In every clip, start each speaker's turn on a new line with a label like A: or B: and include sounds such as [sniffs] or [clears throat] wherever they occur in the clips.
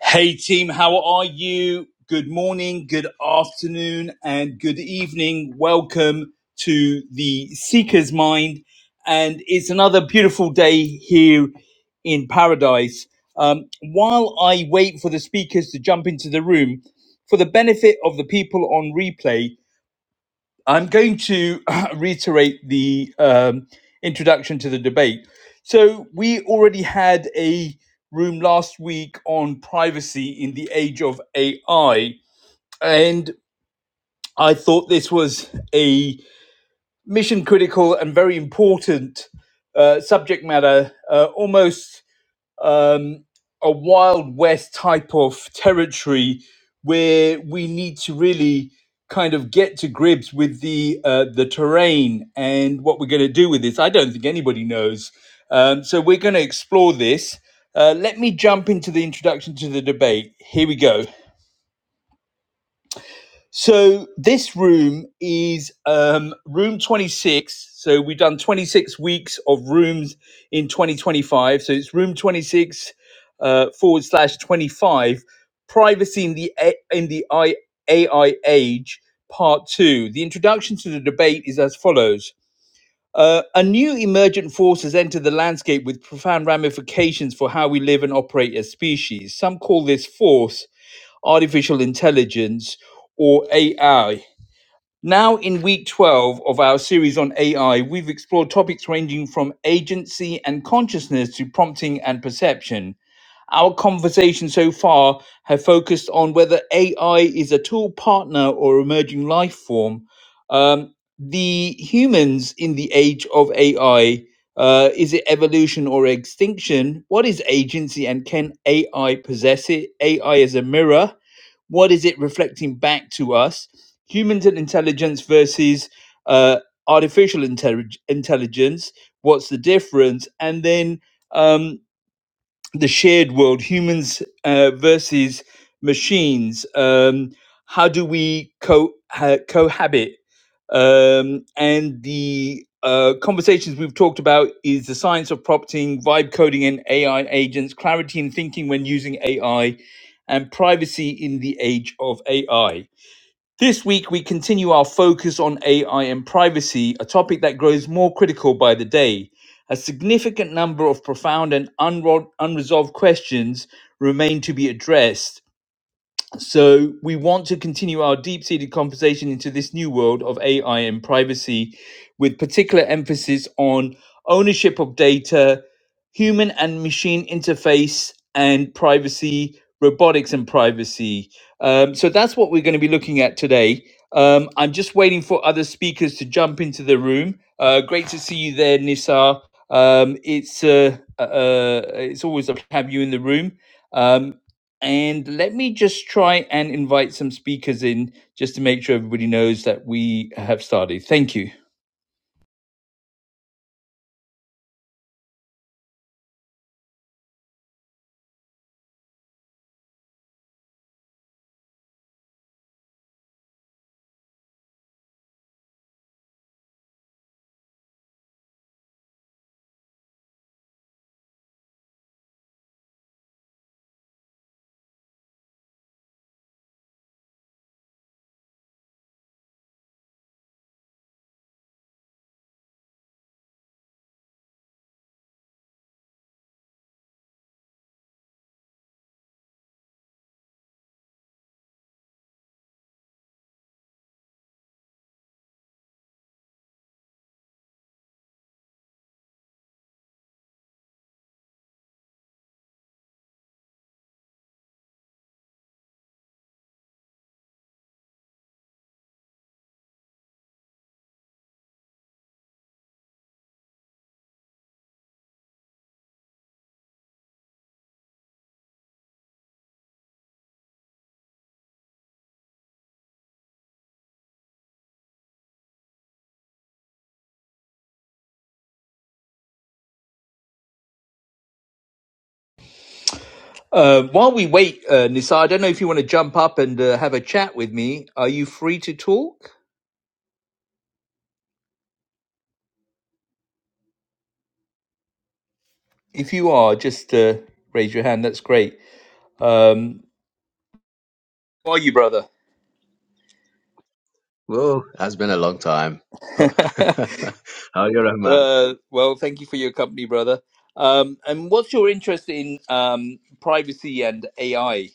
A: Hey team, how are you? Good morning, good afternoon, and good evening. Welcome to the Seeker's Mind. And it's another beautiful day here in paradise. Um, while I wait for the speakers to jump into the room, for the benefit of the people on replay, I'm going to [clears throat] reiterate the um, introduction to the debate. So, we already had a room last week on privacy in the age of AI, and I thought this was a mission critical and very important uh, subject matter, uh, almost um, a wild west type of territory where we need to really kind of get to grips with the uh, the terrain and what we're going to do with this. I don't think anybody knows. Um, so we're going to explore this. Uh, let me jump into the introduction to the debate. Here we go. So this room is um, room 26. So we've done 26 weeks of rooms in 2025. So it's room 26 uh, forward slash 25. Privacy in the A- in the I- AI age, part two. The introduction to the debate is as follows. Uh, a new emergent force has entered the landscape with profound ramifications for how we live and operate as species. Some call this force artificial intelligence or AI. Now, in week 12 of our series on AI, we've explored topics ranging from agency and consciousness to prompting and perception. Our conversation so far have focused on whether AI is a tool, partner, or emerging life form. Um, the humans in the age of AI uh, is it evolution or extinction? What is agency and can AI possess it? AI is a mirror. What is it reflecting back to us? Humans and intelligence versus uh, artificial intellig- intelligence. What's the difference? And then um, the shared world, humans uh, versus machines. Um, how do we co- ha- cohabit? Um, and the uh, conversations we've talked about is the science of prompting, vibe coding in AI agents, clarity in thinking when using AI, and privacy in the age of AI. This week, we continue our focus on AI and privacy, a topic that grows more critical by the day. A significant number of profound and unro- unresolved questions remain to be addressed. So we want to continue our deep-seated conversation into this new world of AI and privacy with particular emphasis on ownership of data, human and machine interface and privacy, robotics and privacy. Um, so that's what we're going to be looking at today. Um, I'm just waiting for other speakers to jump into the room. Uh, great to see you there, Nissa. Um, it's uh, uh, uh, it's always a pleasure to have you in the room. Um, and let me just try and invite some speakers in just to make sure everybody knows that we have started. Thank you. Uh, while we wait, uh, Nisa, I don't know if you want to jump up and uh, have a chat with me. Are you free to talk? If you are, just uh, raise your hand. That's great. Um, how are you, brother?
B: Well, has been a long time.
A: [laughs]
B: Oh,
A: uh,
B: [laughs] How are you, doing, man?
A: well, thank you for your company, brother. Um, and what's your interest in um, privacy and AI?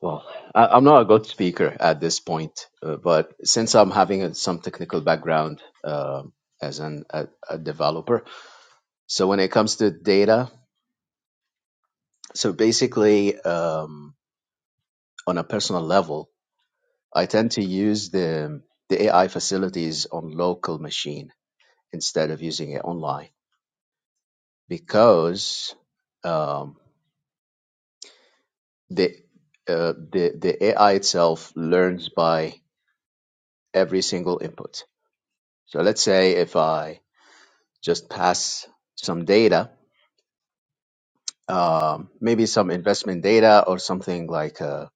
B: Well, I, I'm not a good speaker at this point, uh, but since I'm having a, some technical background um as an, a, a developer, so when it comes to data, so basically um, on a personal level, I tend to use the the AI facilities on local machine instead of using it online because. Um, the uh, the the AI itself learns by every single input. So let's say if I just pass some data, um, maybe some investment data or something like uh,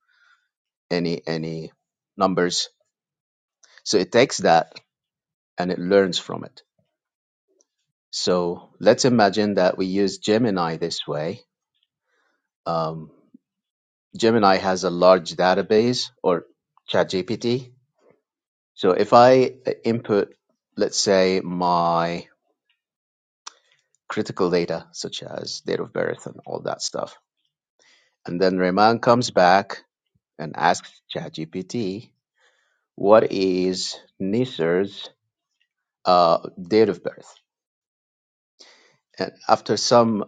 B: any any numbers. So it takes that and it learns from it. So let's imagine that we use Gemini this way. Um, Gemini has a large database or ChatGPT. So if I input, let's say my critical data such as date of birth and all that stuff. And then Rehman comes back and asks ChatGPT, what is Nisar's uh, date of birth? And after some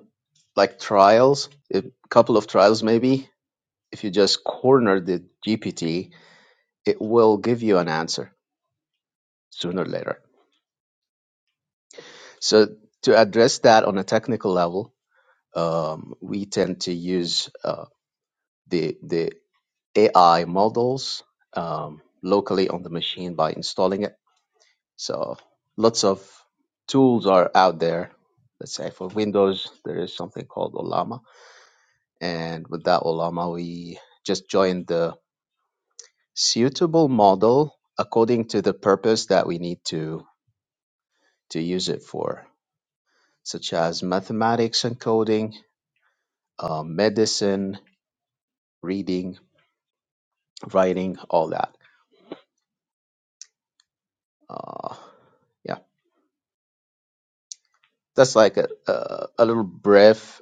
B: like trials, a couple of trials maybe, if you just corner the GPT, it will give you an answer sooner or later. So to address that on a technical level, um, we tend to use uh, the the AI models um, locally on the machine by installing it. So lots of tools are out there. Let's say for Windows, there is something called Olama, and with that Olama, we just join the suitable model according to the purpose that we need to to use it for, such as mathematics and coding, uh, medicine, reading, writing, all that. Uh, yeah, that's like a, a, a little brief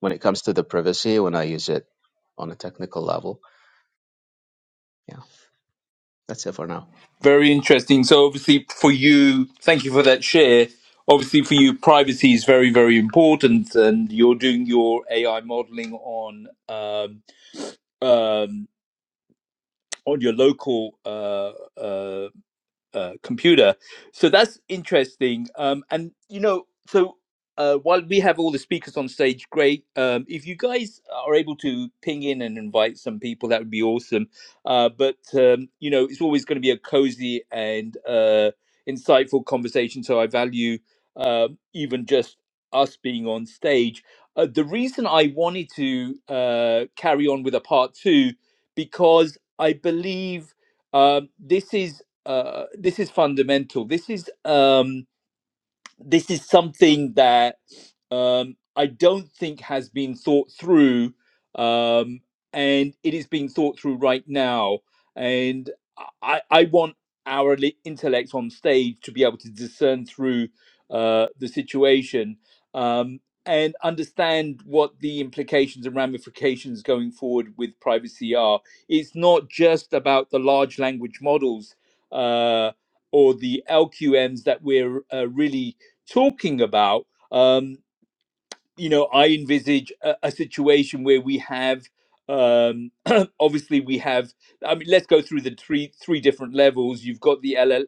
B: when it comes to the privacy when I use it on a technical level. Yeah, that's it for now.
A: Very interesting. So obviously for you, thank you for that share. Obviously for you, privacy is very, very important, and you're doing your AI modeling on um, um, on your local uh, uh, uh, computer. So that's interesting. Um, and you know, so uh, while we have all the speakers on stage, great. Um, if you guys are able to ping in and invite some people, that would be awesome. Uh, but um, you know, it's always going to be a cozy and uh, insightful conversation. So I value uh, even just us being on stage. Uh, the reason I wanted to uh, carry on with a part two because I believe um, this is uh, this is fundamental. This is um, this is something that um, I don't think has been thought through, um, and it is being thought through right now. And I, I want our li- intellects on stage to be able to discern through uh, the situation um, and understand what the implications and ramifications going forward with privacy are. It's not just about the large language models. Uh, or the LQMs that we're uh, really talking about, um, you know, I envisage a, a situation where we have, um, [clears throat] obviously, we have. I mean, let's go through the three three different levels. You've got the LL,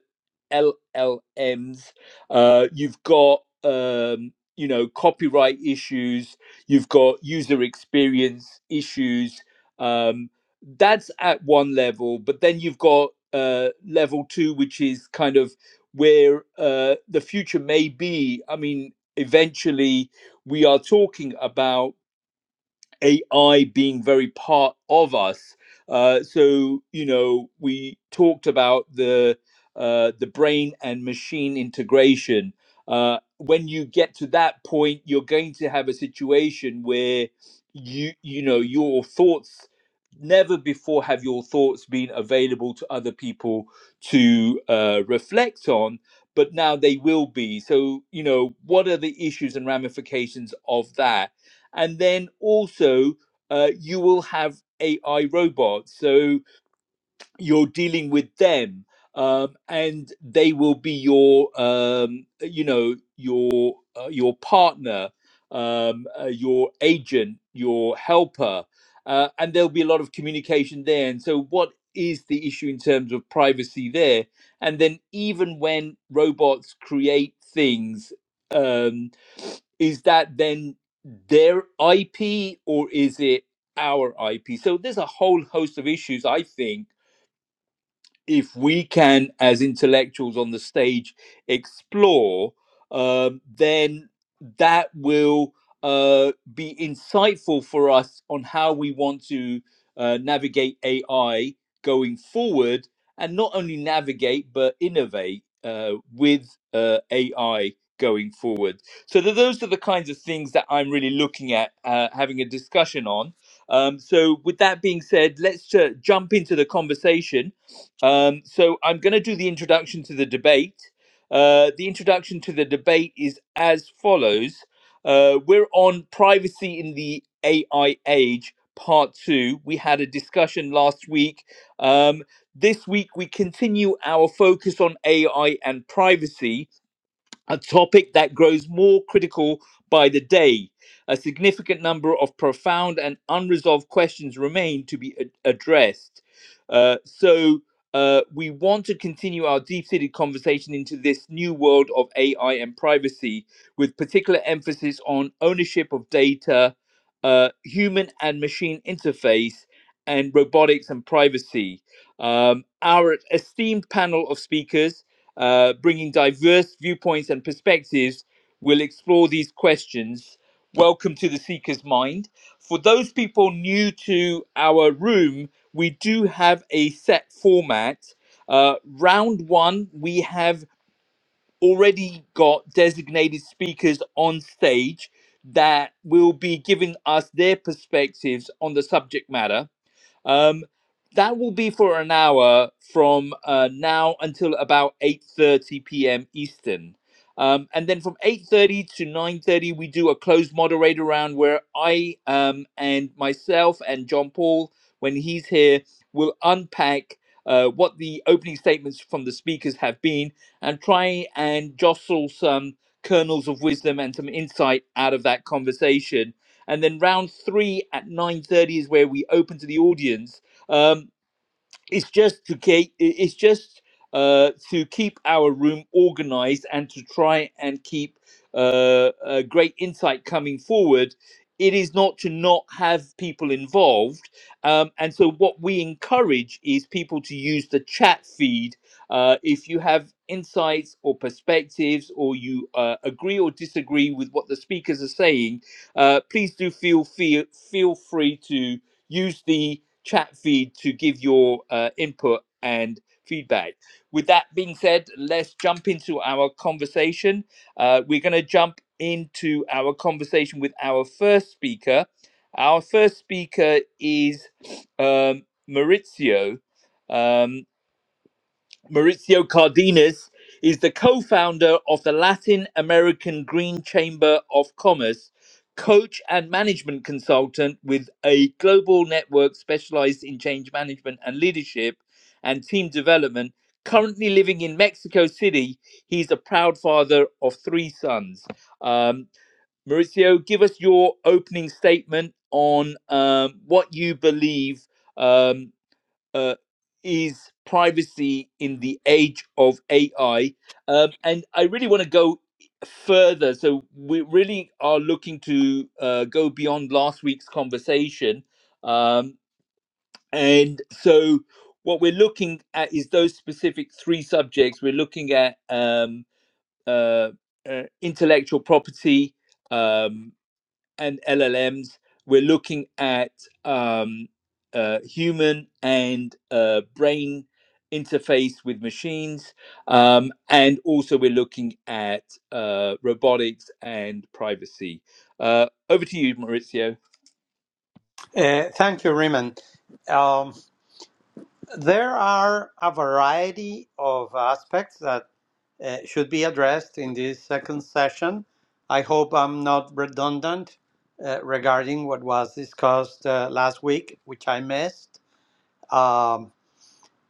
A: LLMs. Uh, you've got um, you know copyright issues. You've got user experience issues. Um, that's at one level, but then you've got uh, level two, which is kind of where uh, the future may be. I mean, eventually, we are talking about AI being very part of us. Uh, so you know, we talked about the uh, the brain and machine integration. Uh, when you get to that point, you're going to have a situation where you you know your thoughts never before have your thoughts been available to other people to uh, reflect on but now they will be so you know what are the issues and ramifications of that and then also uh, you will have AI robots. So you're dealing with them um, and they will be your um, you know your uh, your partner um, uh, your agent your helper uh, and there'll be a lot of communication there and so what is the issue in terms of privacy there and then even when robots create things um, is that then their ip or is it our ip so there's a whole host of issues i think if we can, as intellectuals on the stage, explore, um, then that will uh, be insightful for us on how we want to uh, navigate AI going forward, and not only navigate but innovate uh, with uh, AI going forward. So th- those are the kinds of things that I'm really looking at uh, having a discussion on. Um, so with that being said, let's uh, jump into the conversation. Um, so I'm going to do the introduction to the debate. Uh, the introduction to the debate is as follows uh, We're on privacy in the AI age, part two. We had a discussion last week. Um, this week, we continue our focus on AI and privacy a topic that grows more critical by the day. A significant number of profound and unresolved questions remain to be ad- addressed. Uh, so, uh, we want to continue our deep seated conversation into this new world of AI and privacy, with particular emphasis on ownership of data, uh, human and machine interface, and robotics and privacy. Um, our esteemed panel of speakers uh, bringing diverse viewpoints and perspectives, we'll explore these questions. Welcome to the Seeker's Mind. For those people new to our room, we do have a set format. Uh, round one, we have already got designated speakers on stage that will be giving us their perspectives on the subject matter um, that will be for an hour from uh, now until about 8.30 p.m. Eastern. Um, and then from 8.30 to 9.30, we do a closed moderator round where I um, and myself and John Paul, when he's here, will unpack uh, what the opening statements from the speakers have been and try and jostle some kernels of wisdom and some insight out of that conversation and then round three at 9.30 is where we open to the audience um, it's just to keep it's just uh, to keep our room organized and to try and keep uh, a great insight coming forward it is not to not have people involved um, and so what we encourage is people to use the chat feed uh, if you have insights or perspectives or you uh, agree or disagree with what the speakers are saying uh, please do feel, feel feel free to use the chat feed to give your uh, input and feedback. With that being said, let's jump into our conversation. Uh, we're going to jump into our conversation with our first speaker. Our first speaker is um, Maurizio. Um, Maurizio Cardenas is the co founder of the Latin American Green Chamber of Commerce, coach and management consultant with a global network specialized in change management and leadership and team development. Currently living in Mexico City, he's a proud father of three sons. Um, Maurizio, give us your opening statement on um, what you believe. um, uh, is privacy in the age of AI. Um, and I really want to go further. So we really are looking to uh, go beyond last week's conversation. Um, and so what we're looking at is those specific three subjects. We're looking at um, uh, uh, intellectual property. Um, and LLMs, we're looking at um, uh, human and uh, brain interface with machines, um, and also we're looking at uh, robotics and privacy. Uh, over to you, Maurizio.
C: Uh, thank you, Raymond. Um, there are a variety of aspects that uh, should be addressed in this second session. I hope I'm not redundant uh, regarding what was discussed uh, last week, which I missed. Um,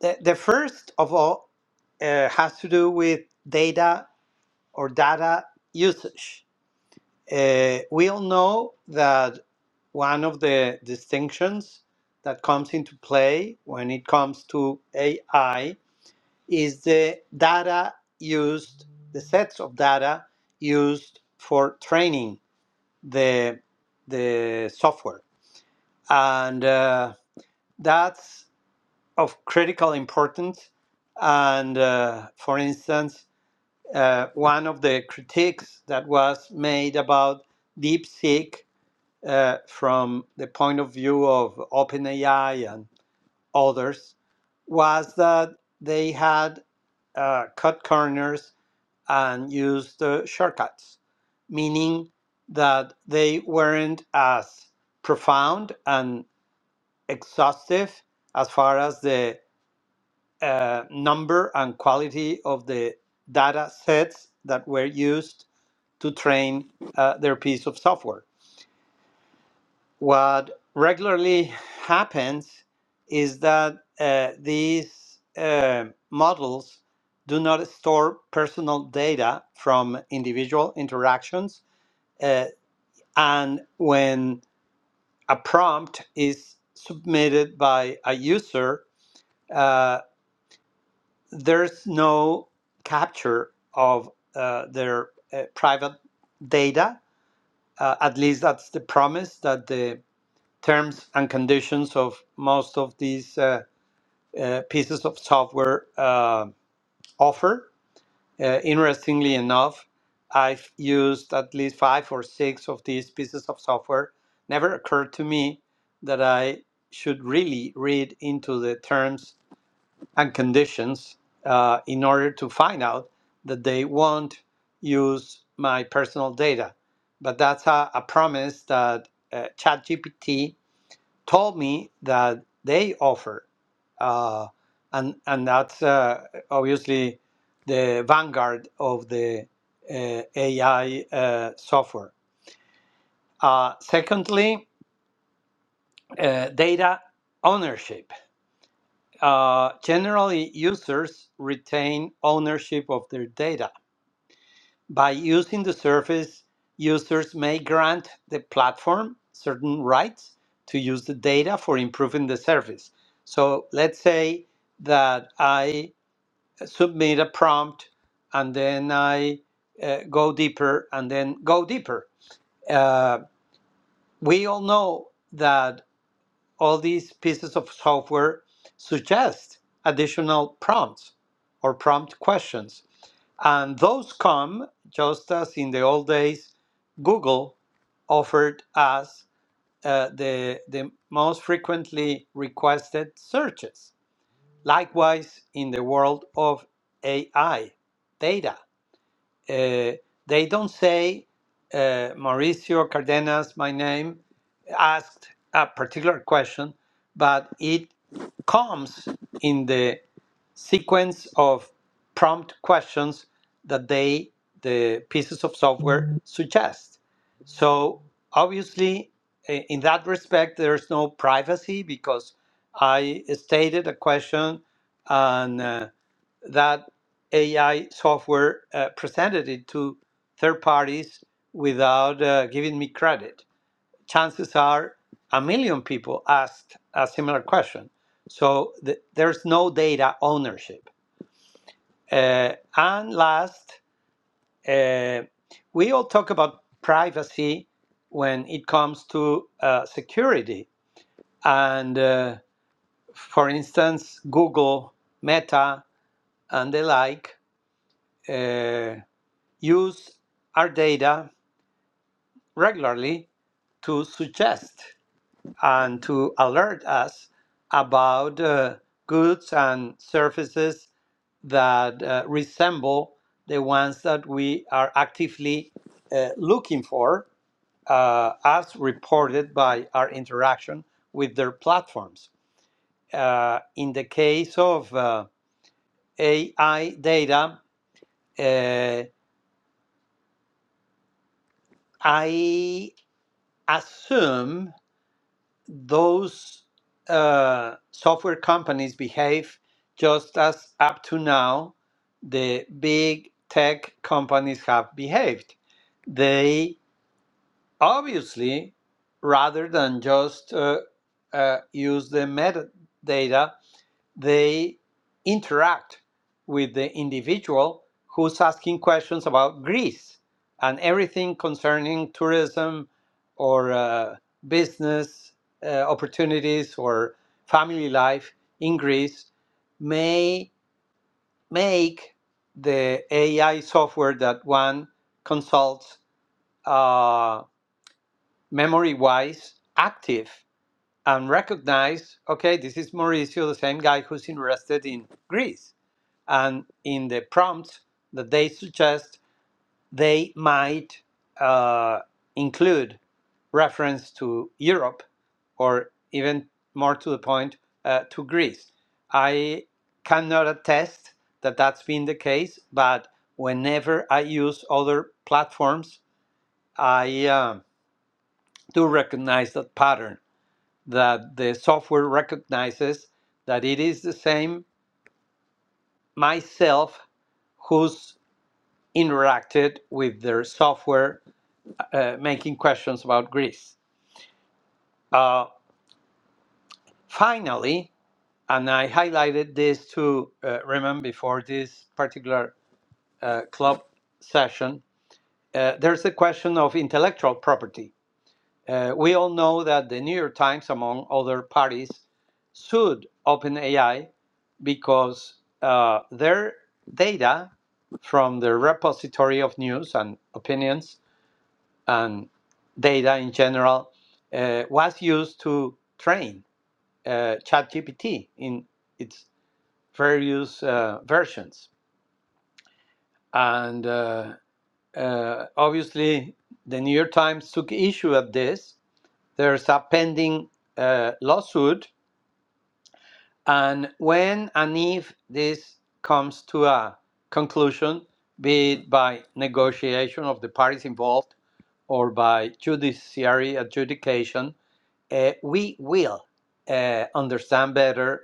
C: the, the first of all uh, has to do with data or data usage Uh, we all know that one of the distinctions that comes into play when it comes to AI is the data used, the sets of data used for training the, the software. And uh, that's of critical importance. And uh, for instance, uh, one of the critiques that was made about DeepSeek uh, from the point of view of OpenAI and others was that they had uh, cut corners and used uh, shortcuts, meaning that they weren't as profound and exhaustive as far as the uh, number and quality of the data sets that were used to train uh, their piece of software What regularly happens is that uh, these uh, models do not store personal data from individual interactions. uh, and when a prompt is submitted by a user, uh, there's no capture of uh, their uh, private data. Uh, at least that's the promise that the terms and conditions of most of these uh, uh, pieces of software uh, offer. Uh, interestingly enough, I've used at least five or six of these pieces of software. Never occurred to me that I should really read into the terms and conditions uh, in order to find out that they won't use my personal data. But that's a, a promise that uh, ChatGPT told me that they offer, uh, and and that's uh, obviously the vanguard of the uh, AI uh, software. Uh, secondly, uh, data ownership. Uh, generally, users retain ownership of their data By using the service, users may grant the platform certain rights to use the data for improving the service. So let's say that I submit a prompt and then I uh, go deeper and then go deeper. Uh, we all know that all these pieces of software suggest additional prompts or prompt questions and those come just as in the old days, Google offered us uh, the, the most frequently requested searches. Likewise, in the world of AI, data, uh, they don't say, uh, Mauricio Cardenas, my name, asked a particular question, but it comes in the sequence of prompt questions that they the pieces of software suggest so obviously i- in that respect there's no privacy because i stated a question and uh, that ai software uh, presented it to third parties without uh, giving me credit chances are a million people asked a similar question so th- there's no data ownership uh, and last, uh, we all talk about privacy when it comes to uh, security. And uh, for instance, Google, Meta, and the like uh, use our data regularly to suggest and to alert us about uh, goods and services that uh, resemble the ones that we are actively uh, looking for uh, as reported by our interaction with their platforms. Uh, in the case of uh, AI data, uh, I assume those uh, software companies behave just as up to now the big tech companies have behaved. They Obviously, rather than just uh, uh, use the metadata, they interact with the individual who's asking questions about Greece and everything concerning tourism or uh, business uh, opportunities or family life in Greece may make the AI software that one consults. uh, memory wise active and recognize okay this is mauricio the same guy who's interested in greece and in the prompts that they suggest they might uh, include reference to europe or even more to the point uh, to greece i cannot attest that that's been the case but whenever i use other platforms i um do recognize that pattern that the software recognizes that it is the same myself who's interacted with their software uh, making questions about Greece. Uh, finally, and I highlighted this to uh, Raymond before this particular uh, club session, uh, there's the question of intellectual property. Uh, we all know that the New York Times, among other parties, sued OpenAI because uh, their data from the repository of news and opinions and data in general uh, was used to train uh, ChatGPT in its various uh, versions. And uh, uh, obviously, the New York Times took issue of this. There's a pending uh, lawsuit And when and if this comes to a conclusion, be it by negotiation of the parties involved or by judiciary adjudication, eh, we will eh, understand better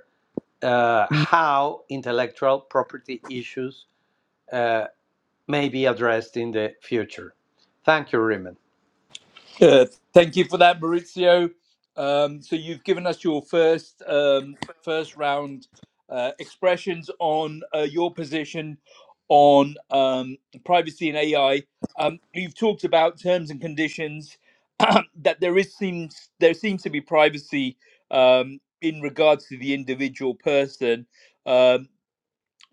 C: uh, how intellectual property issues uh, may be addressed in the future. Thank you, Raymond.
A: Uh, thank you for that, Maurizio. Um, so you've given us your first um, first round uh, expressions on uh, your position on um, privacy and AI. Um, you've talked about terms and conditions [clears throat] that there is seems there seems to be privacy um, in regards to the individual person. Um,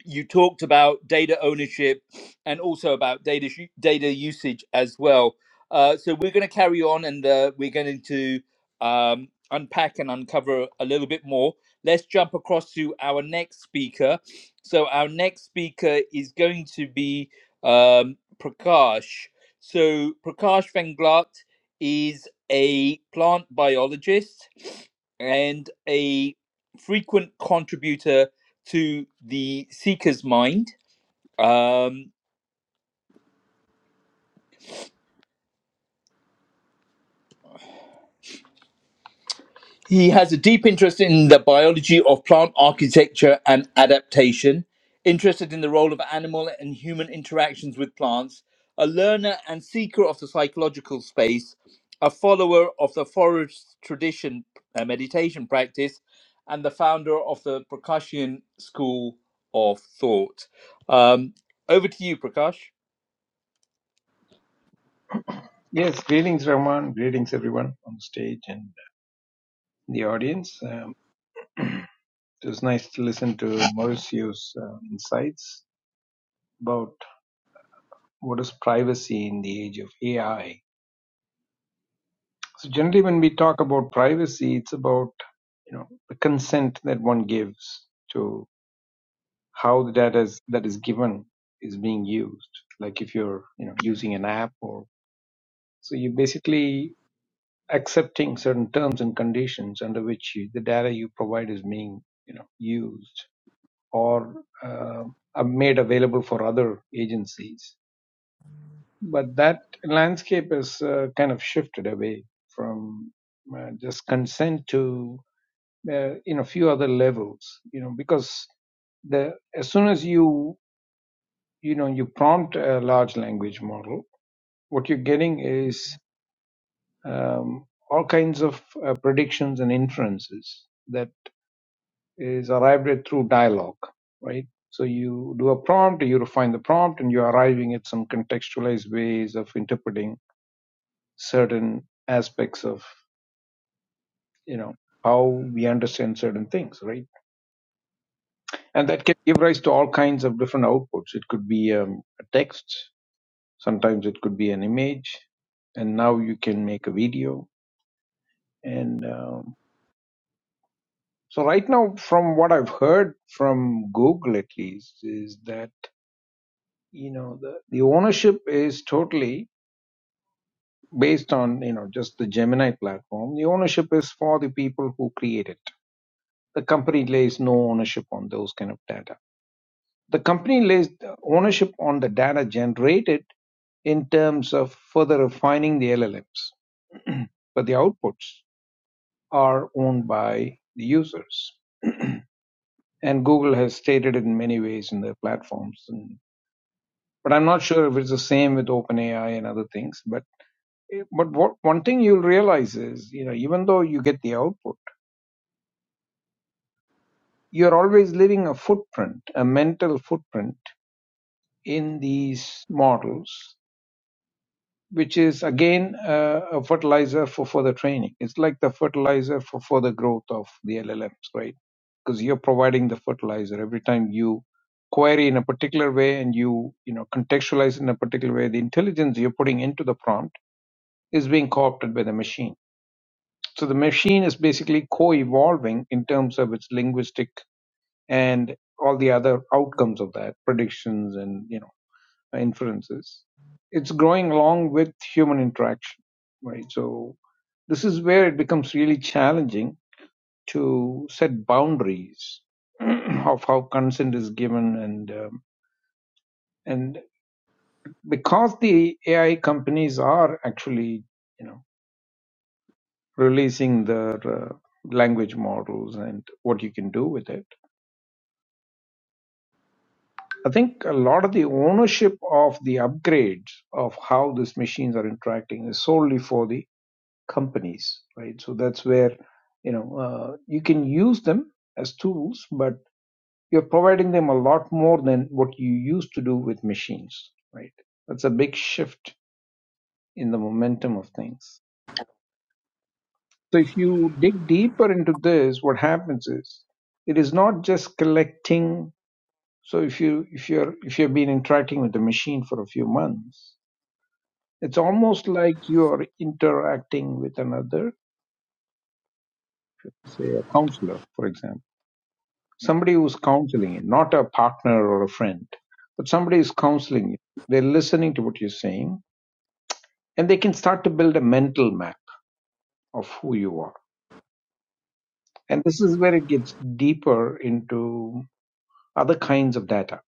A: you talked about data ownership and also about data sh- data usage as well. Uh, so we're going to carry on and uh, we're going to um, unpack and uncover a little bit more. Let's jump across to our next speaker. So our next speaker is going to be um, Prakash. So Prakash Venglat is a plant biologist and a frequent contributor to the seeker's mind. Um, he has a deep interest in the biology of plant architecture and adaptation, interested in the role of animal and human interactions with plants, a learner and seeker of the psychological space, a follower of the forest tradition uh, meditation practice, and the founder of the Prakashian school of thought. Um, over to you, Prakash.
D: Yes, greetings, Rahman. Greetings, everyone on the stage and the audience. Um, it was nice to listen to Mauricio's uh, insights about what is privacy in the age of AI. So generally, when we talk about privacy, it's about you know the consent that one gives to how the data is, that is given is being used. Like if you're you know using an app or so, you basically accepting certain terms and conditions under which you, the data you provide is being you know used or uh, are made available for other agencies but that landscape has uh, kind of shifted away from uh, just consent to uh, in a few other levels you know because the as soon as you you know you prompt a large language model what you're getting is um, all kinds of uh, predictions and inferences that. is arrived at through dialogue, right? So you do a prompt, you refine the prompt, and you're arriving at some contextualized ways of interpreting certain aspects of, you know, how we understand certain things, right? And that can give rise to all kinds of different outputs. It could be um, a text, sometimes it could be an image, and now you can make a video. And um, so, right now, from what I've heard from Google at least, is that you know the, the ownership is totally based on you know just the gemini platform the ownership is for the people who create it the company lays no ownership on those kind of data the company lays the ownership on the data generated in terms of further refining the llms but the outputs are owned by the users and google has stated it in many ways in their platforms and, but i'm not sure if it's the same with openai and other things But Eh, But what one thing you'll realize is, you know, even though you get the output, you're always leaving a footprint, a mental footprint in these models, which is again uh, a fertilizer for further training. It's like the fertilizer for further growth of the LLMs, right? Because you're providing the fertilizer every time you query in a particular way and you, you know, contextualize in a particular way. The intelligence you're putting into the prompt is being co-opted by the machine So the machine is basically co-evolving in terms of its linguistic and all the other outcomes of that, predictions and you know inferences. It's growing along with human interaction, right? So this is where it becomes really challenging to set boundaries [clears throat] of how consent is given and um, and because the AI companies are actually you know releasing their uh, language models and what you can do with it I think a lot of the ownership of the upgrades of how these machines are interacting is solely for the companies, right? So that's where you know uh, you can use them as tools, but you're providing them a lot more than what you used to do with machines, right? That's a big shift in the momentum of things. So if you dig deeper into this, what happens is it is not just collecting. So if you if you're if you've been interacting with the machine for a few months It's almost like you're interacting with another, say a counselor, for example, somebody who's counseling you, not a partner or a friend, but somebody is counseling you. They're listening to what you're saying and they can start to build a mental map of who you are. And this is where it gets deeper into other kinds of data,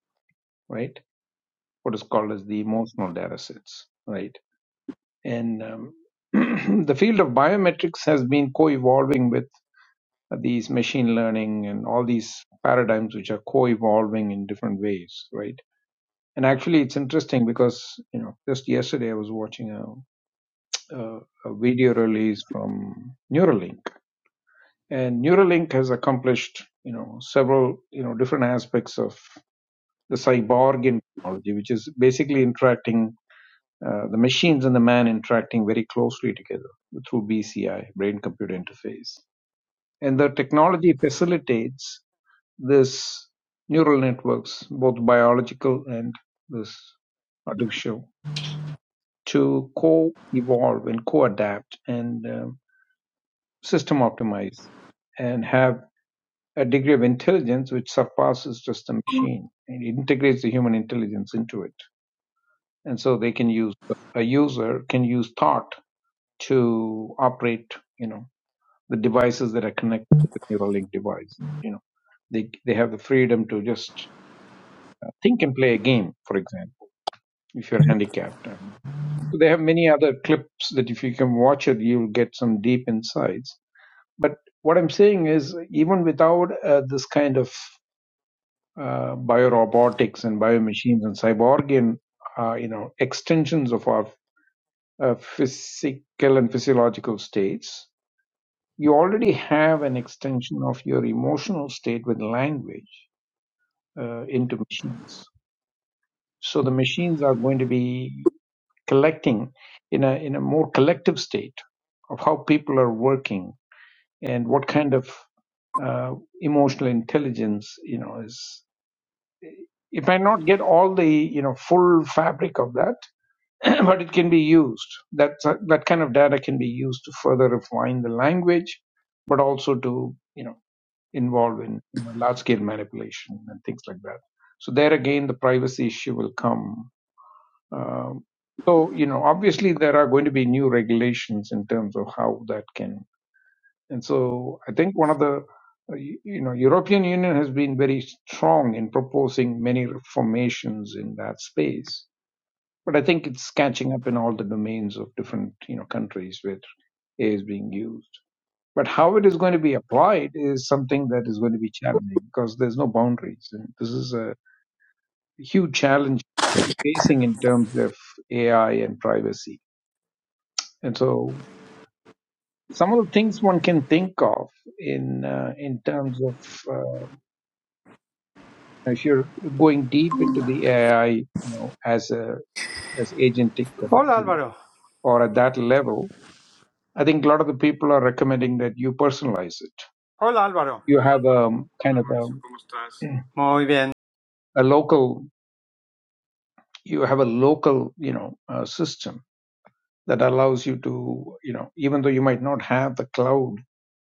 D: right? What is called as the emotional data sets, right? And um, [clears throat] the field of biometrics has been co evolving with these machine learning and all these paradigms which are co-evolving in different ways right and actually it's interesting because you know just yesterday i was watching a, a, a video release from neuralink and neuralink has accomplished you know several you know different aspects of the cyborg technology which is basically interacting uh, the machines and the man interacting very closely together through bci brain computer interface and the technology facilitates this neural networks, both biological and this artificial, to co-evolve and co-adapt and um, system optimize and have a degree of intelligence which surpasses just the machine and it integrates the human intelligence into it. And so they can use a user can use thought to operate, you know, the devices that are connected to the Neuralink device. You know, they they have the freedom to just think and play a game, for example, if you're handicapped. And so they have many other clips that if you can watch it, you'll get some deep insights. But what I'm saying is, even without uh, this kind of uh, biorobotics and biomachines and cyborgian, uh, you know, extensions of our uh, physical and physiological states, you already have an extension of your emotional state with language uh, into machines. So the machines are going to be collecting in a in a more collective state of how people are working and what kind of uh, emotional intelligence you know is it might not get all the you know full fabric of that [clears throat] but it can be used that that kind of data can be used to further refine the language but also to you know involve in you know large scale manipulation and things like that so there again the privacy issue will come um, so, you know, obviously there are going to be new regulations in terms of how that can. And so I think one of the, uh, you you know, European Union has been very strong in proposing many reformations in that space. But I think it's catching up in all the domains of different, you know, countries where AI is being used. But how it is going to be applied is something that is going to be challenging because there's no boundaries. And this is a huge challenge facing in terms of AI and privacy And so some of the things one can think of in uh, in terms of uh, if you're going deep into the AI, you know, as a as agentic or,
C: Hola
D: you know,
C: Álvaro.
D: or at that level, I think a lot of the people are recommending that you personalize it.
C: Hola Álvaro.
D: You have a
C: Hola
D: kind of
C: Mauricio,
D: a,
C: ¿cómo estás? Muy bien.
D: a local, you have a local, you know, uh, system that allows you to, you know, even though you might not have the cloud,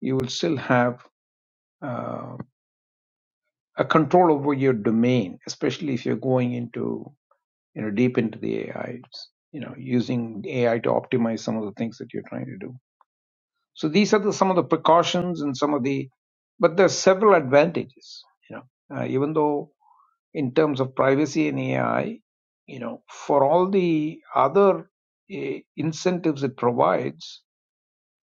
D: you will still have. uh, a control over your domain, especially if you're going into you know deep into the AI, you know, using AI to optimize some of the things that you're trying to do. So these are the, some of the precautions and some of the, but there's several advantages. You know, uh, even though in terms of privacy and AI, you know, for all the other uh, incentives it provides,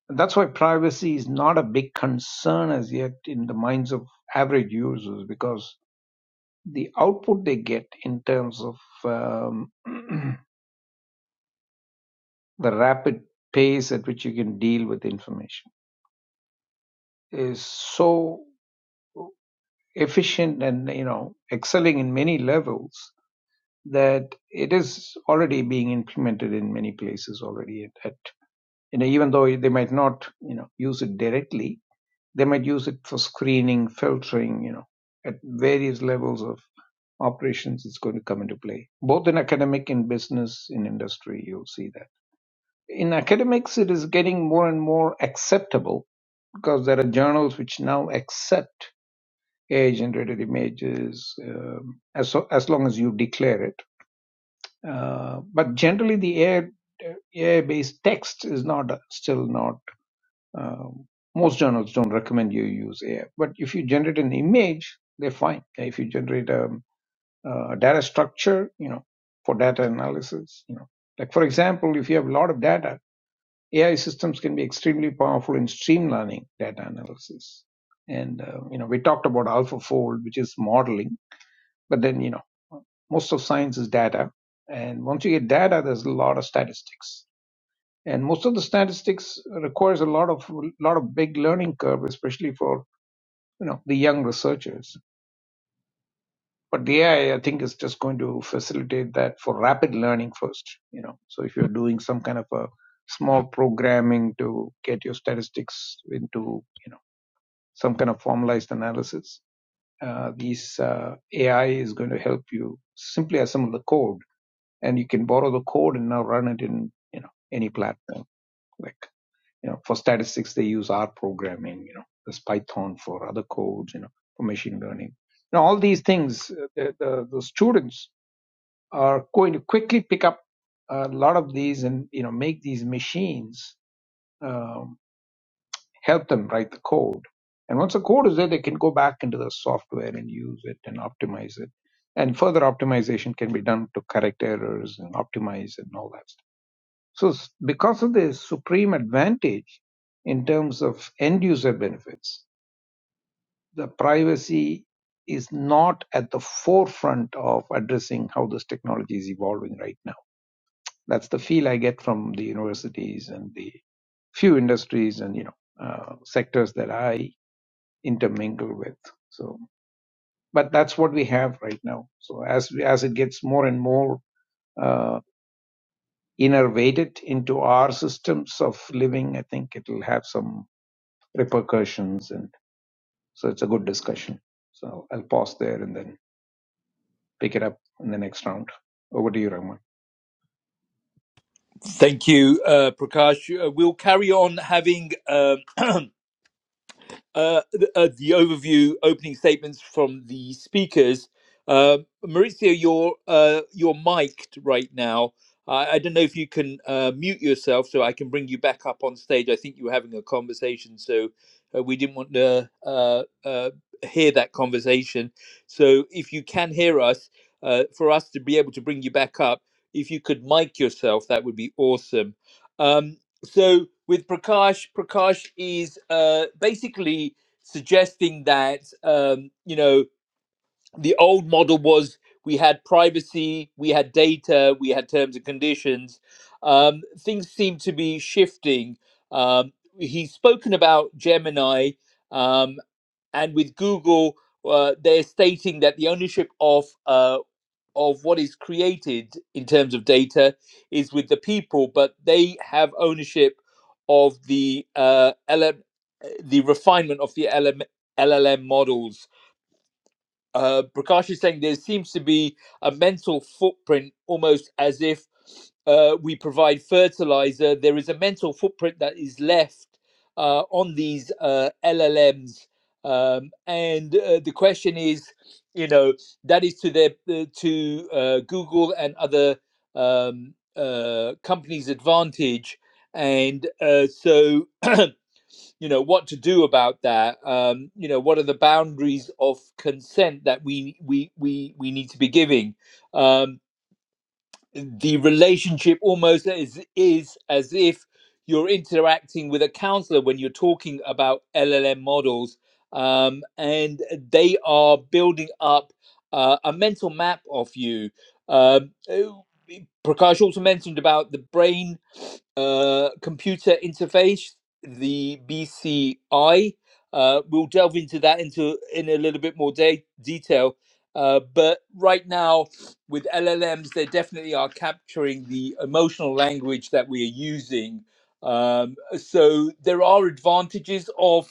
D: and that's why privacy is not a big concern as yet in the minds of average users because the output they get in terms of um, [clears throat] the rapid pace at which you can deal with information is so efficient and you know excelling in many levels that it is already being implemented in many places already at, at you know even though they might not you know use it directly they might use it for screening filtering you know at various levels of operations is going to come into play, both in academic, in business, in industry. You'll see that. In academics, it is getting more and more acceptable because there are journals which now accept AI generated images um, as, so, as long as you declare it. Uh, but generally, the AI, AI based text is not still not. Um, most journals don't recommend you use AI, but if you generate an image, they're fine. If you generate a uh, data structure, you know, for data analysis, you know. Like for example, if you have a lot of data, AI systems can be extremely powerful in streamlining data analysis. And uh, you know, we talked about AlphaFold, which is modeling, but then you know, most of science is data, and once you get data, there's a lot of statistics, and most of the statistics requires a lot of lot of big learning curve, especially for you know the young researchers But the AI, I I think, is just going to facilitate that for rapid learning first. You know, so if you're doing some kind of a small programming to get your statistics into, you know, some kind of formalized analysis, uh, these uh, AI is going to help you simply assemble the code, and you can borrow the code and now run it in, you know, any platform. Like, you know, for statistics they use R programming. You know, there's Python for other codes. You know, for machine learning. Now all these things, uh, the, the, the students are going to quickly pick up a lot of these and you know make these machines um, help them write the code. And once the code is there, they can go back into the software and use it and optimize it. And further optimization can be done to correct errors and optimize and all that stuff. So s- because of this supreme advantage in terms of end user benefits, the privacy is not at the forefront of addressing how this technology is evolving right now That's the feel I get from the universities and the few industries and you know uh, sectors that I intermingle with. So, but that's what we have right now. So as we, as it gets more and more uh, innervated into our systems of living, I think it'll have some repercussions, and so it's a good discussion. So I'll pause there and then pick it up in the next round. Over to you, Rahman.
A: Thank you, uh, Prakash. Uh, we'll carry on having. Um, [clears throat] uh, the, uh, the overview opening statements from the speakers. Uh, Maurizio, you're uh, you're mic'd right now. I, I don't know if you can uh, mute yourself so I can bring you back up on stage. I think you were having a conversation, so uh, we didn't want to uh, uh, hear that conversation. So if you can hear us, uh, for us to be able to bring you back up, if you could mic yourself, that would be awesome. Um, so with Prakash, Prakash is uh, basically suggesting that um, you know the old model was we had privacy, we had data, we had terms and conditions. Um, things seem to be shifting. Um, he's spoken about Gemini, um, and with Google, uh, they're stating that the ownership of uh, of what is created in terms of data is with the people, but they have ownership of the uh, LM, the refinement of the LM, LLM models uh, Prakash is saying there seems to be a mental footprint, almost as if uh, we provide fertilizer. There is a mental footprint that is left uh, on these uh, LLMs, um, and uh, the question is, you know, that is to their uh, to uh, Google and other um, uh, companies' advantage, and uh, so. [clears throat] you know what to do about that um you know what are the boundaries of consent that we we we we need to be giving um the relationship almost is is as if you're interacting with a counselor when you're talking about LLM models, um, and they are building up uh, a mental map of you. Um, oh, Prakash also mentioned about the brain uh, computer interface, the BCI. Uh, we'll delve into that into in a little bit more de- detail, uh, but right now with LLMs, they definitely are capturing the emotional language that we are using. Um, so there are advantages of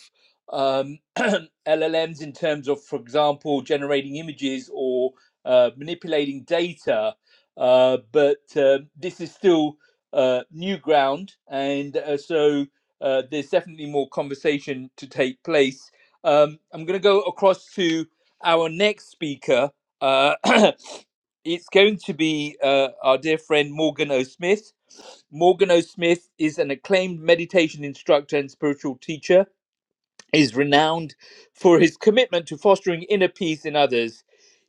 A: um, [clears throat] LLMs in terms of, for example, generating images or uh, manipulating data, uh, but uh, this is still uh, new ground, and uh, so uh, there's definitely more conversation to take place. Um, I'm going to go across to our next speaker. Uh, [clears throat] it's going to be uh, our dear friend Morgan O. Smith. Morgan O. Smith is an acclaimed meditation instructor and spiritual teacher is renowned for his commitment to fostering inner peace in others.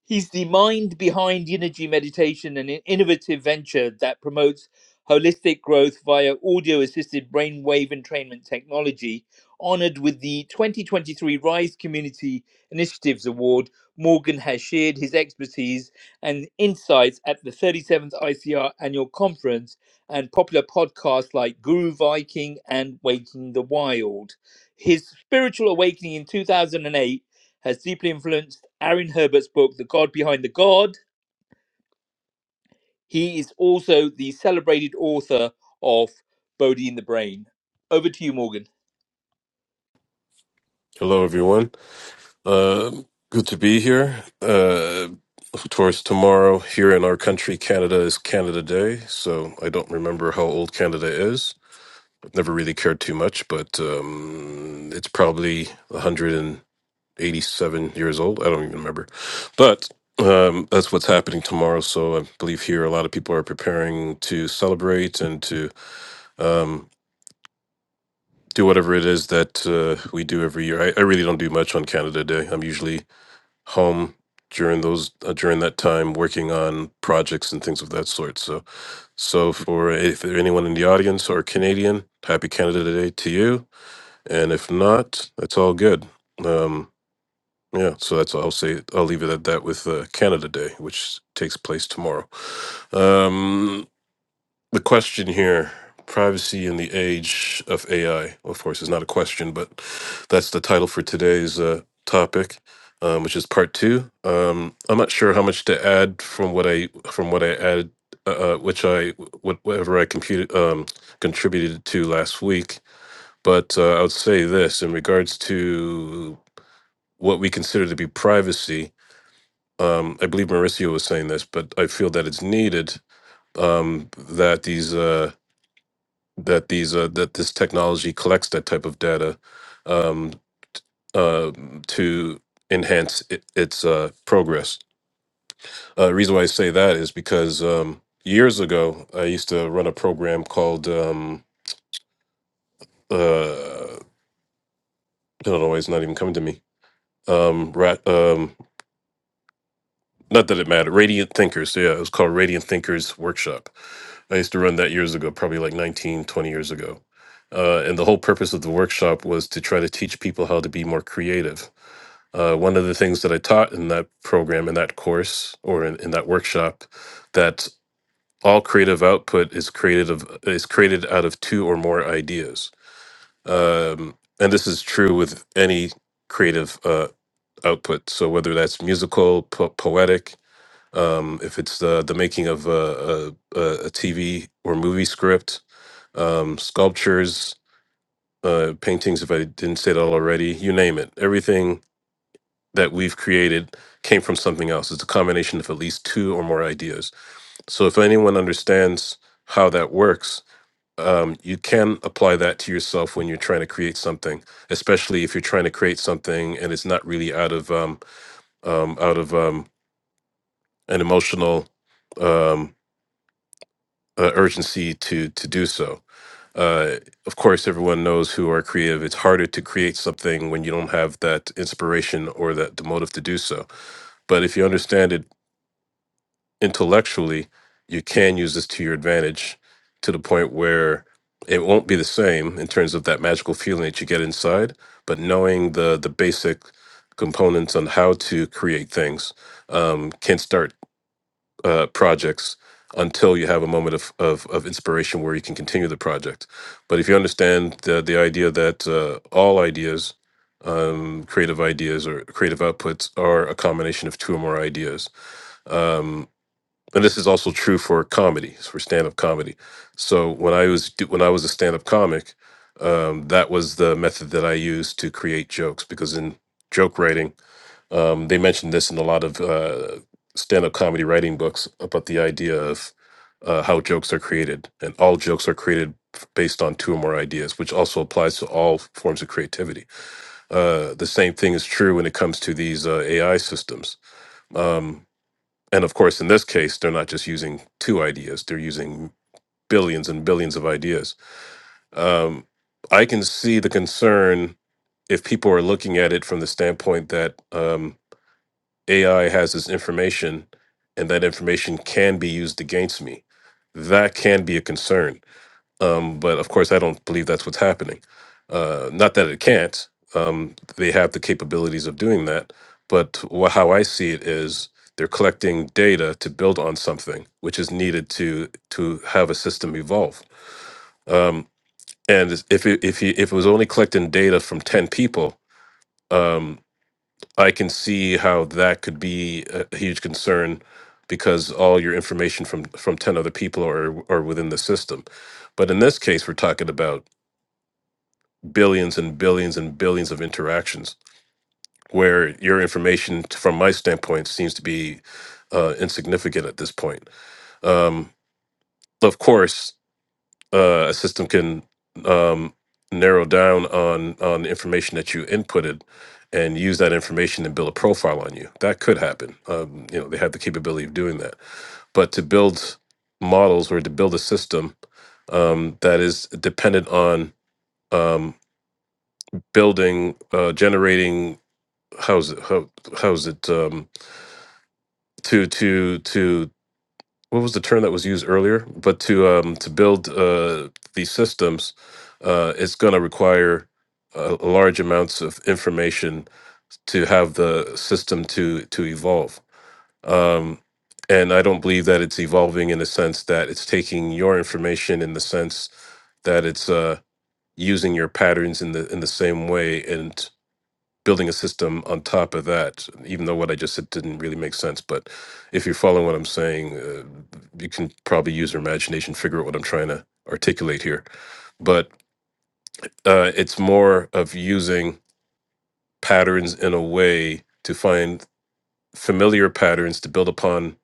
A: He's the mind behind Energy Meditation, an innovative venture that promotes holistic growth via audio assisted brainwave entrainment technology. Honored with the 2023 Rise Community Initiatives Award, Morgan has shared his expertise and insights at the 37th ICR Annual Conference and popular podcasts like Guru Viking and Waking the Wild. His spiritual awakening in 2008 has deeply influenced Aaron Herbert's book, The God Behind the God. He is also the celebrated author of Bodhi in the Brain. Over to you, Morgan.
E: Hello, everyone. Uh, good to be here. Uh, of course, tomorrow here in our country, Canada is Canada Day, so I don't remember how old Canada is. I've never really cared too much, but um, it's probably 187 years old. I don't even remember. But um, that's what's happening tomorrow. So I believe here a lot of people are preparing to celebrate and to um, do whatever it is that uh, we do every year. I, I really don't do much on Canada Day. I'm usually home during those uh, during that time working on projects and things of that sort. So so for if there anyone in the audience are Canadian, happy Canada Day to you. And if not, that's all good. Um, yeah, so that's all I'll say. I'll leave it at that with uh, Canada Day, which takes place tomorrow. Um, the question here privacy in the age of AI. Of course, is not a question, but that's the title for today's uh, topic, um, which is part two. Um, I'm not sure how much to add from what I from what I added, uh, uh, which I what- whatever I computed um, contributed to last week, but uh, I would say this in regards to what we consider to be privacy. Um, I believe Mauricio was saying this, but I feel that it's needed um, that these. Uh, that these uh, that this technology collects that type of data um, uh, to enhance it, its uh, progress. Uh, the reason why I say that is because um, years ago I used to run a program called um, uh, I don't know why it's not even coming to me. Um, ra- um, not that it mattered. Radiant Thinkers, yeah, it was called Radiant Thinkers Workshop. I used to run that years ago, probably like 19, 20 years ago. Uh, and the whole purpose of the workshop was to try to teach people how to be more creative uh, one of the things that I taught in that program, in that course, or in, in that workshop, that all creative output is created of is created out of two or more ideas, um, and this is true with any creative uh, output. So whether that's musical, po- poetic, um, if it's the the making of a, a, TV or movie script, um, sculptures, uh, paintings. If I didn't say that already, you name it. Everything that we've created came from something else. It's a combination of at least two or more ideas. So if anyone understands how that works, um, you can apply that to yourself when you're trying to create something, especially if you're trying to create something and it's not really out of um, um, out of um, an emotional um, uh, urgency to to do so. Uh, of course, everyone knows who are creative. It's harder to create something when you don't have that inspiration or that the motive to do so. But if you understand it intellectually, you can use this to your advantage to the point where it won't be the same in terms of that magical feeling that you get inside, but knowing the the basic components on how to create things um, can start uh, projects until you have a moment of, of, of inspiration where you can continue the project. But if you understand the, the idea that uh, all ideas, um, creative ideas or creative outputs are a combination of two or more ideas, Um, and this is also true for comedy for stand-up comedy so when i was do- when i was a stand-up comic um, that was the method that i used to create jokes because in joke writing um, they mentioned this in a lot of uh, stand-up comedy writing books about the idea of uh, how jokes are created and all jokes are created f- based on two or more ideas which also applies to all forms of creativity uh, the same thing is true when it comes to these uh, ai systems Um, and of course, in this case, they're not just using two ideas, they're using billions and billions of ideas. Um, I can see the concern if people are looking at it from the standpoint that um, AI has this information and that information can be used against me. That can be a concern um, but of course, I don't believe that's what's happening. Uh, not that it can't. Um, they have the capabilities of doing that. But wha how I see it is they're collecting data to build on something, which is needed to to have a system evolve. Um, and if it, if he, if it was only collecting data from ten people, um, I can see how that could be a a huge concern because all your information from from 10 other people are are within the system. But in this case we're talking about billions and billions and billions of interactions where your information t- from my standpoint seems to be uh, insignificant at this point. Um of course uh, a system can um, narrow down on on the information that you inputted and use that information and build a profile on you. That could happen. Um, you know, they have the capability of doing that. But to build models or to build a system um, that is dependent on um, building, uh, generating, how's it, how, how's it um, to to to what was the term that was used earlier? But to um, to build uh, these systems, uh, it's going to require uh, large amounts of information to have the system to to evolve. Um, and I don't believe that it's evolving in the sense that it's taking your information in the sense that it's uh, using your patterns in the in the same way and building a system on top of that, even though what I just said didn't really make sense. But if you're following what I'm saying, uh, you can probably use your imagination, figure out what I'm trying to articulate here. But uh, it's more of using patterns in a way to find familiar patterns to build upon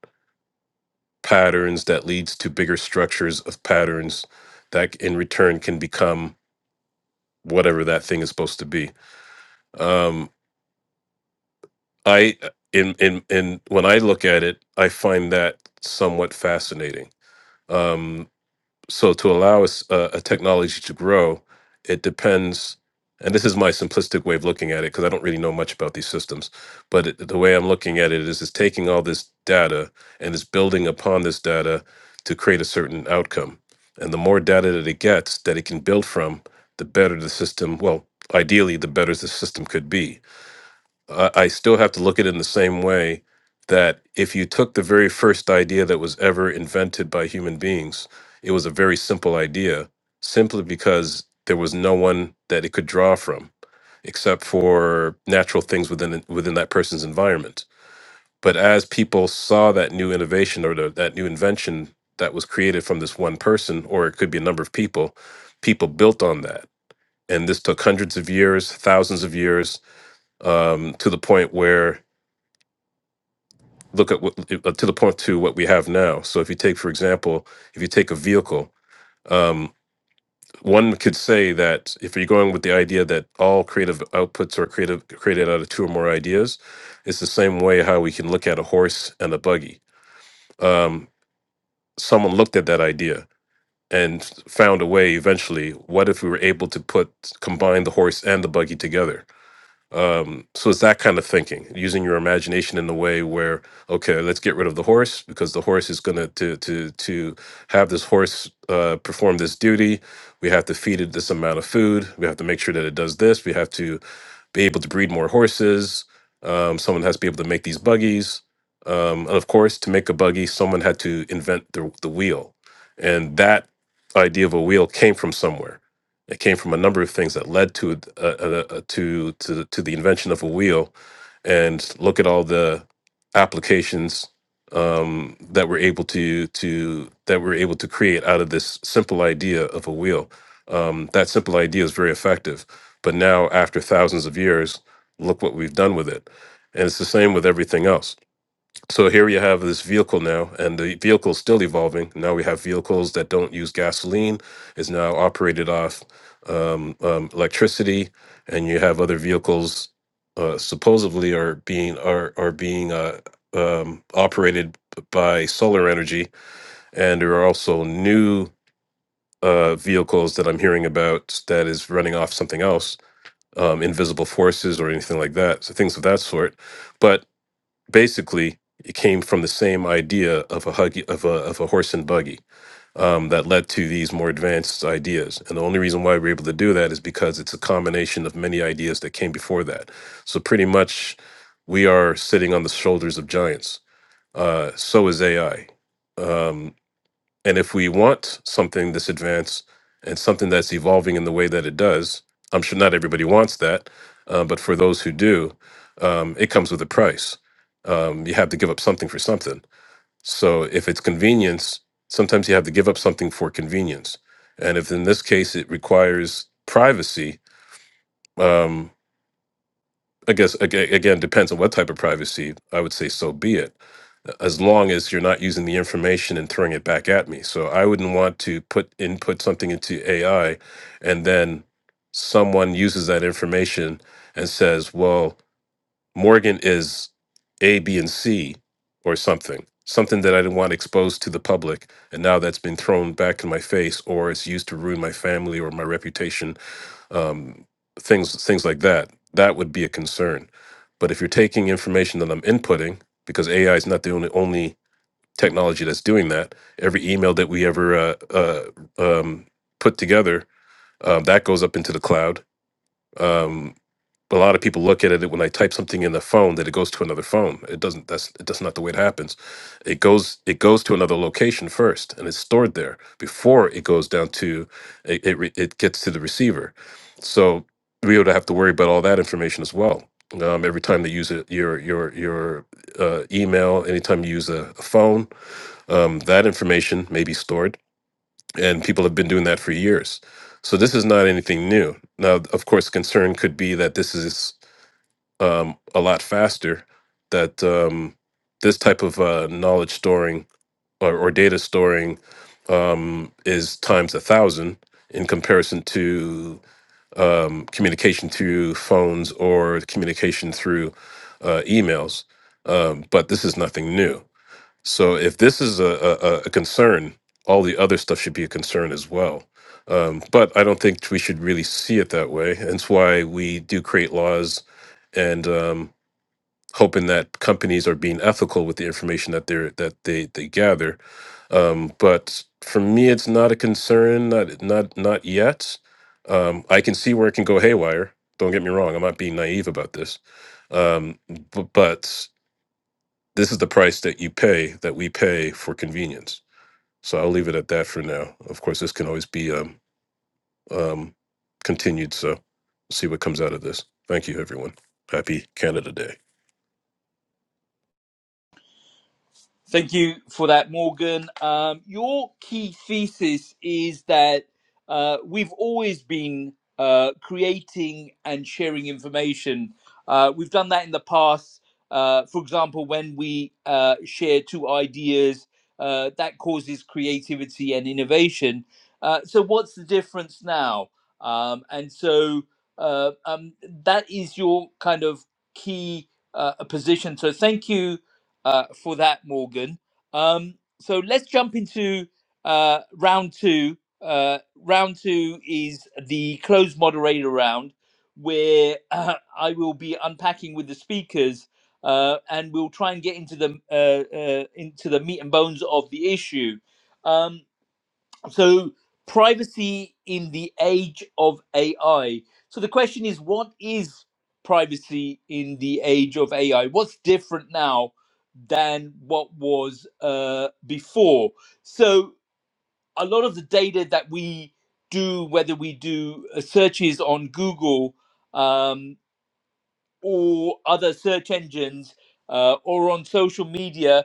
E: patterns that leads to bigger structures of patterns that in return can become whatever that thing is supposed to be. Um, I in in in when I look at it, I find that somewhat fascinating. Um, so to allow us a, a technology to grow, it depends. And this is my simplistic way of looking at it because I don't really know much about these systems. But it, the way I'm looking at it is, it's taking all this data and it's building upon this data to create a certain outcome. And the more data that it gets that it can build from, the better the system. Well, ideally, the better the system could be I I still have to look at it in the same way that if you took the very first idea that was ever invented by human beings, it was a very simple idea, simply because there was no one that it could draw from except for natural things within within that person's environment. But as people saw that new innovation or the, that new invention that was created from this one person, or it could be a number of people, people built on that. And this took hundreds of years, thousands of years, um, to the point where look at what uh, to the point to what we have now. So if you take, for example, if you take a vehicle, um, one could say that if you're going with the idea that all creative outputs are creative created out of two or more ideas, it's the same way how we can look at a horse and a buggy. Um, someone looked at that idea and found a way eventually. What if we were able to put combine the horse and the buggy together? Um, so it's that kind of thinking, using your imagination in the way where, okay, let's get rid of the horse because the horse is gonna to to to have this horse uh, perform this duty. We have to feed it this amount of food. We have to make sure that it does this. We have to be able to breed more horses. Um, someone has to be able to make these buggies. Um, and of course, to make a buggy, someone had to invent the, the wheel. And that idea of a wheel came from somewhere. It came from a number of things that led to uh, uh, uh, to to to the invention of a wheel, and look at all the applications um, that we're able to to that we're able to create out of this simple idea of a wheel. Um, that simple idea is very effective, but now after thousands of years, look what we've done with it, and it's the same with everything else. So here you have this vehicle now, and the vehicle is still evolving. Now we have vehicles that don't use gasoline, is now operated off um, um, electricity, and you have other vehicles uh, supposedly are being are are being uh, um, operated by solar energy, and there are also new uh, vehicles that I'm hearing about that is running off something else, um, invisible forces or anything like that, so things of that sort. But basically it came from the same idea of a huggy of a of a horse and buggy um, that led to these more advanced ideas. And the only reason why we're able to do that is because it's a combination of many ideas that came before that. So pretty much, we are sitting on the shoulders of giants. Uh, so is AI. Um, and if we want something this advanced and something that's evolving in the way that it does, I'm sure not everybody wants that, uh, but for those who do, um, it comes with a price. Um, you have to give up something for something. So if it's convenience, sometimes you have to give up something for convenience. And if in this case it requires privacy, um, I guess aga- again depends on what type of privacy. I would say so be it, as long as you're not using the information and throwing it back at me. So I wouldn't want to put input something into AI, and then someone uses that information and says, "Well, Morgan is A, B, and C, or something." Something that I didn't want exposed to the public, and now that's been thrown back in my face, or it's used to ruin my family or my reputation um, things things like that. That would be a concern. But if you're taking information that I'm inputting, because AI is not the only, only technology that's doing that, every email that we ever uh, uh, um, put together uh, that goes up into the cloud. Um, but a lot of people look at it when I type something in the phone that it goes to another phone. It doesn't. That's that's not the way it happens. It goes it goes to another location first, and it's stored there before it goes down to it. It, re- it gets to the receiver. So we would have to worry about all that information as well. Um, every time they use it, your your your uh, email, anytime you use a, a phone, um, that information may be stored, and people have been doing that for years. So this is not anything new. Now, of course, concern could be that this is um, a lot faster that um, this type of uh, knowledge storing or, or data storing um, is times a thousand in comparison to um, communication through phones or communication through uh, emails. Um, but this is nothing new. So if this is a, a, a concern, all the other stuff should be a concern as well. Um, but I don't think we should really see it that way. Hence why we do create laws and um, hoping that companies are being ethical with the information that they're that they they gather. Um, but for me, it's not a concern. Not not not yet. Um, I can see where it can go haywire. Don't get me wrong. I'm not being naive about this. Um, b- but this is the price that you pay that we pay for convenience. So I'll leave it at that for now. Of course, this can always be um, um, continued. So see what comes out of this. Thank you, everyone. Happy Canada Day.
A: Thank you for that, Morgan. Um, your key thesis is that uh, we've always been uh, creating and sharing information. Uh, we've done that in the past. Uh, for example, when we uh, share two ideas, uh, that causes creativity and innovation. Uh, so, what's the difference now? Um, and so, uh, um, that is your kind of key uh, position. So, thank you uh, for that, Morgan. Um, so let's jump into uh, round two. Uh, round two is the closed moderator round, where uh, I will be unpacking with the speakers, uh, and we'll try and get into the uh, uh, into the meat and bones of the issue. Um, so privacy in the age of AI. So the question is, what is privacy in the age of AI? What's different now than what was uh, before? So a lot of the data that we do, whether we do uh, searches on Google um, or other search engines uh, or on social media,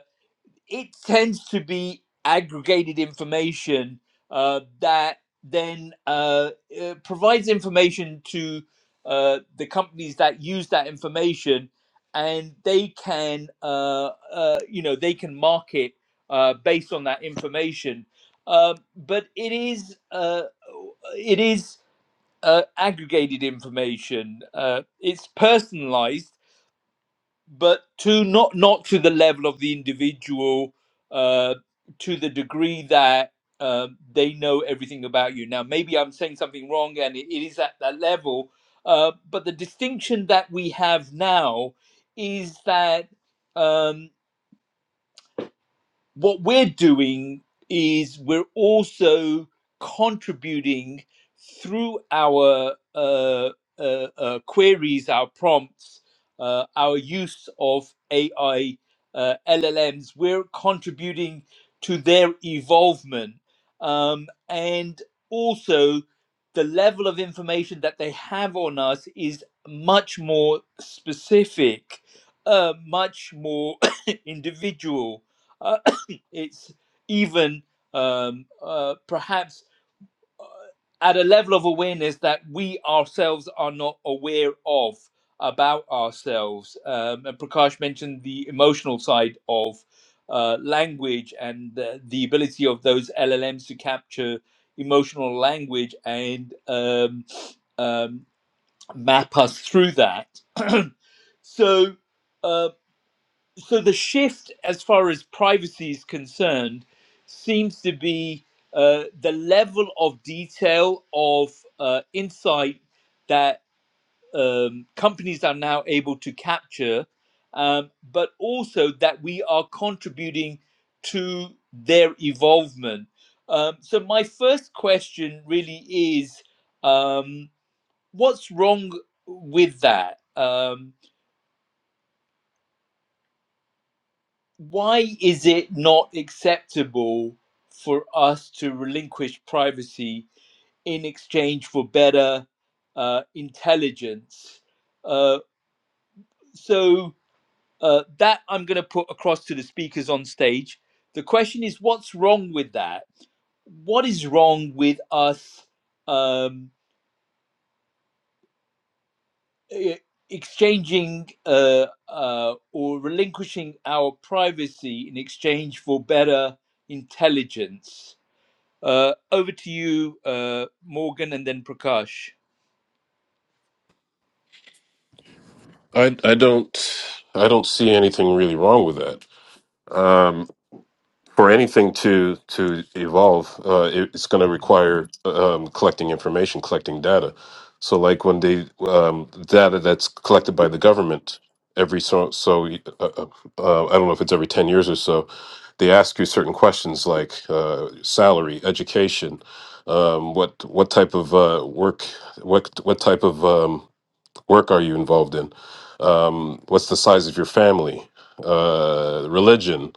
A: it tends to be aggregated information uh, that then uh, uh, provides information to uh, the companies that use that information, and they can, uh, uh, you know, they can market uh, based on that information. Uh, but it is, uh, it is uh, aggregated information. Uh, it's personalized but to not not to the level of the individual uh, to the degree that um, they know everything about you now maybe i'm saying something wrong and it, it is at that level uh, but the distinction that we have now is that um, what we're doing is we're also contributing through our uh, uh, uh, queries, our prompts, uh, our use of AI uh, LLMs. We're contributing to their evolvement um, and also the level of information that they have on us is much more specific, uh, much more [coughs] individual uh, it's even um, uh, perhaps uh, at a level of awareness that we ourselves are not aware of about ourselves. Um, and Prakash mentioned the emotional side of uh, language and the, the ability of those LLMs to capture emotional language and um, um, map us through that. [clears throat] so, um, so the shift as far as privacy is concerned seems to be uh, the level of detail of uh, insight that um, companies are now able to capture, um, but also that we are contributing to their evolvement. Um, so, my first question really is um, what's wrong with that? Um, why is it not acceptable for us to relinquish privacy in exchange for better uh, intelligence? Uh, so uh, that I'm going to put across to the speakers on stage. The question is, what's wrong with that? What is wrong with us um, e- exchanging uh, uh, or relinquishing our privacy in exchange for better intelligence? Uh, over to you, uh, Morgan, and then Prakash.
E: I I don't I don't see anything really wrong with that. Um, for anything to to evolve, uh, it, it's going to require um, collecting information, collecting data. So, like when they um, data that's collected by the government every so so uh, uh, uh, I don't know if it's every ten years or so, they ask you certain questions like uh, salary, education, um, what what type of uh, work, what what type of um, work are you involved in? Um, what's the size of your family? Uh, religion,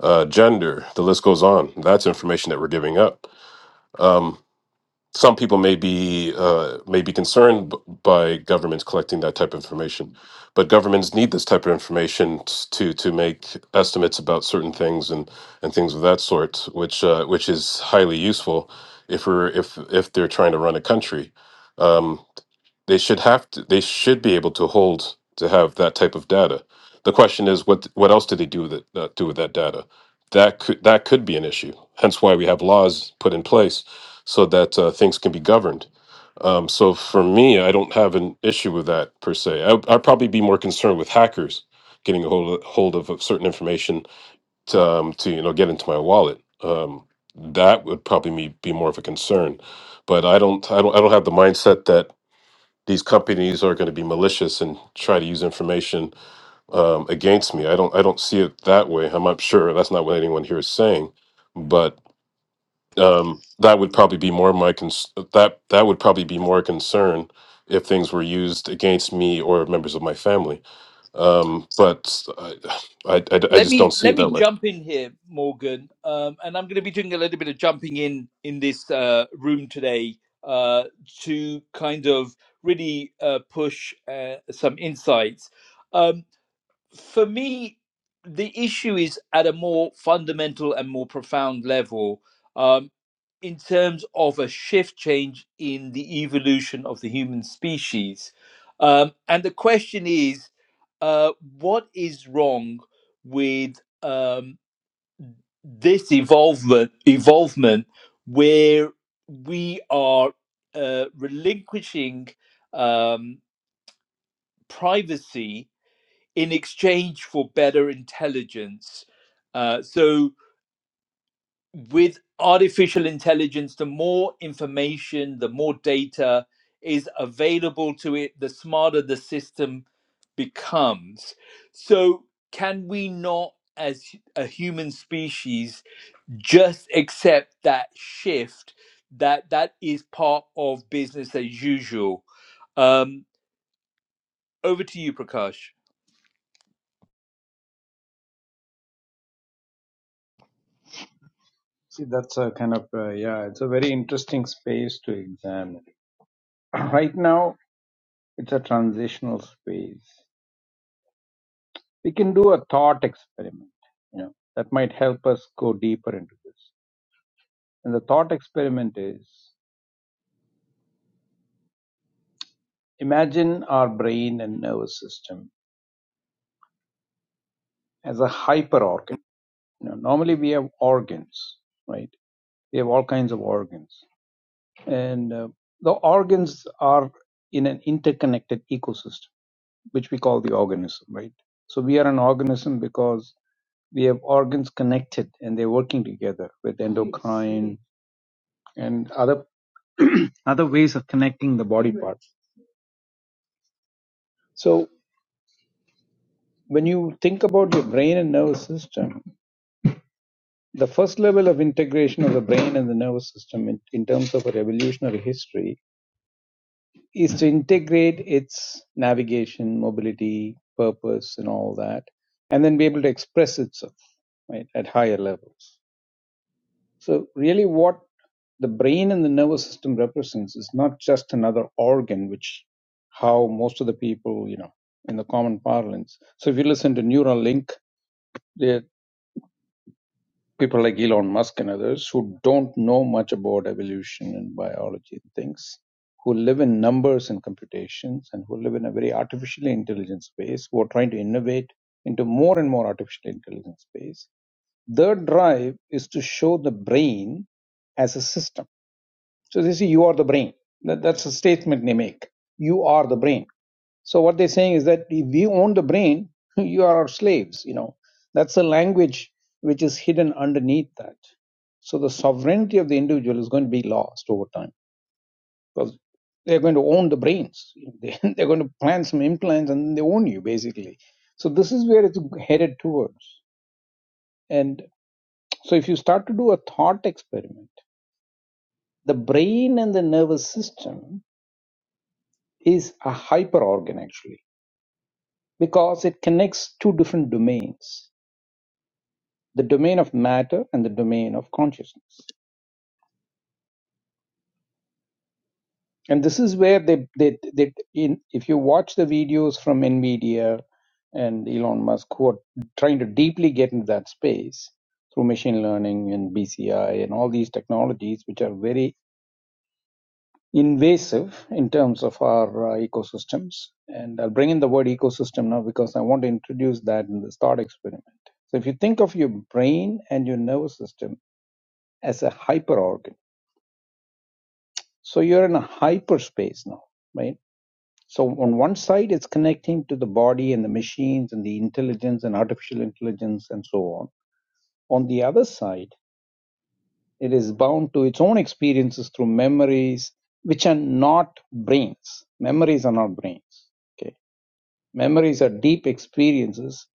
E: uh, gender, the list goes on. That's information that we're giving up. Um, some people may be uh, may be concerned b- by governments collecting that type of information, but governments need this type of information t- to to make estimates about certain things and and things of that sort, which uh, which is highly useful if we're if if they're trying to run a country. Um, they should have to, they should be able to hold to have that type of data. The question is what what else do they do with it, uh, do with that data? That could that could be an issue. Hence why we have laws put in place so that uh, things can be governed. Um, so for me, I don't have an issue with that per se. I, I'd probably be more concerned with hackers getting a hold of, hold of certain information to, um, to you know get into my wallet. Um, that would probably me be more of a concern. But I don't I don't I don't have the mindset that these companies are going to be malicious and try to use information um, against me. I don't I don't see it that way. I'm not sure that's not what anyone here is saying, but um, that would probably be more my cons- that that would probably be more a concern if things were used against me or members of my family. Um, but I, I, I I
A: Let
E: just
A: me
E: don't see
A: let
E: it
A: me
E: that way.
A: jump in here, Morgan, um, and I'm going to be doing a little bit of jumping in in this uh, room today uh, to kind of really uh, push uh, some insights. Um, for me, the issue is at a more fundamental and more profound level um, in terms of a shift change in the evolution of the human species. Um, and the question is uh, what is wrong with um, this evolvement, evolvement where we are uh, relinquishing um, privacy? in exchange for better intelligence. Uh, so, with artificial intelligence, the more information, the more data is available to it, the smarter the system becomes. So, can we not, as a human species, just accept that shift? That that is part of business as usual. Um, over to you, Prakash.
D: See, that's a kind of, uh, yeah, it's a very interesting space to examine. [clears throat] right now, it's a transitional space. We can do a thought experiment, you know, that might help us go deeper into this. And the thought experiment is imagine our brain and nervous system as a hyper organ. You know, normally we have organs, right? We have all kinds of organs. And uh, the organs are in an interconnected ecosystem which we call the organism, right? So we are an organism because we have organs connected and they're working together with endocrine and other other ways of connecting the body parts. So when you think about your brain and nervous system, the first level of integration of the brain and the nervous system in, in terms of a revolutionary history is to integrate its navigation, mobility, purpose, and all that, and then be able to express itself right, at higher levels. So, really, what the brain and the nervous system represents is not just another organ, which how most of the people, you know, in the common parlance. So, if you listen to Neuralink, there are people like Elon Musk and others who don't know much about evolution and biology and things, who live in numbers and computations, and who live in a very artificially intelligent space, who are trying to innovate into more and more artificial intelligence space. Their drive is to show the brain as a system so they say you are the brain. That, that's a statement they make. You are the brain. So what they're saying is that if we own the brain, [laughs] you are our slaves. You know, that's a language which is hidden underneath that. So the sovereignty of the individual is going to be lost over time because they're going to own the brains. [laughs] You know, They- [laughs] They're going to plant some implants and they own you basically. So this is where it's headed towards. And so if you start to do a thought experiment, the brain and the nervous system is a hyperorgan actually because it connects two different domains the domain of matter and the domain of consciousness and this is where they they, they in if you watch the videos from nvidia and elon musk who are trying to deeply get into that space through machine learning and bci and all these technologies which are very invasive in terms of our uh, ecosystems. And I'll bring in the word ecosystem now because I want to introduce that in this thought experiment. So, if you think of your brain and your nervous system as a hyper organ, so you're in a hyperspace now, right? So, on one side, it's connecting to the body and the machines and the intelligence and artificial intelligence and so on. On the other side, it is bound to its own experiences through memories, which are not brains. Memories are not brains. Okay. Memories are deep experiences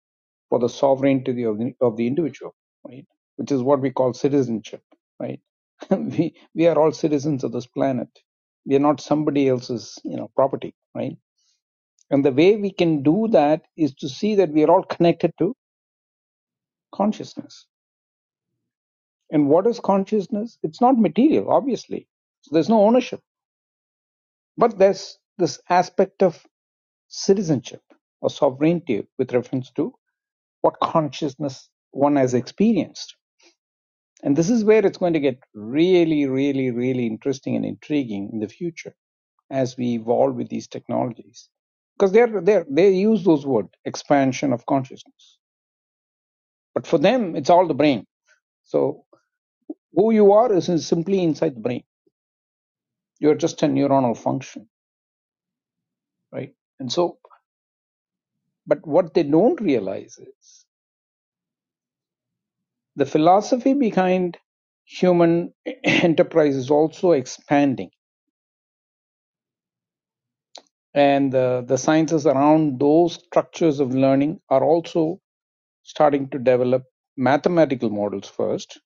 D: for the sovereignty of the, of the individual, right? Which is what we call citizenship, right? [laughs] we, we are all citizens of this planet. We are not somebody else's, you know, property, right? And the way we can do that is to see that we are all connected to consciousness. And what is consciousness? It's not material, obviously. So there's no ownership, but there's this aspect of citizenship or sovereignty with reference to what consciousness one has experienced. And this is where it's going to get really, really, really interesting and intriguing in the future as we evolve with these technologies. Because they're, they're, they use those words, expansion of consciousness. But for them, it's all the brain. So who you are is is simply inside the brain. You're just a neuronal function, right? And so, but what they don't realize is the philosophy behind human [clears throat] enterprise is also expanding and uh, the sciences around those structures of learning are also starting to develop mathematical models first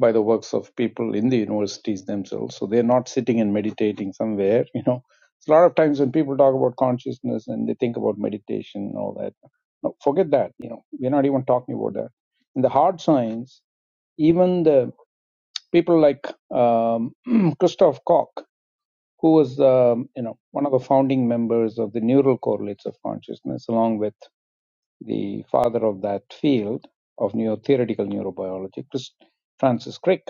D: by the works of people in the universities themselves so they're not sitting and meditating somewhere [laughs] you know It's a lot of times when people talk about consciousness and they think about meditation and all that no, forget that you know we're not even talking about that in the hard science even the people like um, [clears throat] christoph koch who was um, you know one of the founding members of the neural correlates of consciousness, along with the father of that field of neo theoretical neurobiology, Chris, Francis Crick.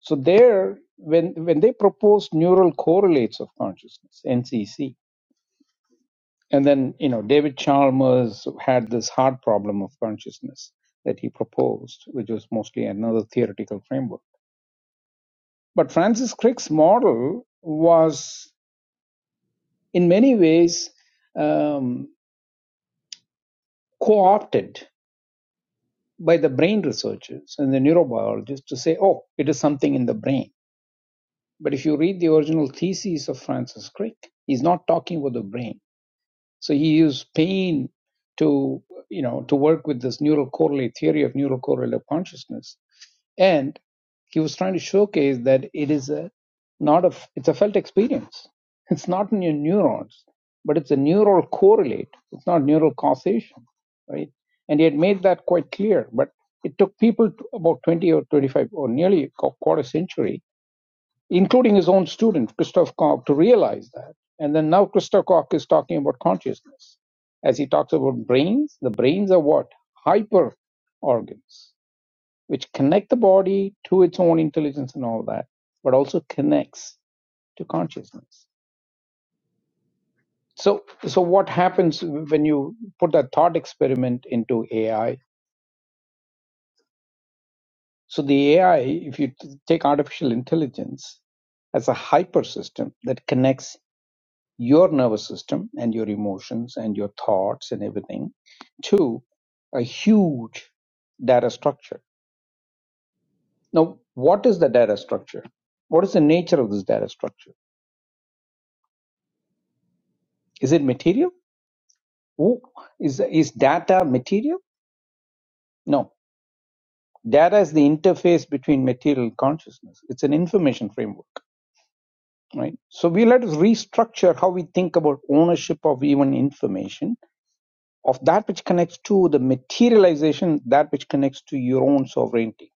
D: So there, when when they proposed neural correlates of consciousness (NCC), and then you know David Chalmers had this hard problem of consciousness that he proposed, which was mostly another theoretical framework. But Francis Crick's model was in many ways. Um, co-opted by the brain researchers and the neurobiologists to say, oh, it is something in the brain. But if you read the original thesis of Francis Crick, he's not talking about the brain. So he used pain to, you know, to work with this neural correlate theory of neural correlate of consciousness and he was trying to showcase that it is a not a it's a felt experience it's not in your neurons but it's a neural correlate it's not neural causation right and he had made that quite clear but it took people to about 20 or 25 or nearly a quarter century including his own student christoph koch to realize that and then now christoph koch is talking about consciousness as he talks about brains the brains are what hyper organs which connect the body to its own intelligence and all that, but also connects to consciousness. So, so what happens when you put that thought experiment into AI? So the AI, if you t- take artificial intelligence as a hyper system that connects your nervous system and your emotions and your thoughts and everything to a huge data structure. Now, what is the data structure? What is the nature of this data structure? Is it material? Ooh, is, is data material? No. Data is the interface between material and consciousness. It's an information framework, right? So we let us restructure how we think about ownership of even information, of that which connects to the materialization, that which connects to your own sovereignty.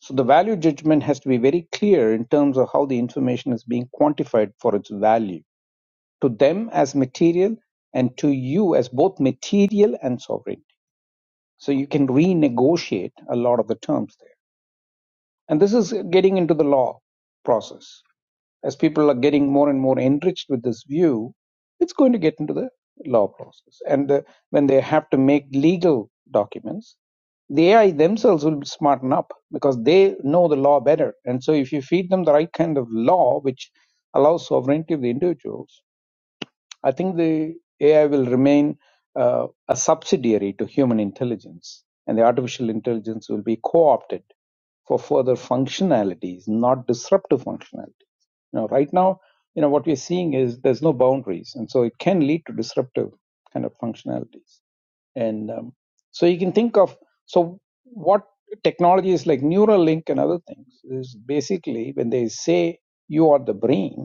D: So the value judgment has to be very clear in terms of how the information is being quantified for its value to them as material and to you as both material and sovereign So you can renegotiate a lot of the terms there. And this is getting into the law process. As people are getting more and more enriched with this view, it's going to get into the law process. And uh, when they have to make legal documents, the AI themselves will smarten up because they know the law better. And so if you feed them the right kind of law, which allows sovereignty of the individuals, I think the AI will remain uh, a subsidiary to human intelligence, and the artificial intelligence will be co-opted for further functionalities, not disruptive functionalities. Now, right now, you know what we're seeing is there's no boundaries, and so it can lead to disruptive kind of functionalities. And um, so you can think of so what technologies like Neuralink and other things is basically when they say you are the brain,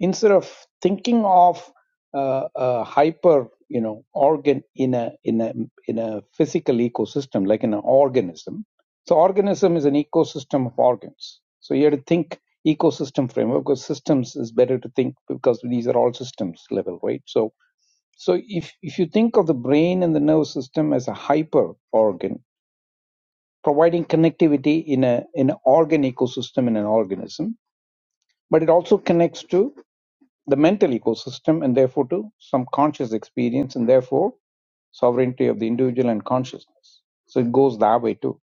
D: instead of thinking of uh, a hyper you know organ in a in a in a physical ecosystem like in an organism so organism is an ecosystem of organs so you have to think ecosystem framework because systems is better to think because these are all systems level right so so if if you think of the brain and the nervous system as a hyper organ providing connectivity in a in an organ ecosystem in an organism but it also connects to the mental ecosystem and therefore to some conscious experience and therefore sovereignty of the individual and consciousness so it goes that way too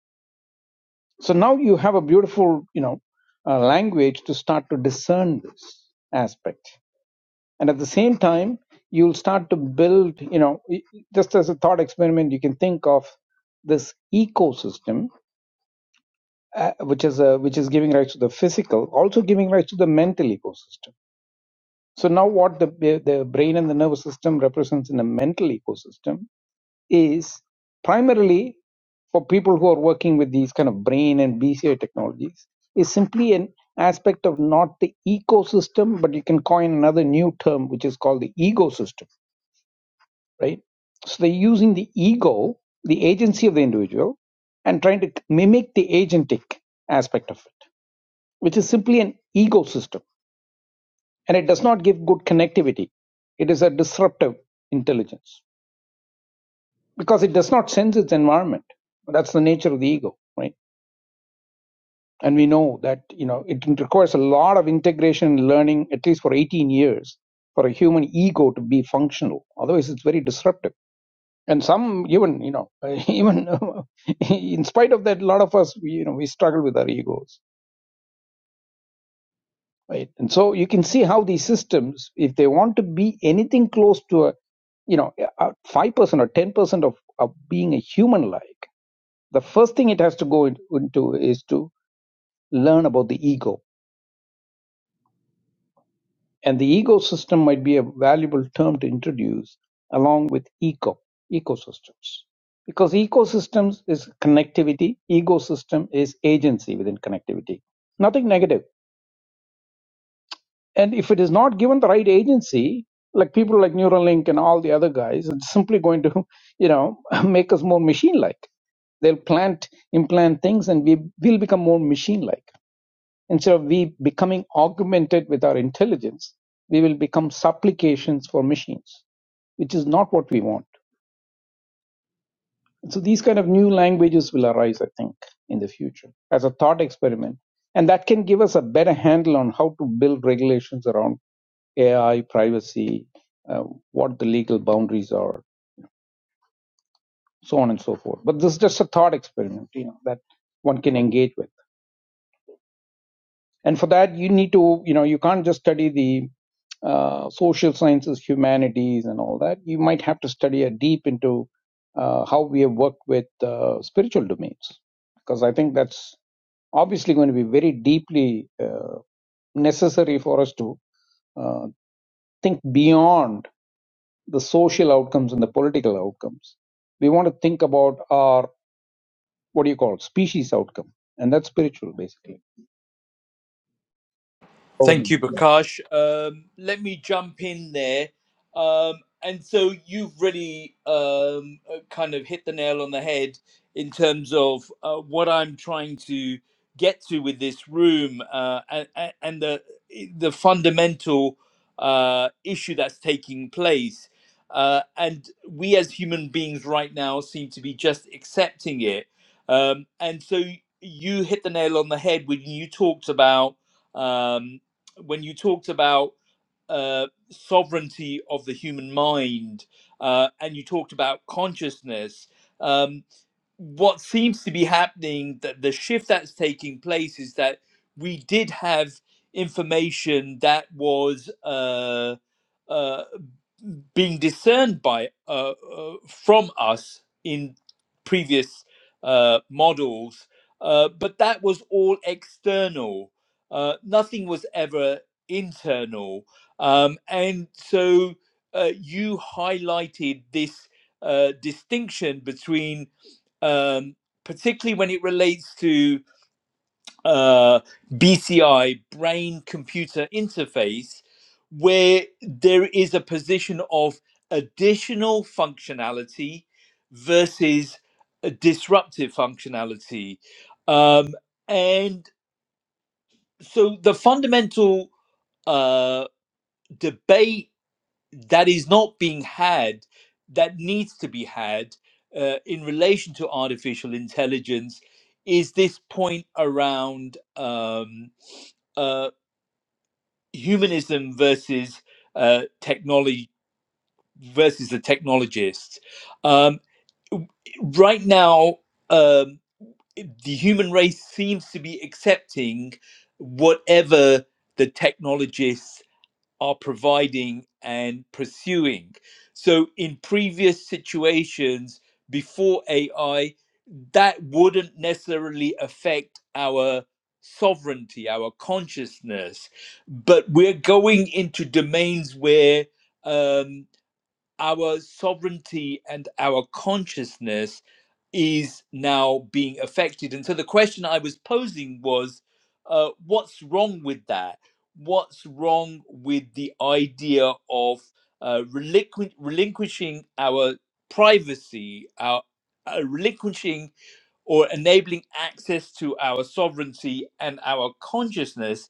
D: so now you have a beautiful you know uh, language to start to discern this aspect and at the same time you'll start to build you know y- just as a thought experiment you can think of this ecosystem uh, which is a, which is giving rise to the physical also giving rise to the mental ecosystem So now what the, the brain and the nervous system represents in a mental ecosystem is primarily for people who are working with these kind of brain and BCI technologies is simply an aspect of not the ecosystem, but you can coin another new term, which is called the ego system, right? So they're using the ego, the agency of the individual, and trying to mimic the agentic aspect of it, which is simply an ecosystem and it does not give good connectivity. It is a disruptive intelligence because it does not sense its environment. That's the nature of the ego, right? And we know that you know it requires a lot of integration and learning, at least for 18 years, for a human ego to be functional. Otherwise, it's very disruptive. And some even you know even [laughs] in spite of that, a lot of us you know we struggle with our egos right and so you can see how these systems if they want to be anything close to a you know a 5% or 10% of, of being a human like the first thing it has to go in- into is to learn about the ego and the ego system might be a valuable term to introduce along with eco ecosystems because ecosystems is connectivity ecosystem is agency within connectivity nothing negative And if it is not given the right agency, like people like Neuralink and all the other guys, it's simply going to, you know, [laughs] make us more machine-like. They'll plant, implant things, and we will become more machine-like. Instead of we becoming augmented with our intelligence, we will become supplications for machines, which is not what we want so these kind of new languages will arise i think in the future as a thought experiment and that can give us a better handle on how to build regulations around ai privacy uh, what the legal boundaries are so on and so forth but this is just a thought experiment you know that one can engage with and for that you need to you know you can't just study the uh, social sciences, humanities, and all that, you might have to study a deep into uh, how we have worked with uh, spiritual domains, because I think that's obviously going to be very deeply uh, necessary for us to uh, think beyond the social outcomes and the political outcomes. We want to think about our what do you call species outcome, and that's spiritual basically. Over
A: Thank
D: and
A: you,
D: out.
A: Prakash. Um, let me jump in there. Um, and so you've really um, uh, kind of hit the nail on the head in terms of uh, what I'm trying to get to with this room uh, and, and the the fundamental uh, issue that's taking place. Uh, and we as human beings right now seem to be just accepting it. Um, and so you hit the nail on the head when you talked about um, when you talked about uh, sovereignty of the human mind uh, and you talked about consciousness, um, what seems to be happening, that the shift that's taking place is that we did have information that was uh, uh, being discerned by uh, uh, from us in previous uh, models, uh, but that was all external. Uh, nothing was ever internal, um, and so uh, you highlighted this uh, distinction between, um, particularly when it relates to uh, BCI, brain computer interface, where there is a position of additional functionality versus a disruptive functionality. Um, and so the fundamental uh, debate that is not being had, that needs to be had uh, in relation to artificial intelligence, is this point around. Um, uh, humanism versus uh, technology versus the technologists. Um, right now, um, the human race seems to be accepting whatever the technologists are providing and pursuing. So, in previous situations before AI, that wouldn't necessarily affect our sovereignty, our consciousness. But we're going into domains where um, our sovereignty and our consciousness is now being affected. And so the question I was posing was uh, what's wrong with that? What's wrong with the idea of uh, relinqu- relinquishing our privacy, our uh, relinquishing or enabling access to our sovereignty and our consciousness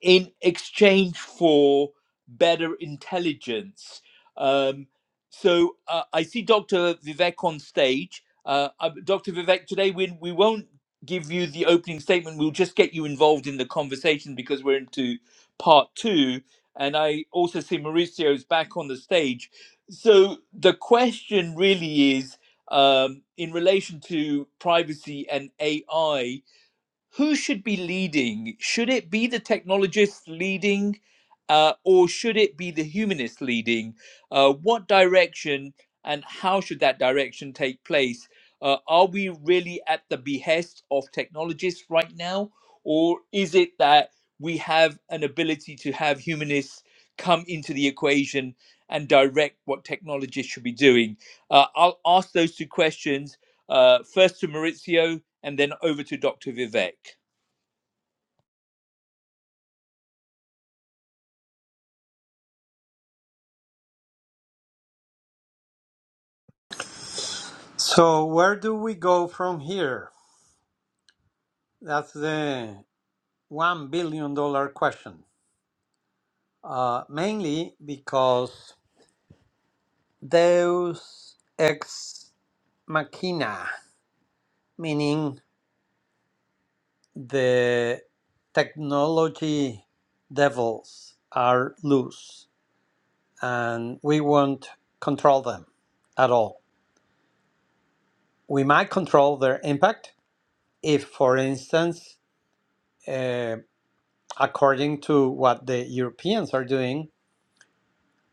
A: in exchange for better intelligence. Um, so uh, I see Dr. Vivek on stage. Uh, uh, Dr. Vivek, today we, we won't give you the opening statement. We'll just get you involved in the conversation because we're into part two. And I also see Mauricio's back on the stage. So the question really is um, in relation to privacy and AI who should be leading? Should it be the technologists leading, uh, or should it be the humanists leading? Uh, what direction and how should that direction take place? Uh, are we really at the behest of technologists right now, or is it that we have an ability to have humanists come into the equation and direct what technologists should be doing? Uh, I'll ask those two questions uh, first to Maurizio and then over to Dr. Vivek.
C: So, where do we go from here? That's the $1 billion dollar question, uh, mainly because Deus ex machina, meaning the technology devils are loose and we won't control them at all. We might control their impact if, for instance, uh, according to what the Europeans are doing,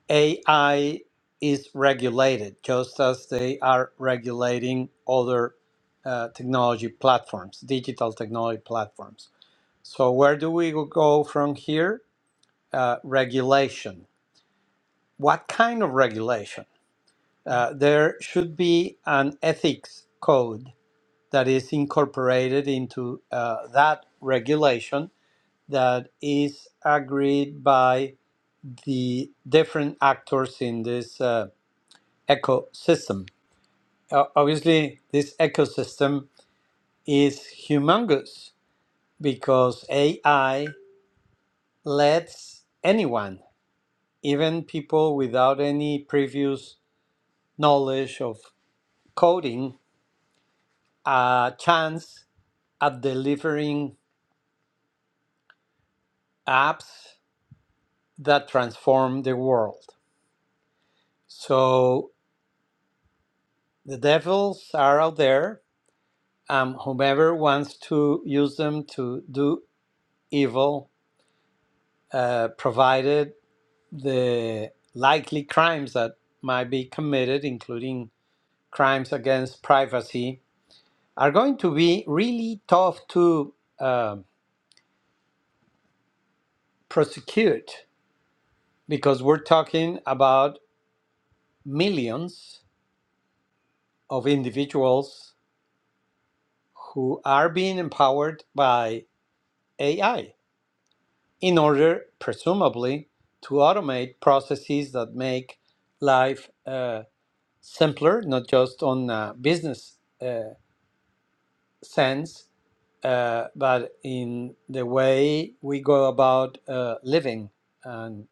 C: AI is regulated just as they are regulating other uh, technology platforms, digital technology platforms. So, where do we go from here? Uh, regulation. What kind of regulation? Uh, there should be an ethics code that is incorporated into uh, that regulation that is agreed by the different actors in this uh, ecosystem Uh, obviously, this ecosystem is humongous because AI lets anyone, even people without any previous knowledge of coding, a chance at delivering apps that transform the world. So the devils are out there. Um, whomever wants to use them to do evil, uh, provided the likely crimes that might be committed, including crimes against privacy, are going to be really tough to um prosecute because we're talking about millions of individuals who are being empowered by AI in order, presumably, to automate processes that make life uh, simpler, not just on uh, business uh, sense, uh, but in the way we go about uh, living and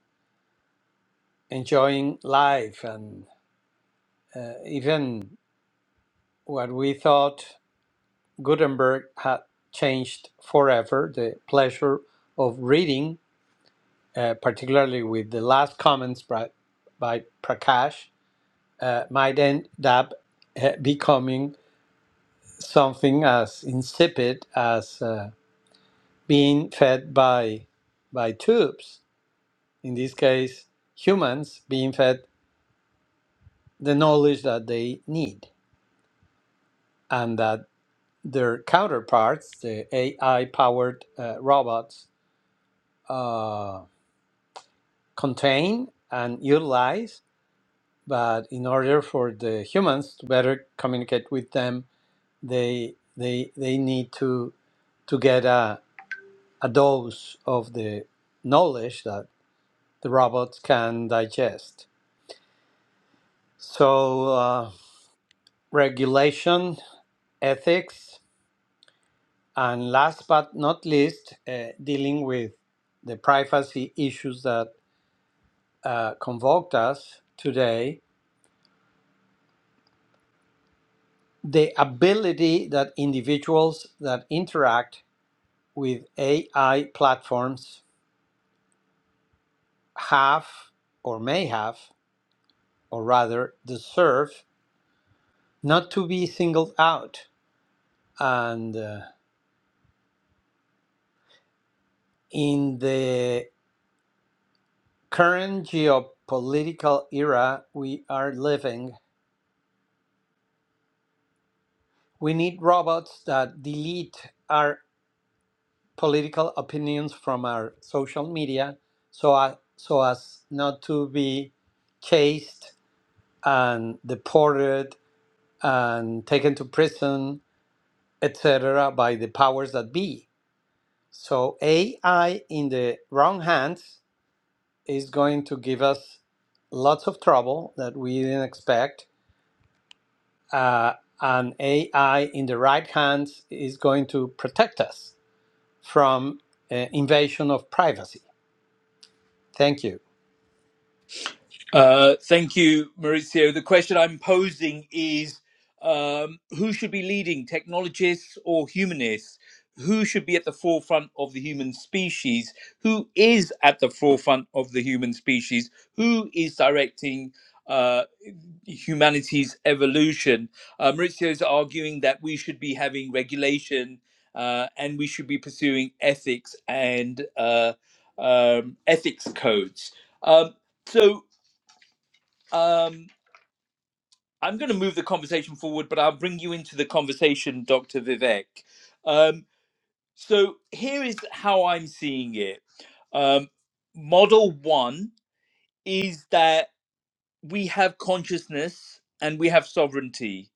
C: enjoying life, and uh, even what we thought Gutenberg had changed forever the pleasure of reading, uh, particularly with the last comments by, by Prakash, uh, might end up uh, becoming something as insipid as uh, being fed by by tubes in this case, humans being fed the knowledge that they need and that their counterparts, the AI powered uh, robots, uh, contain and utilize. But in order for the humans to better communicate with them, they, they, they need to, to get a, a dose of the knowledge that the robots can digest. So, uh, regulation, ethics, And last but not least, uh, dealing with the privacy issues that uh, convoked us today, the ability that individuals that interact with AI platforms have or may have, or rather deserve, not to be singled out. And uh, in the current geopolitical era we are living, we need robots that delete our political opinions from our social media so as, so as not to be chased and deported and taken to prison, etc., by the powers that be. So, AI in the wrong hands is going to give us lots of trouble that we didn't expect. Uh, and AI in the right hands is going to protect us from uh, invasion of privacy. Thank you.
A: Uh, thank you, Maurizio. The question I'm posing is um, who should be leading, technologists or humanists? Who should be at the forefront of the human species? Who is at the forefront of the human species? Who is directing uh, humanity's evolution? Uh, Maurizio is arguing that we should be having regulation uh, and we should be pursuing ethics and uh, um, ethics codes. Um, so, um, I'm going to move the conversation forward, but I'll bring you into the conversation, Dr. Vivek. Um, so here is how I'm seeing it. Um, model one is that we have consciousness and we have sovereignty.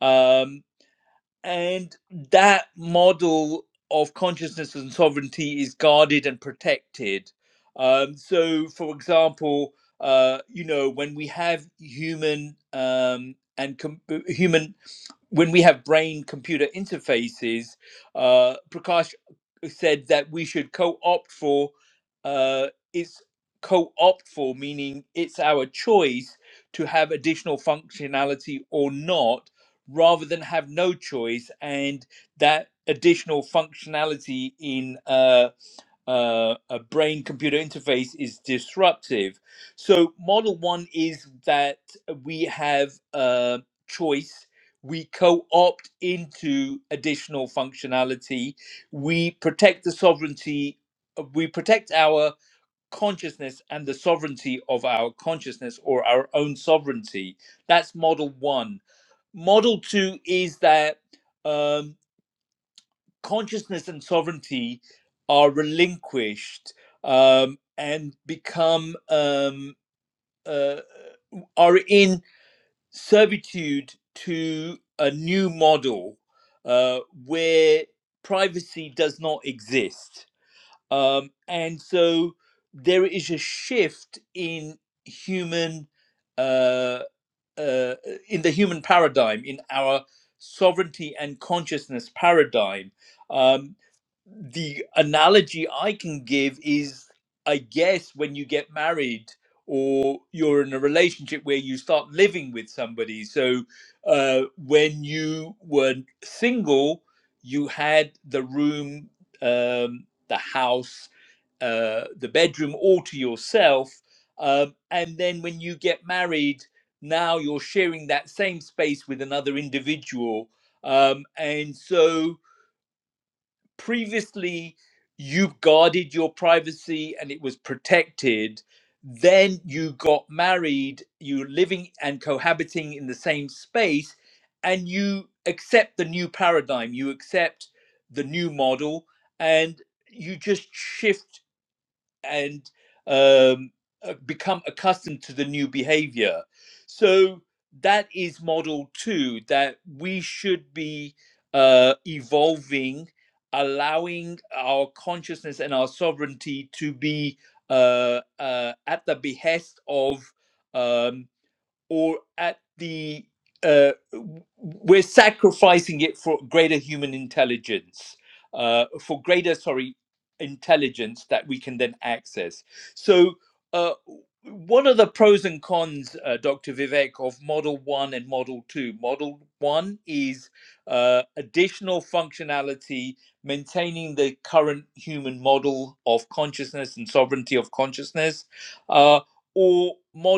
A: Um, And that model of consciousness and sovereignty is guarded and protected. Um, so, for example, uh, you know, when we have human um, and com- uh, human when we have brain computer interfaces, uh, Prakash said that we should co opt for uh, it's co opt for, meaning it's our choice to have additional functionality or not, rather than have no choice. And that additional functionality in uh, uh, a brain computer interface is disruptive. So, model one is that we have a choice, we co opt into additional functionality, we protect the sovereignty, uh, we protect our consciousness and the sovereignty of our consciousness or our own sovereignty. That's model one. Model two is that. Um, consciousness and sovereignty are relinquished um, and become um, uh, are in servitude to a new model uh, where privacy does not exist, um, and so there is a shift in human uh, uh, in the human paradigm in our sovereignty and consciousness paradigm um, the analogy I can give is, I guess, when you get married or you're in a relationship where you start living with somebody. So uh, when you were single, you had the room, um, the house, uh, the bedroom all to yourself. Um, and then when you get married, now you're sharing that same space with another individual. Um, and so previously you've guarded your privacy and it was protected then you got married you're living and cohabiting in the same space and you accept the new paradigm you accept the new model and you just shift and um, uh, become accustomed to the new behavior. So that is model two that we should be uh, evolving, allowing our consciousness and our sovereignty to be uh, uh, at the behest of. um, or at the uh, we're sacrificing it for greater human intelligence, uh, for greater sorry intelligence that we can then access. So, uh, what are the pros and cons, uh, Dr. Vivek, of Model One and Model Two? Model One is uh, additional functionality, maintaining the current human model of consciousness and sovereignty of consciousness. Uh, or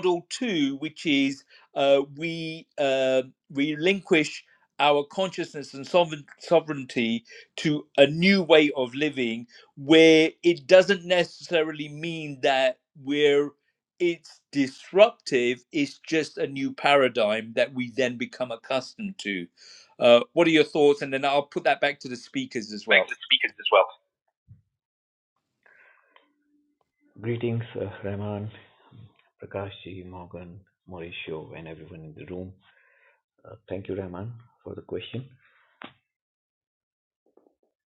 A: model two, which is uh, we uh, relinquish our consciousness and sovereignty to a new way of living where it doesn't necessarily mean that we're it's disruptive it's just a new paradigm that we then become accustomed to uh, what are your thoughts and then i'll put that back to the speakers as
F: thanks
A: well
F: to the speakers as well. Greetings, uh, Rahman, Prakashji, Morgan, Mauricio, and everyone in the room. Uh, thank you, Rahman, for the question.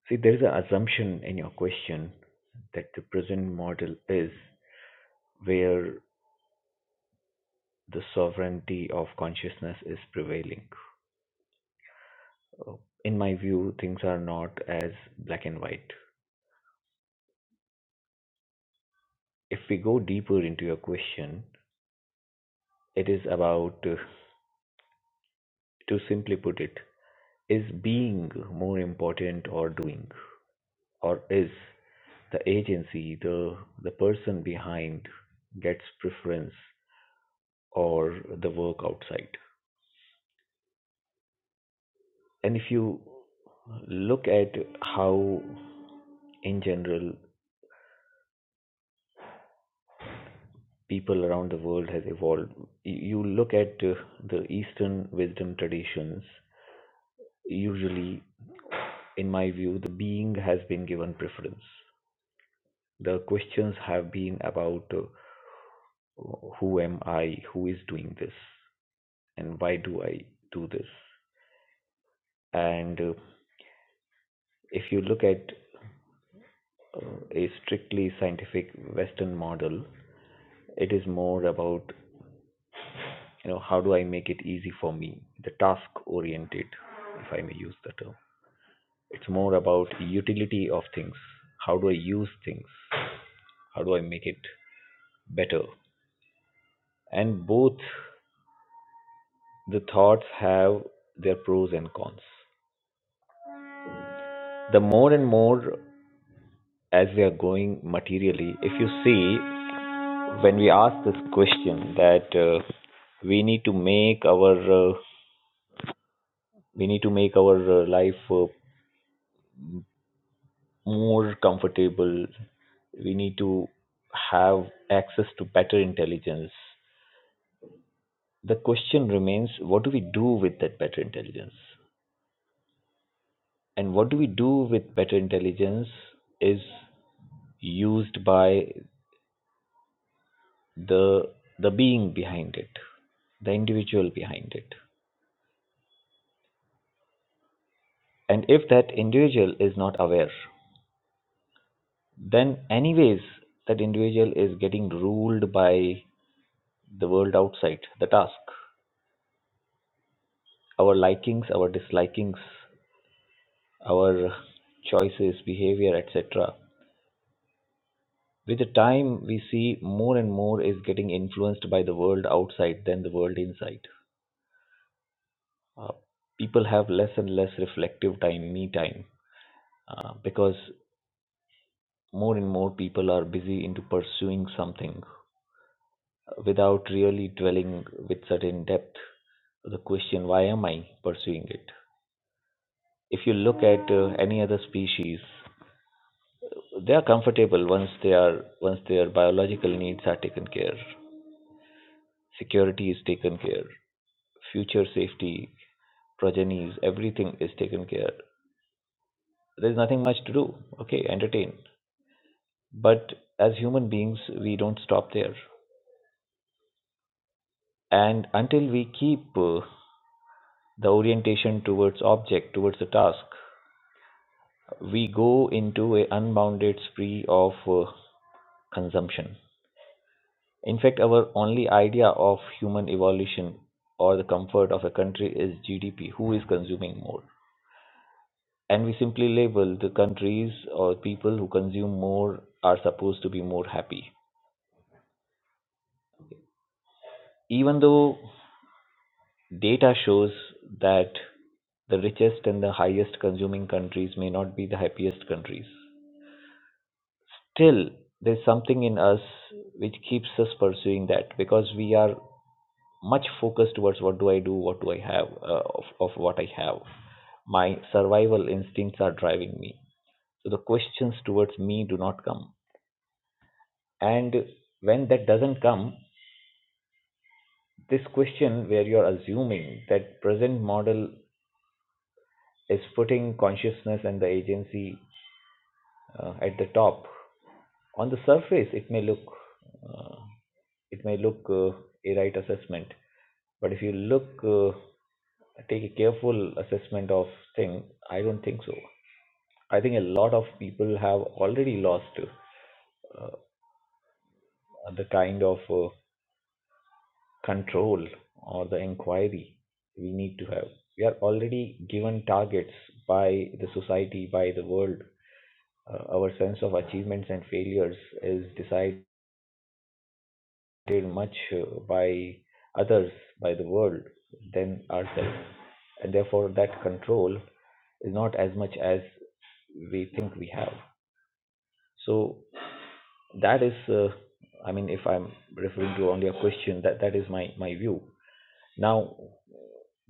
F: See, there is an assumption in your question that the present model is where the sovereignty of consciousness is prevailing. Uh, In my view, things are not as black and white. If we go deeper into your question, it is about, uh, to simply put it, is being more important or doing? or is the agency the the person behind gets preference or the work outside and if you look at how in general people around the world has evolved you look at uh, the eastern wisdom traditions usually in my view the being has been given preference the questions have been about uh, who am i who is doing this and why do i do this And uh, if you look at uh, a strictly scientific Western model, it is more about you know how do I make it easy for me, the task oriented, if I may use the term. It's more about utility of things. How do I use things? How do I make it better? And both the thoughts have their pros and cons. The more and more as we are going materially, if you see when we ask this question that uh, we need to make our uh, we need to make our uh, life uh, more comfortable we need to have access to better intelligence the question remains what do we do with that better intelligence and what do we do with better intelligence is used by the the being behind it the individual behind it and if that individual is not aware then anyways that individual is getting ruled by the world outside the task our likings our dislikings our choices behavior etc with the time we see more and more is getting influenced by the world outside than the world inside uh, people have less and less reflective time me time uh, because more and more people are busy into pursuing something without really dwelling with certain depth the question why am i pursuing it if you look at uh, any other species they are comfortable once they are once their biological needs are taken care security is taken care future safety progenies everything is taken care there's nothing much to do okay entertain but as human beings we don't stop there and until we keep uh, the orientation towards object towards the task we go into a unbounded spree of uh, consumption. In fact, our only idea of human evolution or the comfort of a country is GDP, who is consuming more. And we simply label the countries or people who consume more are supposed to be more happy. Even though data shows that the richest and the highest consuming countries may not be the happiest countries. still there's something in us which keeps us pursuing that because we are much focused towards what do I do, what do I have, uh, of, of what I have. My survival instincts are driving me. So the questions towards me do not come. And when that doesn't come, this question where you're assuming that present model is putting consciousness and the agency uh, at the top. On the surface, it may look uh, it may look uh, a right assessment, but if you look uh, take a careful assessment of things. I don't think so. I think a lot of people have already lost uh, the kind of uh, control or the inquiry we need to have. We are already given targets by the society, by the world. Uh, our sense of achievements and failures is decided. treated much uh, by others, by the world, than ourselves. And therefore, that control is not as much as we think we have. So that is, uh, I mean, if I'm referring to only a question, that, that is my, my view. Now,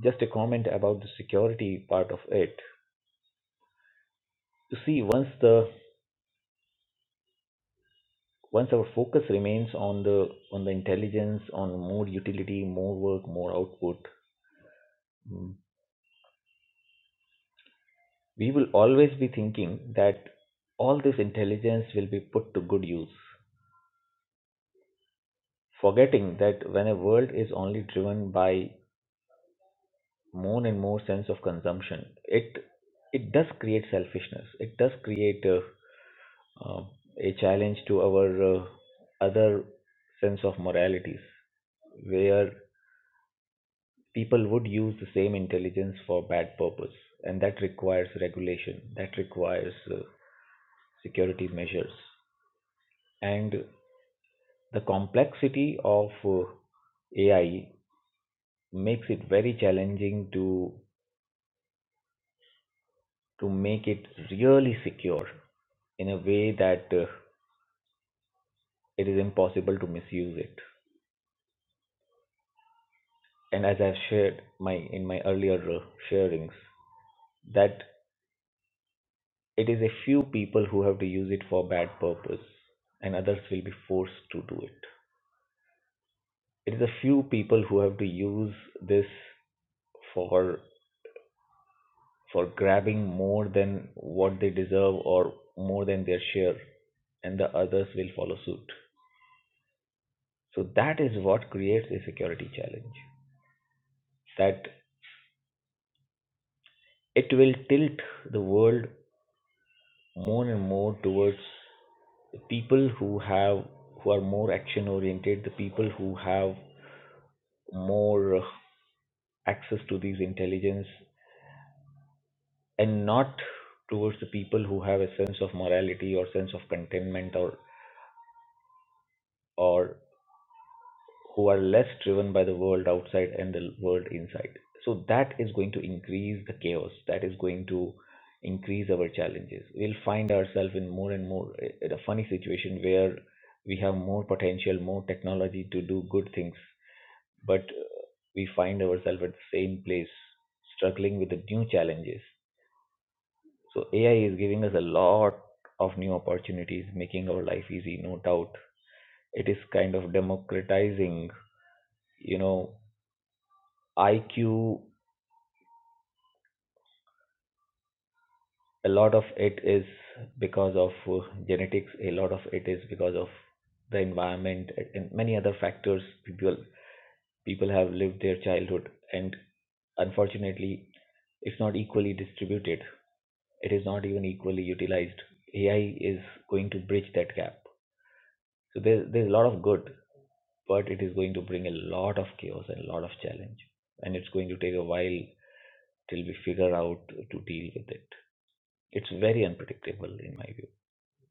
F: just a comment about the security part of it. You see, once the once our focus remains on the on the intelligence, on more utility, more work, more output, mm, we will always be thinking that all this intelligence will be put to good use, forgetting that when a world is only driven by more and more sense of consumption, it it does create selfishness. It does create a, uh, a challenge to our uh, other sense of moralities, where people would use the same intelligence for bad purpose, and that requires regulation. That requires uh, security measures and The complexity of uh, AI makes it very challenging to to make it really secure in a way that uh, it is impossible to misuse it. And as I've shared my in my earlier uh, sharings, that it is a few people who have to use it for bad purpose, and others will be forced to do it. It is a few people who have to use this for for grabbing more than what they deserve or more than their share, and the others will follow suit. So that is what creates a security challenge. That it will tilt the world more and more towards the people who have who are more action oriented, the people who have more uh, access to these intelligence, and not towards the people who have a sense of morality or sense of contentment or or who are less driven by the world outside and the world inside. So that is going to increase the chaos. That is going to increase our challenges. We'll find ourselves in more and more in a funny situation where we have more potential, more technology to do good things, but uh, we find ourselves at the same place struggling with the new challenges. So AI is giving us a lot of new opportunities, making our life easy, no doubt. It is kind of democratizing, you know, IQ, a lot of it is because of uh, genetics, a lot of it is because of the environment uh, and many other factors people people have lived their childhood and unfortunately it's not equally distributed. It is not even equally utilized. AI is going to bridge that gap. So there's there's a lot of good, but it is going to bring a lot of chaos and a lot of challenge. And it's going to take a while till we figure out to deal with it. It's very unpredictable in my view.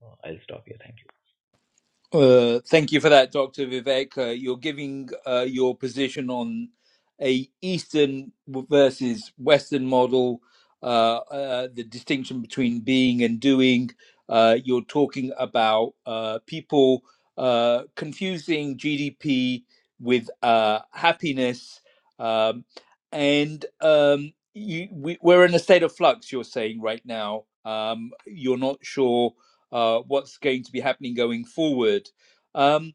F: Uh, I'll stop here. Thank you.
A: Uh, thank you for that, Dr. Vivek. Uh, you're giving uh, your position on a Eastern versus Western model, uh, uh, the distinction between being and doing. Uh, you're talking about uh, people uh, confusing GDP with uh, happiness, um, and um, you, we, we're in a state of flux. You're saying right now, um, you're not sure uh, what's going to be happening going forward. Um,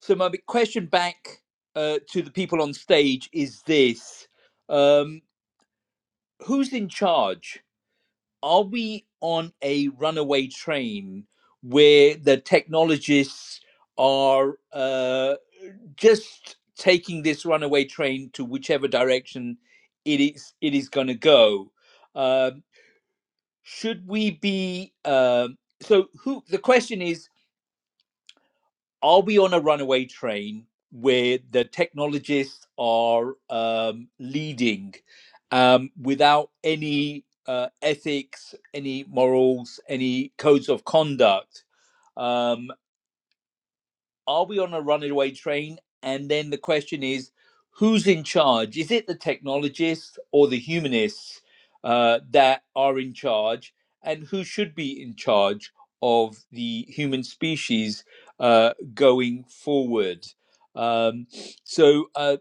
A: so my question back uh, to the people on stage is this: um, Who's in charge? Are we on a runaway train where the technologists are uh, just taking this runaway train to whichever direction it is it is going to go? Um should we be um so who the question is are we on a runaway train where the technologists are um, leading um, without any uh, ethics, any morals, any codes of conduct? Um, are we on a runaway train? And then the question is, who's in charge? Is it the technologists or the humanists uh, that are in charge? And who should be in charge of the human species uh, going forward? Um, so, uh,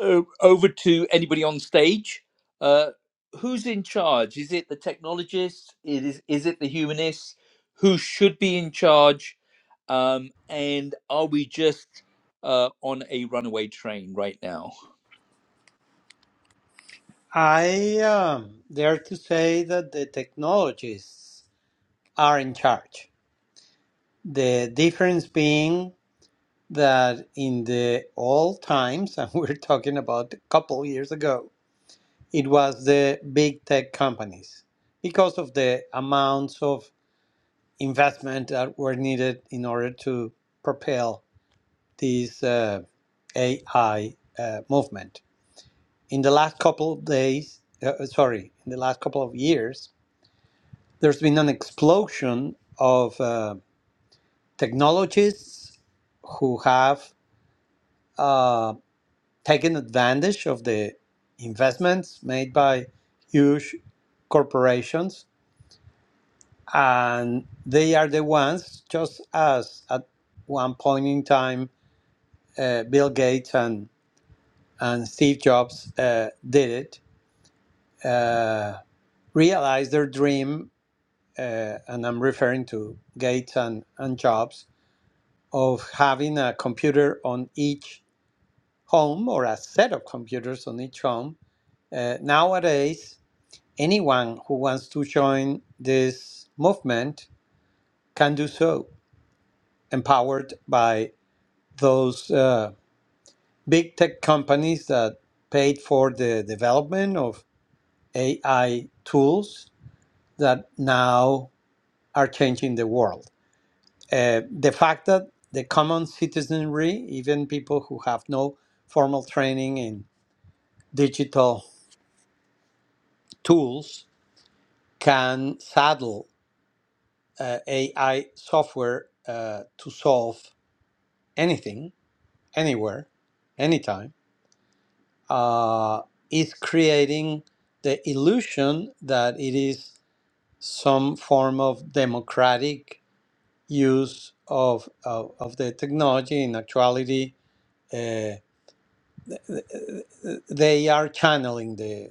A: uh, over to anybody on stage. Uh, who's in charge? Is it the technologists? It is, is it the humanists? Who should be in charge? Um, and are we just uh, on a runaway train right now?
C: I um, dare to say that the technologists are in charge. The difference being that in the old times, [laughs] and we're talking about a couple years ago, it was the big tech companies because of the amounts of investment that were needed in order to propel this uh, AI uh, movement. In the last couple of days, uh, sorry, in the last couple of years, there's been an explosion of uh, technologists who have uh, taken advantage of the investments made by huge corporations, and they are the ones, just as at one point in time, uh, Bill Gates and, and Steve Jobs uh, did it, uh, realized their dream, uh, and I'm referring to Gates and, and Jobs, of having a computer on each home or a set of computers on each home. Uh, nowadays, anyone who wants to join this movement can do so, empowered by those uh, big tech companies that paid for the development of AI tools that now are changing the world. Uh, the fact that the common citizenry, even people who have no formal training in digital tools can saddle uh, AI software uh, to solve anything, anywhere, anytime, uh, is creating the illusion that it is some form of democratic use of, of, of the technology. In actuality, uh, they are channeling the,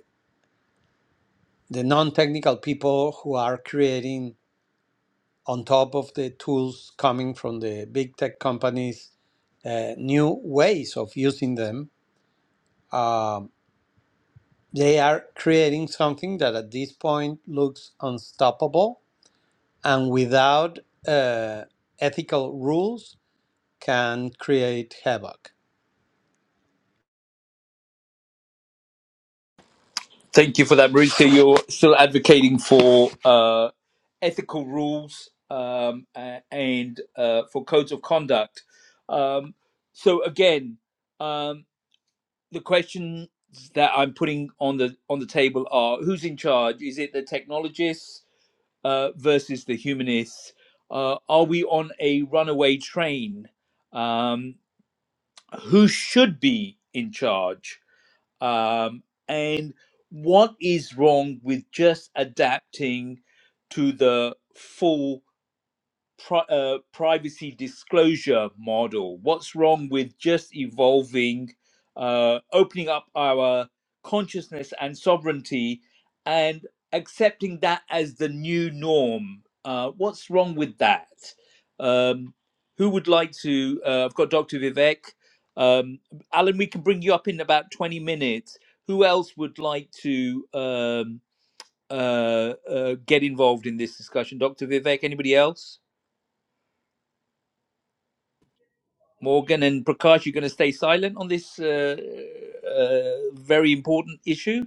C: the non technical people who are creating on top of the tools coming from the big tech companies, uh, new ways of using them. Um, they are creating something that at this point looks unstoppable and without uh, ethical rules can create havoc.
A: Thank you for that, Marisa. You're still advocating for uh, ethical rules um, a- and uh, for codes of conduct. Um, so, again, um, the questions that I'm putting on the on the table are: Who's in charge? Is it the technologists uh, versus the humanists? Uh, are we on a runaway train? Um, who should be in charge? Um, and what is wrong with just adapting to the full pri- uh, privacy disclosure model? What's wrong with just evolving, uh, opening up our consciousness and sovereignty and accepting that as the new norm? Uh, what's wrong with that? Um, who would like to? Uh, I've got Dr. Vivek. Um, Alan, we can bring you up in about 20 minutes. Who else would like to um, uh, uh, get involved in this discussion? Dr. Vivek, anybody else? Morgan and Prakash, you're going to stay silent on this uh, uh, very important issue?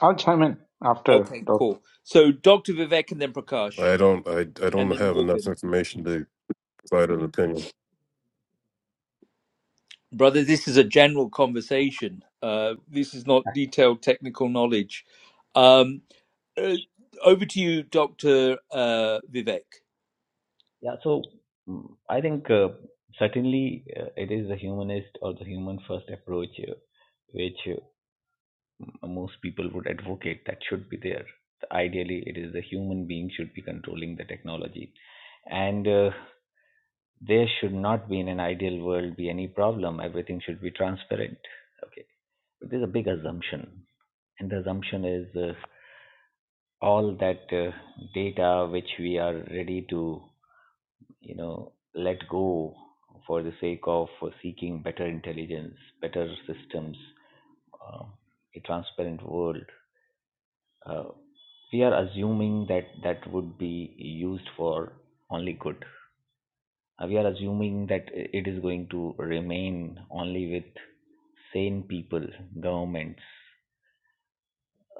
D: I'll chime in after
A: Okay,
D: Dr.
A: cool. So, Dr. Vivek and then Prakash,
E: I don't. I, I
A: and
E: don't
A: then
E: have enough
A: Morgan.
E: information to provide an opinion.
A: Brother, this is a general conversation. Uh, this is not detailed technical knowledge. Um, uh, over to you, Dr. Uh, Vivek.
F: Yeah. So mm, I think uh, certainly uh, it is the humanist or the human first approach uh, which uh, most people would advocate that should be there. Ideally, it is the human being should be controlling the technology, and uh, there should not be in an ideal world be any problem. Everything should be transparent. Okay, but there's a big assumption, and the assumption is uh, all that uh, data which we are ready to you know let go for the sake of seeking better intelligence better systems uh, a transparent world uh, we are assuming that that would be used for only good Uh, we are assuming that it is going to remain only with sane people governments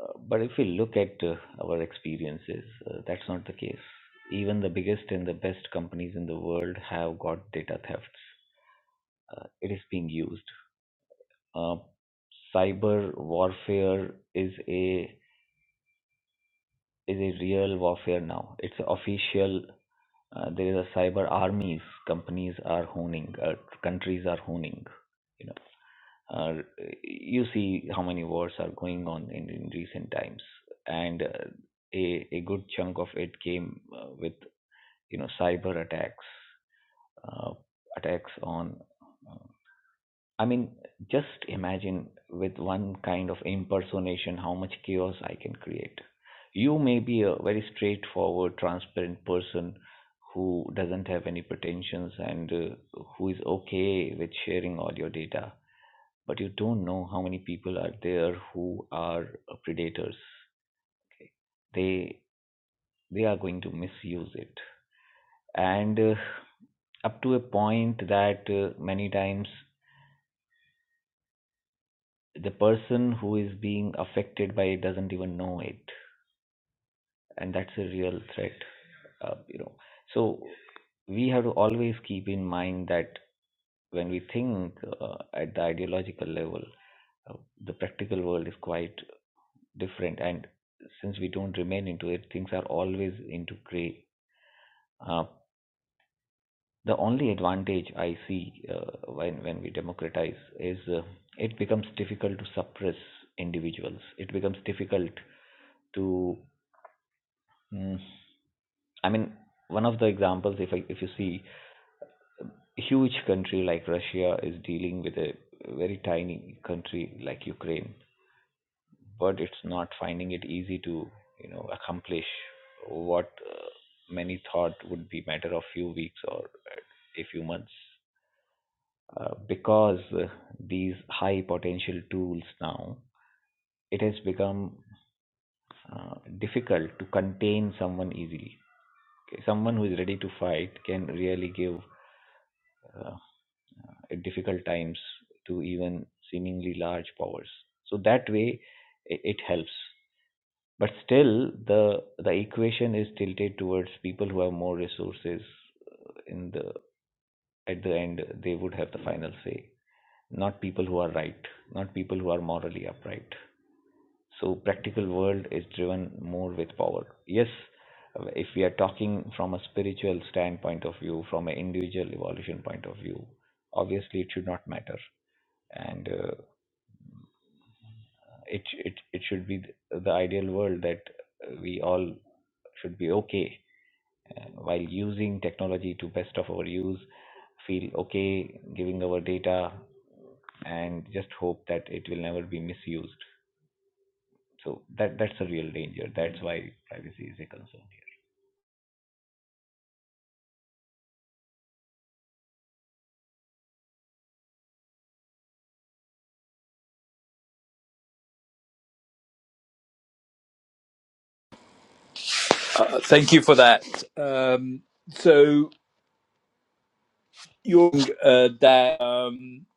F: Uh, but if we look at uh, our experiences uh, that's not the case even the biggest and the best companies in the world have got data thefts uh, it is being used. Uh, cyber warfare is a is a real warfare now. It's official. Uh, there is a cyber armies. Companies are honing. Uh, countries are honing. You know, uh, you see how many wars are going on in, in recent times, and uh, a a good chunk of it came uh, with you know cyber attacks, uh, attacks on uh, I mean, just imagine with one kind of impersonation how much chaos I can create. You may be a very straightforward, transparent person who doesn't have any pretensions and uh, who is okay with sharing all your data, but you don't know how many people are there who are uh, predators. Okay. They they are going to misuse it, and uh, up to a point that uh, many times the person who is being affected by it doesn't even know it and that's a real threat uh, you know so we have to always keep in mind that when we think uh, at the ideological level uh, the practical world is quite different and since we don't remain into it things are always into gray uh, the only advantage i see uh, when when we democratize is uh, it becomes difficult to suppress individuals it becomes difficult to mm, I mean, one of the examples, if I, if you see, a huge country like Russia is dealing with a very tiny country like Ukraine, but it's not finding it easy to you know accomplish what uh, many thought would be matter of few weeks or uh, a few months uh, because uh, these high potential tools now it has become uh, difficult to contain someone easily okay? someone who is ready to fight can really give uh, uh, at difficult times to even seemingly large powers. So that way, i- it helps. But still, the the equation is tilted towards people who have more resources. In the at the end, they would have the final say, not people who are right, not people who are morally upright. So practical world is driven more with power. Yes, if we are talking from a spiritual standpoint of view, from an individual evolution point of view, obviously it should not matter and uh, It it it should be the the ideal world that uh, we all should be okay uh, while using technology to best of our use. Feel okay giving our data and just hope that it will never be misused. So that that's a real danger. That's why privacy is a concern here.
A: Uh, thank you for that. Um, so, Jung, uh, that um,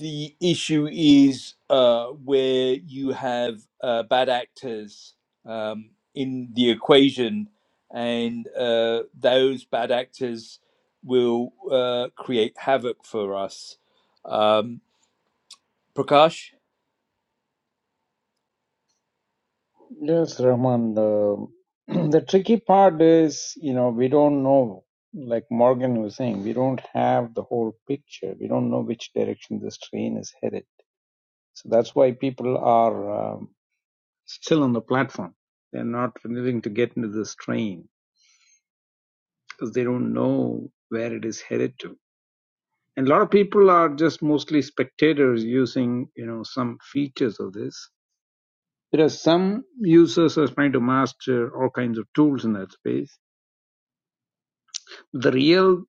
A: the issue is uh, where you have uh, bad actors um, in the equation, and uh, those bad actors will uh, create havoc for us. Um, Prakash,
D: Yes, Rahman. The, [clears throat] the tricky part is, you know, we don't know, like Morgan was saying, we don't have the whole picture. We don't know which direction this train is headed. So that's why people are. um, still on the platform. They're not willing to get into this train because they don't know where it is headed to. And a lot of people are just mostly spectators using, you know, some features of this. Whereas some users are trying to master all kinds of tools in that space. The real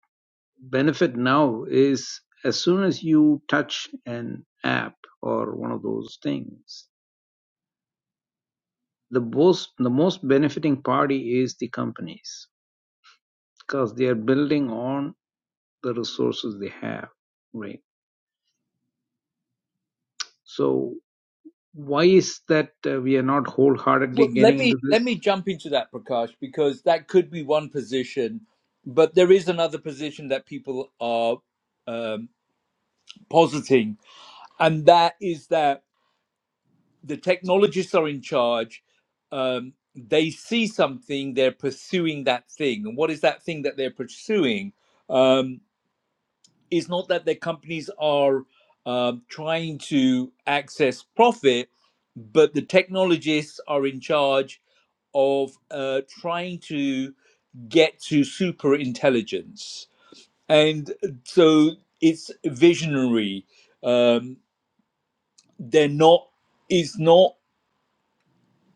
D: benefit now is as soon as you touch an app or one of those things, the most the most benefiting party is the companies because they are building on the resources they have, right? So why is that uh, we are not wholeheartedly
A: well, let
D: getting
A: me
D: into this?
A: let me jump into that, Prakash, because that could be one position, but there is another position that people are. Um, positing, and that is that the technologists are in charge. Um, they see something, they're pursuing that thing. And what is that thing that they're pursuing? Um, is not that their companies are um trying to access profit, but the technologists are in charge of uh, trying to get to super intelligence. And so it's visionary. Um, they're not it's not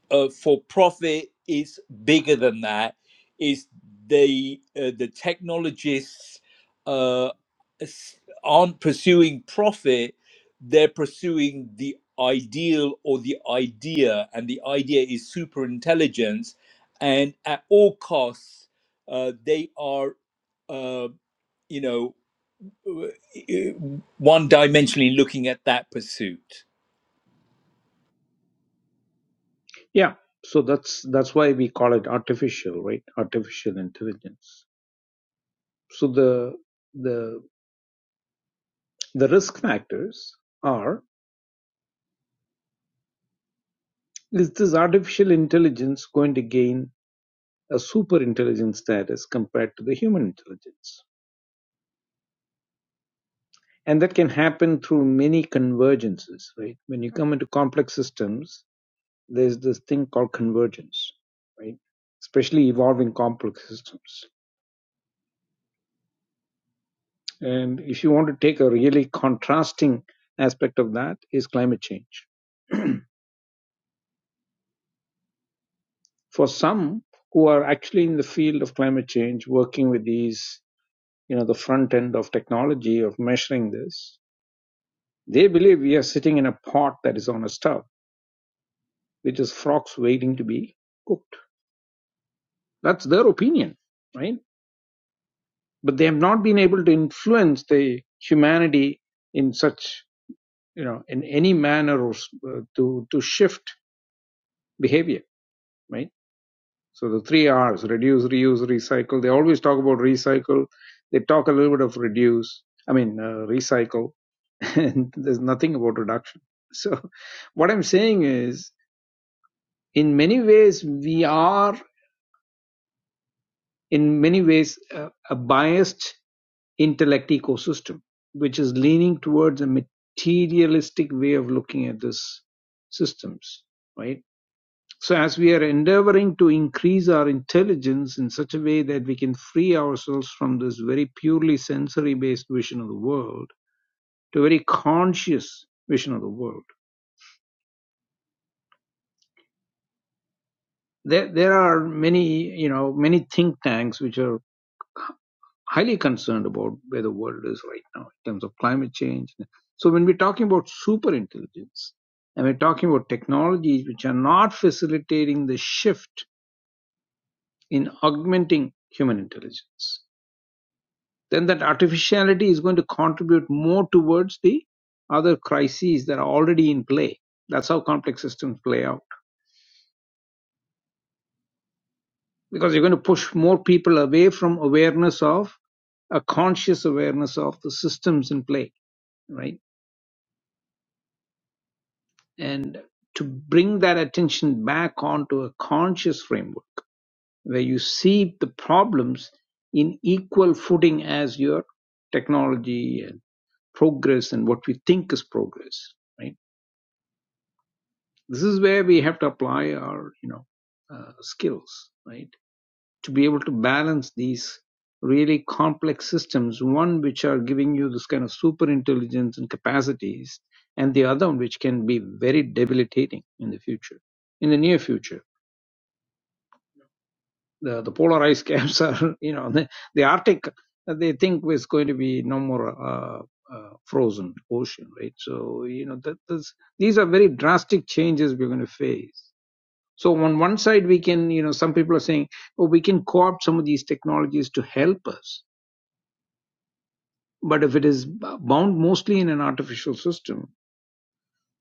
A: uh, for profit it's bigger than that is they uh, the technologists uh, s- aren't pursuing profit they're pursuing the ideal or the idea and the idea is super intelligence and at all costs uh, they are uh, you know uh, one dimensionally looking at that pursuit.
D: Yeah, so that's that's why we call it artificial, right? Artificial intelligence. So the the the risk factors are is this artificial intelligence going to gain a super intelligence status compared to the human intelligence? And that can happen through many convergences, right? When you come into complex systems, there's this thing called convergence, right? Especially evolving complex systems. And if you want to take a really contrasting aspect of that is climate change. For some who are actually in the field of climate change, working with these, you know, the front end of technology of measuring this, they believe we are sitting in a pot that is on a stove, which is frogs waiting to be cooked. That's their opinion, right? But they have not been able to influence the humanity in such you know in any manner or uh, to to shift behavior right so the three r's reduce reuse recycle they always talk about recycle they talk a little bit of reduce i mean uh, recycle [laughs] and there's nothing about reduction so what i'm saying is in many ways we are in many ways a, a biased intellect ecosystem which is leaning towards a materialistic way of looking at these systems right So, as we are endeavoring to increase our intelligence in such a way that we can free ourselves from this very purely sensory based vision of the world to a very conscious vision of the world, there, there are many, you know, many think tanks which are highly concerned about where the world is right now in terms of climate change. So, when we're talking about super intelligence and we're talking about technologies which are not facilitating the shift in augmenting human intelligence then that artificiality is going to contribute more towards the other crises that are already in play. That's how complex systems play out. Because you're going to push more people away from awareness of a conscious awareness of the systems in play, right? And to bring that attention back onto a conscious framework where you see the problems in equal footing as your technology and progress and what we think is progress, right? This is where we have to apply our, you know, uh, skills, right? To be able to balance these really complex systems, one which are giving you this kind of super intelligence and capacities, and the other one which can be very debilitating in the future, in the near future. The, the polar ice [laughs] caps are, you know, the, the Arctic, uh, they think is going to be no more uh, uh, frozen ocean, right? So, you know, that, that's, these are very drastic changes we're going to face So on one side, we can, you know, some people are saying, oh, we can co-opt some of these technologies to help us. But if it is bound mostly in an artificial system,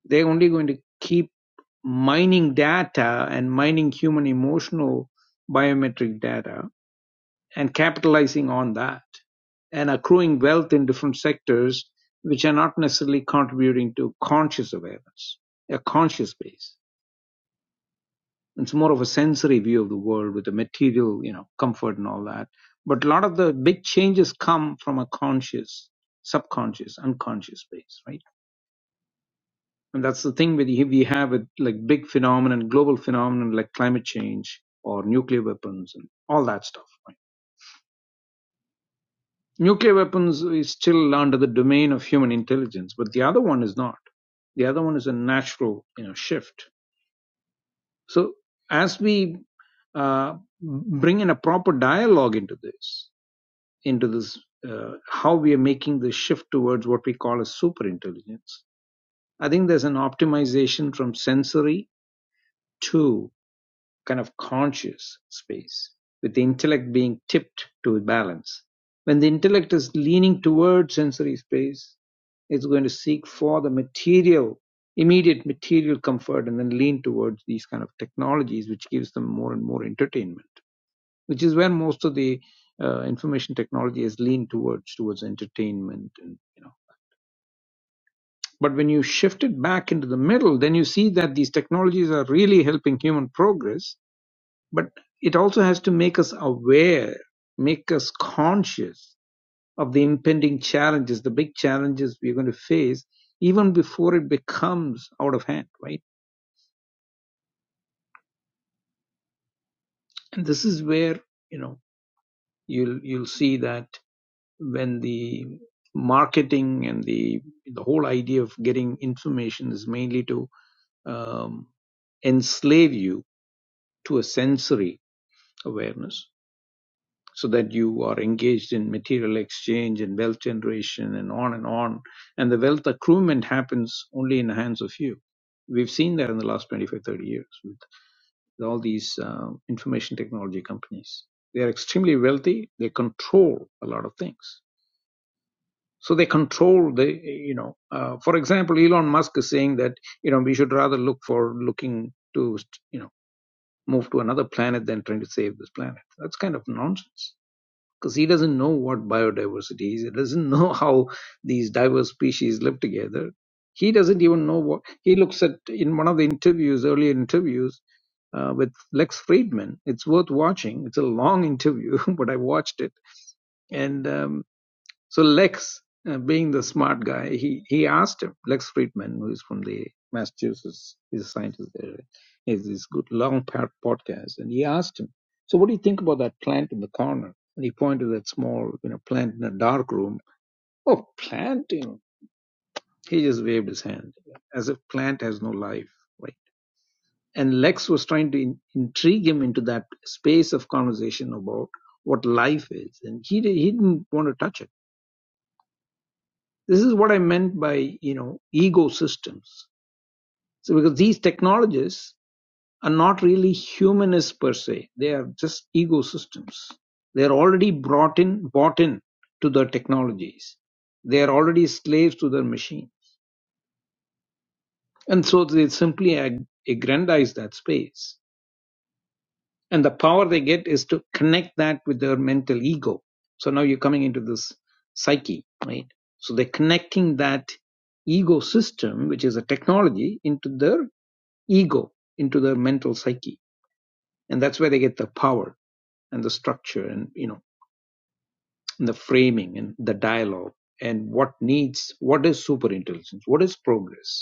D: they're only going to keep mining data and mining human emotional biometric data and capitalizing on that and accruing wealth in different sectors, which are not necessarily contributing to conscious awareness, a conscious base. It's more of a sensory view of the world with the material, you know, comfort and all that. But a lot of the big changes come from a conscious, subconscious, unconscious base, right? And that's the thing with we have with like big phenomenon, global phenomenon like climate change or nuclear weapons and all that stuff. Right? Nuclear weapons is still under the domain of human intelligence, but the other one is not. The other one is a natural, you know, shift. So as we uh, bring in a proper dialogue into this. into this uh, how we are making the shift towards what we call a super intelligence i think there's an optimization from sensory to kind of conscious space with the intellect being tipped to balance when the intellect is leaning towards sensory space it's going to seek for the material immediate material comfort and then lean towards these kind of technologies which gives them more and more entertainment which is where most of the uh, information technology has leaned towards towards entertainment and you know but when you shift it back into the middle then you see that these technologies are really helping human progress but it also has to make us aware make us conscious of the impending challenges the big challenges we're going to face even before it becomes out of hand right and this is where you know you'll you'll see that when the marketing and the the whole idea of getting information is mainly to um, enslave you to a sensory awareness so that you are engaged in material exchange and wealth generation and on and on and the wealth accruement happens only in the hands of few we've seen that in the last 25, 30 years with all these uh, information technology companies they are extremely wealthy they control a lot of things So they control the, you know, uh, for example, Elon Musk is saying that, you know, we should rather look for looking to, you know, move to another planet than trying to save this planet. That's kind of nonsense because he doesn't know what biodiversity is. He doesn't [laughs] know how these diverse species live together. He doesn't even know what he looks at in one of the interviews, earlier interviews uh, with Lex Friedman. It's worth watching. It's a long interview, [laughs] but I watched it. And, um, so Lex, uh, being the smart guy, he, he asked him, Lex Friedman, who is from the Massachusetts, he's a scientist there, right? he has this good long pa- podcast, and he asked him, so what do you think about that plant in the corner? And he pointed to that small, you know, plant in a dark room. Oh, plant, you know. He just waved his hand as if plant has no life, right? And Lex was trying to in- intrigue him into that space of conversation about what life is, and he, di- he didn't want to touch it This is what I meant by, you know, ecosystems. So because these technologies are not really humanist per se. They are just ecosystems. They are already brought in, bought in to the technologies. They are already slaves to their machine. And so they simply ag- aggrandize that space. and the power they get is to connect that with their mental ego so now you're coming into this psyche right so they're connecting that ego system which is a technology into their ego into their mental psyche and that's where they get the power and the structure and you know and the framing and the dialogue and what needs what is super intelligence what is progress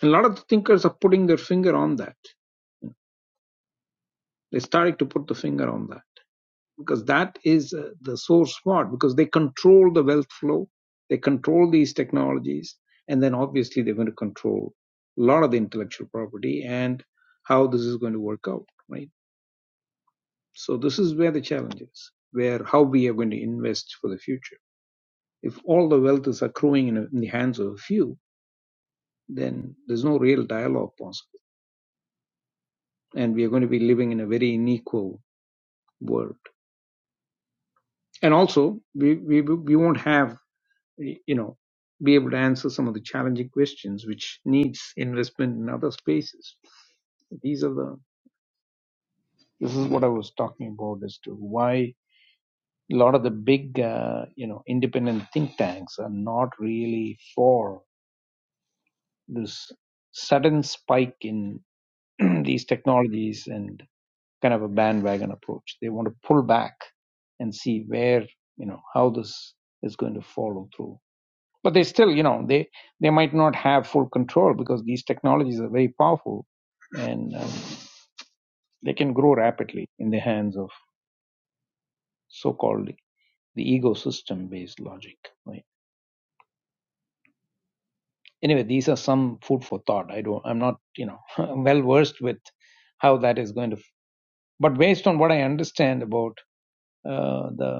D: And a lot of the thinkers are putting their finger on that they're starting to put the finger on that because that is uh, the source part because they control the wealth flow they control these technologies and then obviously they're going to control a lot of the intellectual property and how this is going to work out right so this is where the challenge is where how we are going to invest for the future if all the wealth is accruing in, a, in the hands of a few then there's no real dialogue possible and we are going to be living in a very unequal world and also we, we, we won't have you know, be able to answer some of the challenging questions which needs investment in other spaces. These are the this is what I was talking about as to why a lot of the big uh, you know independent think tanks are not really for this sudden spike in [clears throat] these technologies and kind of a bandwagon approach. They want to pull back and see where you know how this is going to follow through but they still you know they they might not have full control because these technologies are very powerful and um, they can grow rapidly in the hands of so-called the ecosystem based logic right anyway these are some food for thought i don't i'm not you know [laughs] well versed with how that is going to but based on what i understand about uh, the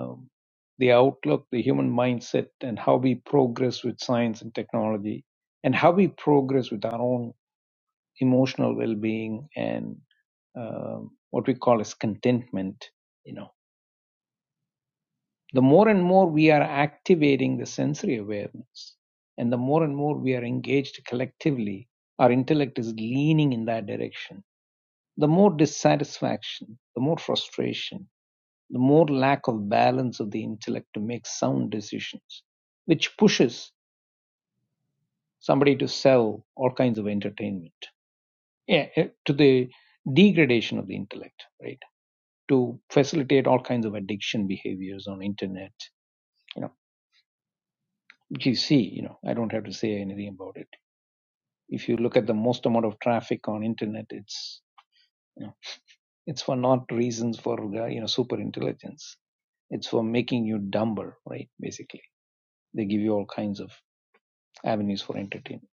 D: the outlook the human mindset and how we progress with science and technology and how we progress with our own emotional well-being and um, what we call as contentment you know the more and more we are activating the sensory awareness and the more and more we are engaged collectively our intellect is leaning in that direction the more dissatisfaction the more frustration the more lack of balance of the intellect to make sound decisions which pushes somebody to sell all kinds of entertainment yeah, eh, to the degradation of the intellect right to facilitate all kinds of addiction behaviors on internet. You know, you see, you know, I don't have to say anything about it. If you look at the most amount of traffic on internet, it's you know, it's for not reasons for uh, you know super intelligence. It's for making you dumber, right? Basically, they give you all kinds of avenues for entertainment.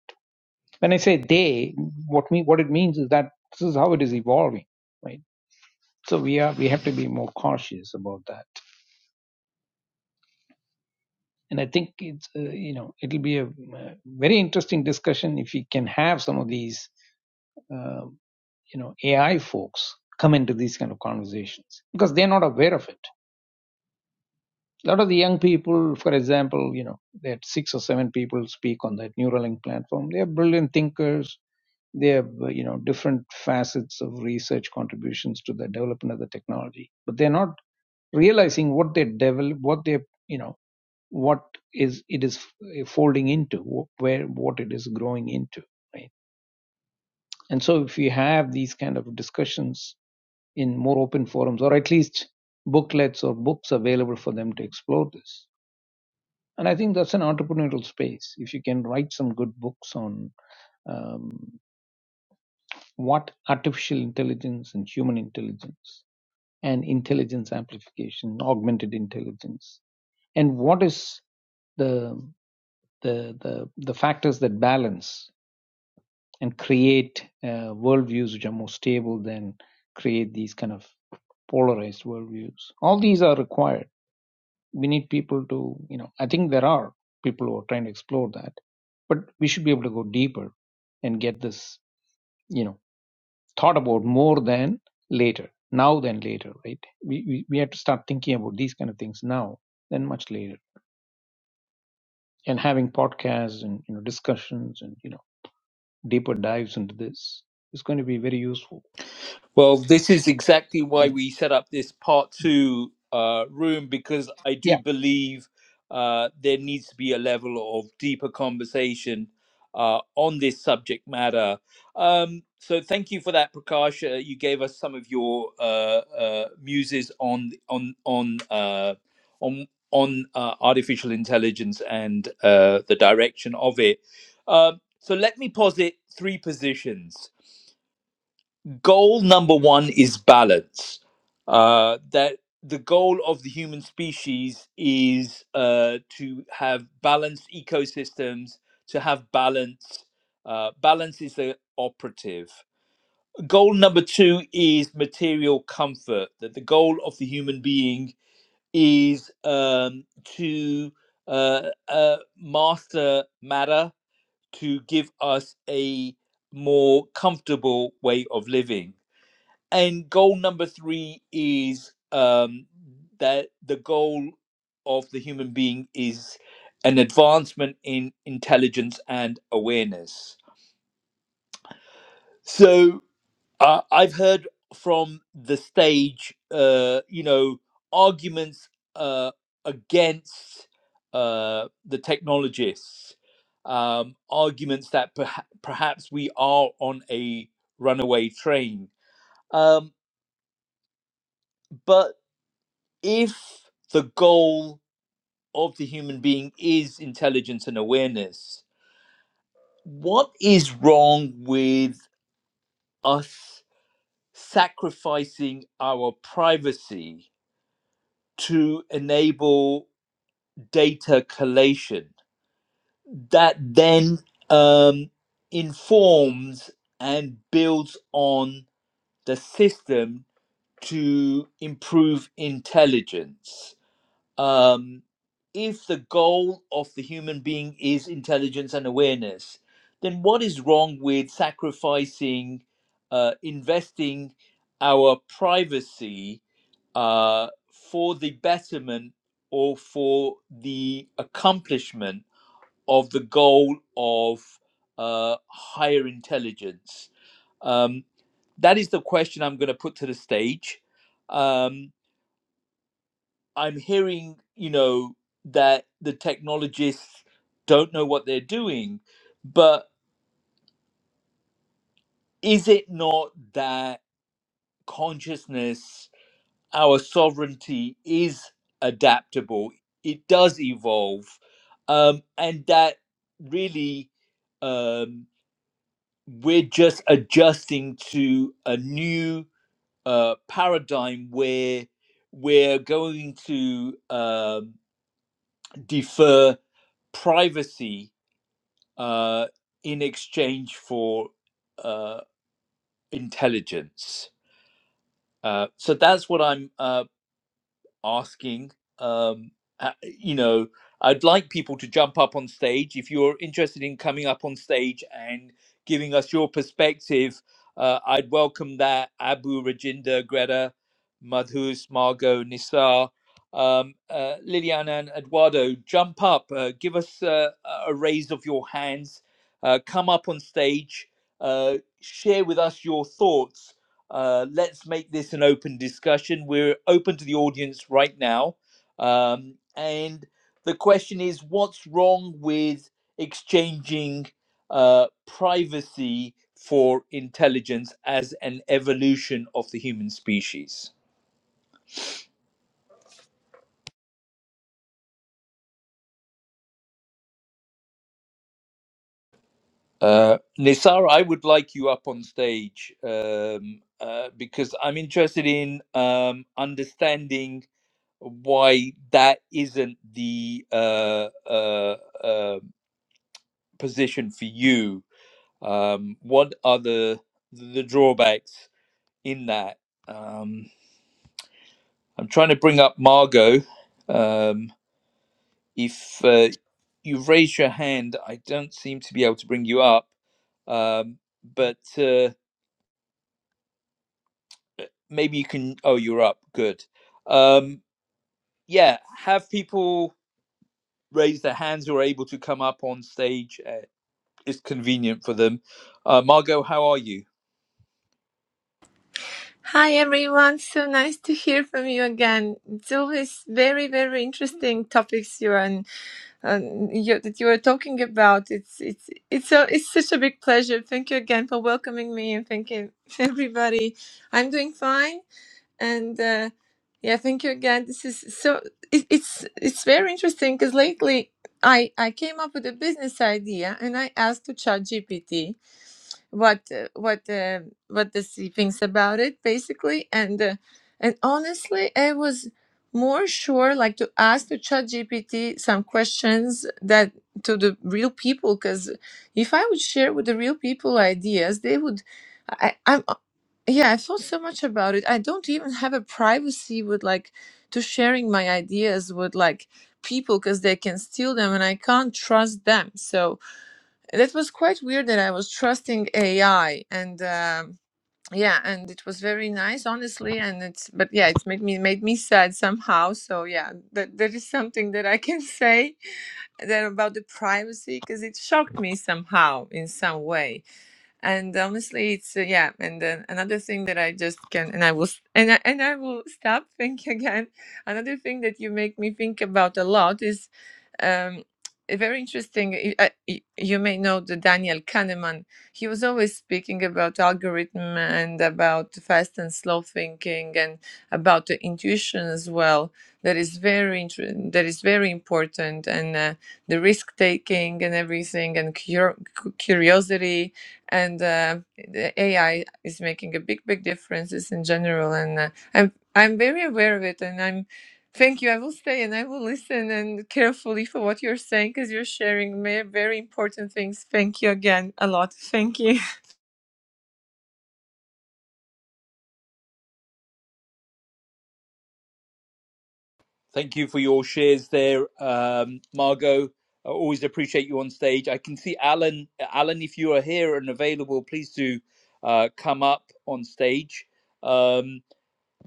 D: When I say they, what me what it means is that this is how it is evolving, right? So we are we have to be more cautious about that and I think it's uh, you know it'll be a, uh very interesting discussion if we can have some of these uh, you know AI folks come into these kind of conversations because they're not aware of it. A lot of the young people, for example, you know, that six or seven people speak on that Neuralink platform. They are brilliant thinkers. They have uh, you know different facets of research contributions to the development of the technology, but they're not realizing what they develop, what they you know what is it is eh, folding into where what it is growing into right and so if we have these kind of discussions in more open forums or at least booklets or books available for them to explore this and i think that's an entrepreneurial space if you can write some good books on um, what artificial intelligence and human intelligence and intelligence amplification augmented intelligence and what is the the the, the factors that balance and create uh, worldviews which are more stable than create these kind of polarized worldviews. All these are required. We need people to, you know, I think there are people who are trying to explore that, but we should be able to go deeper and get this, you know, thought about more than later, now than later, right? We, we, we have to start thinking about these kind of things now than much later and having podcasts and, you know, discussions and, you know, deeper dives into this is going to be very useful.
A: Well, this is exactly
D: You
A: why we
D: know,
A: set up this part two uh, room because I do believe uh, there needs to be a level of deeper conversation uh, on this subject matter. Um, so, thank you for that, Prakash. Uh, you gave us some of your uh, uh, muses on on on uh, on on uh, artificial intelligence and uh, the direction of it. Um so, let me posit three positions goal number one is balance. Uh, that the goal of the human species is uh, to have balanced ecosystems, to have balance. Uh, balance is the operative. Goal number two is material comfort. That the goal of the human being is um, to uh, uh, master matter to give us a more comfortable way of living and goal number three is um, that the goal of the human being is an advancement in intelligence and awareness. So uh, I've heard from the stage, uh, you know, arguments uh, against uh, the technologists, um, arguments that perha- perhaps we are on a runaway train. Um, but if the goal of the human being is intelligence and awareness, what is wrong with us sacrificing our privacy to enable data collation that then um, informs and builds on the system to improve intelligence? um, if the goal of the human being is intelligence and awareness, then what is wrong with sacrificing, uh, investing our privacy uh, for the betterment or for the accomplishment of the goal of uh, higher intelligence? Um, that is the question I'm going to put to the stage. Um, I'm hearing, you know, that the technologists don't know what they're doing, but is it not that consciousness, our sovereignty is adaptable? It does evolve. Um, and that really um, we're just adjusting to a new uh, paradigm where we're going to um, defer privacy uh, in exchange for uh, intelligence. Uh, so that's what I'm uh, asking. Um, uh, you know, I'd like people to jump up on stage. If you're interested in coming up on stage and giving us your perspective, uh, I'd welcome that. Abu, Rajinder, Greta, Madhus, Margot, Nisar, um, uh, Liliana, and Eduardo, jump up. Uh, give us uh, a a raise of your hands. Uh, come up on stage. Uh, share with us your thoughts uh, let's make this an open discussion. We're open to the audience right now. Um, and the question is what's wrong with exchanging uh, privacy for intelligence as an evolution of the human species? Uh, Nisar, I would like you up on stage um, uh, because I'm interested in um, understanding why that isn't the uh, uh, uh, position for you. Um, what are the the drawbacks in that? Um, I'm trying to bring up Margot. Um, if uh, you've raised your hand, I don't seem to be able to bring you up. Um, but uh, maybe you can. Oh, you're up. Good. Um, yeah, have people raise their hands who are able to come up on stage. Uh, it's convenient for them. Uh, Margot, how are you?
G: Hi everyone, so nice to hear from you again. It's always very, very interesting topics you and um, you, that you are talking about. It's it's it's a, it's such a big pleasure. Thank you again for welcoming me and thank you [laughs] everybody. I'm doing fine and uh, yeah, thank you again. This is so it, it's it's very interesting because lately I I came up with a business idea and I asked to ChatGPT what uh, what uh, what the sea thinks about it basically and uh, and honestly i was more sure like to ask to chat gpt some questions that to the real people because if i would share with the real people ideas they would I, i'm yeah i thought so much about it i don't even have a privacy with like to sharing my ideas with like people because they can steal them and i can't trust them so that was quite weird that I was trusting AI and um, yeah, and it was very nice, honestly. And it's but yeah, it's made me made me sad somehow. So yeah, that that is something that I can [laughs] say that about the privacy because it shocked me somehow in some way. And honestly, it's uh, yeah. And then another thing that I just can and I will s- and I, and I will stop [laughs] think again. Another thing that you make me think about a lot is. Um, very interesting. y- uh, You may know the Daniel Kahneman. He was always speaking about algorithm and about fast and slow thinking and about the intuition as well. That is very inter- that is very important and uh, the risk taking and everything and cur- cu- curiosity and uh, the AI is making a big big differences in general. And uh, I'm I'm very aware of it and I'm Thank you. I will stay and I will listen and carefully for what you're saying because you're sharing ma- very important things. Thank you again a lot. Thank you.
A: Thank you for your shares there, um, Margot. I always appreciate you on stage. I can see Alan. Alan, if you are here and available, please do uh, come up on stage. Um,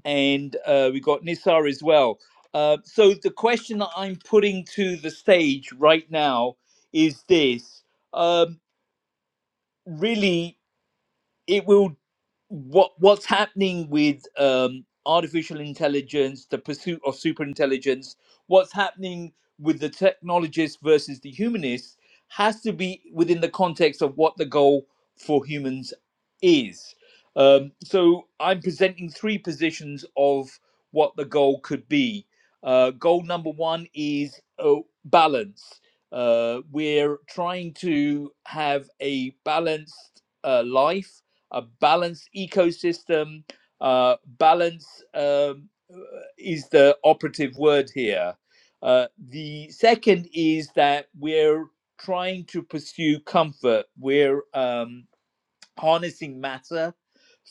A: and uh, we got Nisar as well. Uh, so the question that I'm putting to the stage right now is this: um, really, it will what what's happening with um artificial intelligence the pursuit of superintelligence? what's happening with the technologists versus the humanists has to be within the context of what the goal for humans is um, so i'm presenting three positions of what the goal could be uh, goal number one is uh, balance uh, we're trying to have a balanced uh, life a balanced ecosystem. Uh, balance um, is the operative word here. Uh, the second is that we're trying to pursue comfort. We're um, harnessing matter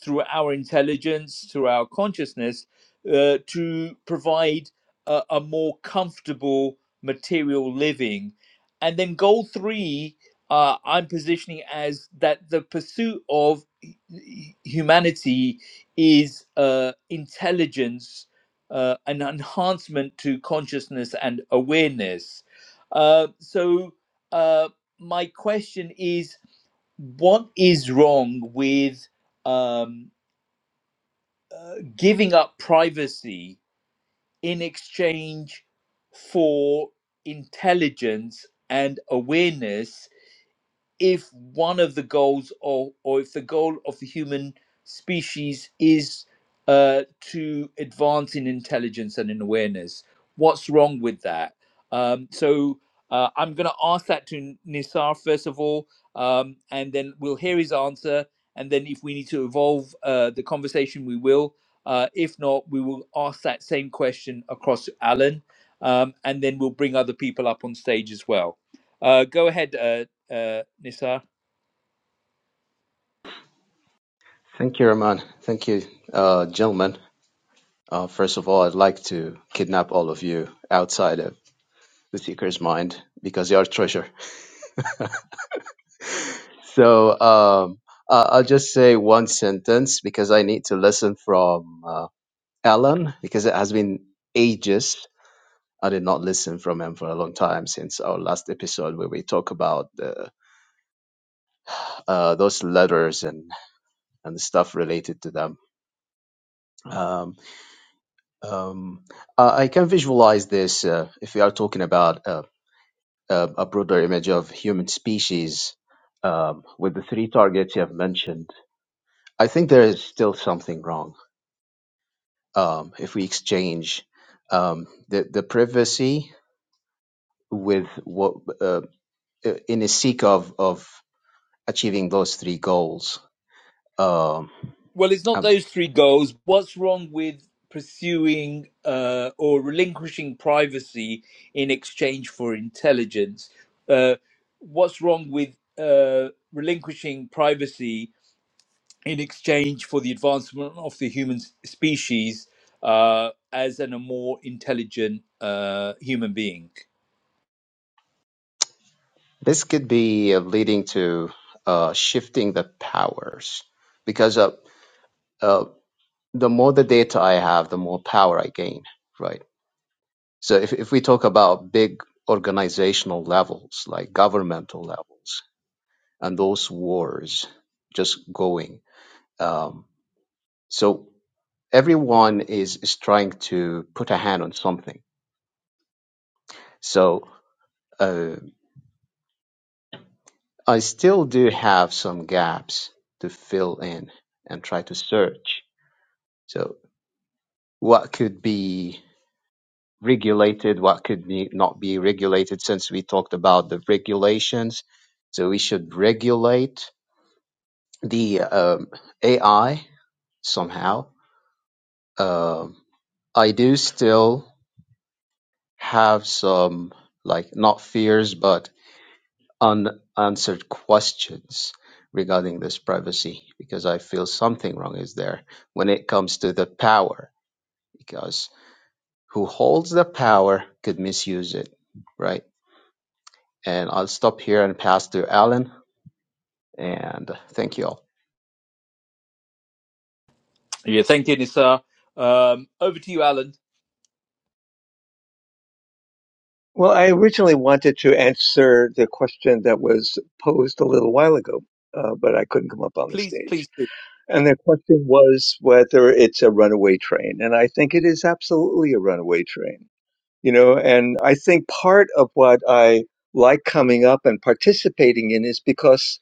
A: through our intelligence, through our consciousness, uh, to provide a, a more comfortable material living. And then goal three, uh, I'm positioning as that the pursuit of hu- humanity is uh, intelligence, uh, an enhancement to consciousness and awareness. Uh, so, uh, my question is what is wrong with um, giving up privacy in exchange for intelligence and awareness if one of the goals or or if the goal of the human species is uh, to advance in intelligence and in awareness what's wrong with that um, so uh, i'm going to ask that to nisar first of all um, and then we'll hear his answer and then if we need to evolve uh, the conversation we will uh, if not we will ask that same question across to alan um, and then we'll bring other people up on stage as well uh, go ahead, uh, uh, Nisar?
B: Thank you, Rahman. Thank you, uh, gentlemen. Uh, first of all, I'd like to kidnap all of you outside of the seeker's mind because you are treasure. So um, uh, I'll just say one sentence because I need to listen from uh, Alan because it has been ages. I did not listen from him for a long time since our last episode where we talk about the, uh, those letters and, and stuff related to them. Um, um, I I can visualize this uh, if we are talking about uh, uh, a broader image of human species um, with the three targets you have mentioned. I think there is still something wrong um, if we exchange um, the the privacy with what uh, uh, in a seek of of achieving those three goals. Um,
A: Well, it's not
B: um,
A: those three goals. What's wrong with pursuing uh, or relinquishing privacy in exchange for intelligence? Uh, what's wrong with uh, relinquishing privacy in exchange for the advancement of the human s- species uh, as an, a more intelligent uh, human being?
B: this could be uh, leading to uh, shifting the powers because uh, uh, the more the data I have, the more power I gain, right? So if, if we talk about big organizational levels, like governmental levels, and those wars just going. Um, so everyone is, is trying to put a hand on something. So uh, I still do have some gaps to fill in and try to search. So what could be regulated, what could be not be regulated, since we talked about the regulations. So we should regulate the um, AI somehow. Um, I do still have some like not fears, but unanswered questions regarding this privacy because I feel something wrong is there when it comes to the power because who holds the power could misuse it, right? And I'll stop here and pass to Alan and thank you all.
A: Yeah, thank you, Nisar. Um, over to you, Alan.
H: Well, I originally wanted to answer the question that was posed a little while ago, uh, but I couldn't come up on the
A: Please,
H: stage.
A: please do.
H: And the question was whether it's a runaway train. And I think it is absolutely a runaway train, you know, and I think part of what I like coming up and participating in is because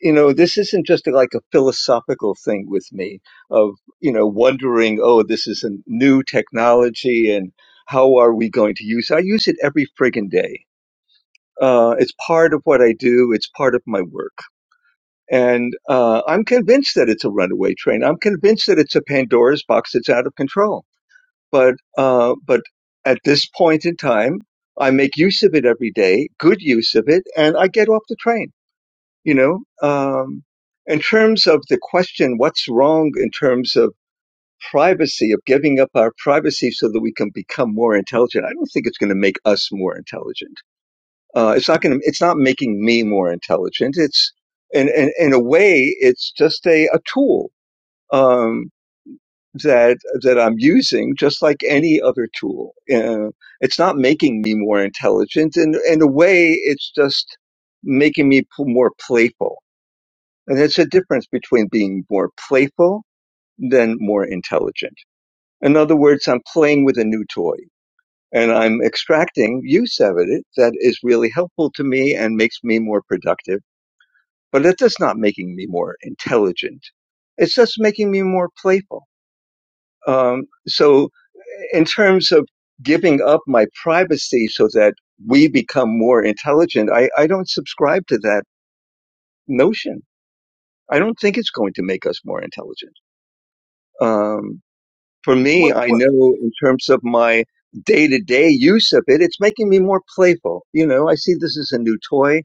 H: you know, this isn't just like a philosophical thing with me of, you know, wondering, oh, this is a new technology and how are we going to use it? I use it every friggin' day uh, it's part of what I do. It's part of my work. And uh, I'm convinced that it's a runaway train. I'm convinced that it's a Pandora's box that's out of control. But uh, but at this point in time, I make use of it every day, good use of it, and I get off the train. You know, um, in terms of the question, what's wrong in terms of privacy of giving up our privacy so that we can become more intelligent? I don't think it's going to make us more intelligent uh, it's not going to. It's not making me more intelligent. It's in in, in a way, it's just a a tool um, that that I'm using, just like any other tool. Uh, it's not making me more intelligent. In in a way, it's just making me p- more playful. And it's a difference between being more playful than more intelligent. In other words, I'm playing with a new toy and I'm extracting use out of it that is really helpful to me and makes me more productive but it's just not making me more intelligent. It's just making me more playful. Um, so, in terms of giving up my privacy so that we become more intelligent, I, I don't subscribe to that notion. I don't think it's going to make us more intelligent. Um, for me,
A: Well,
H: I
A: well,
H: know in terms of my day to day use of it, it's making me more playful. You know, I see this as a new toy.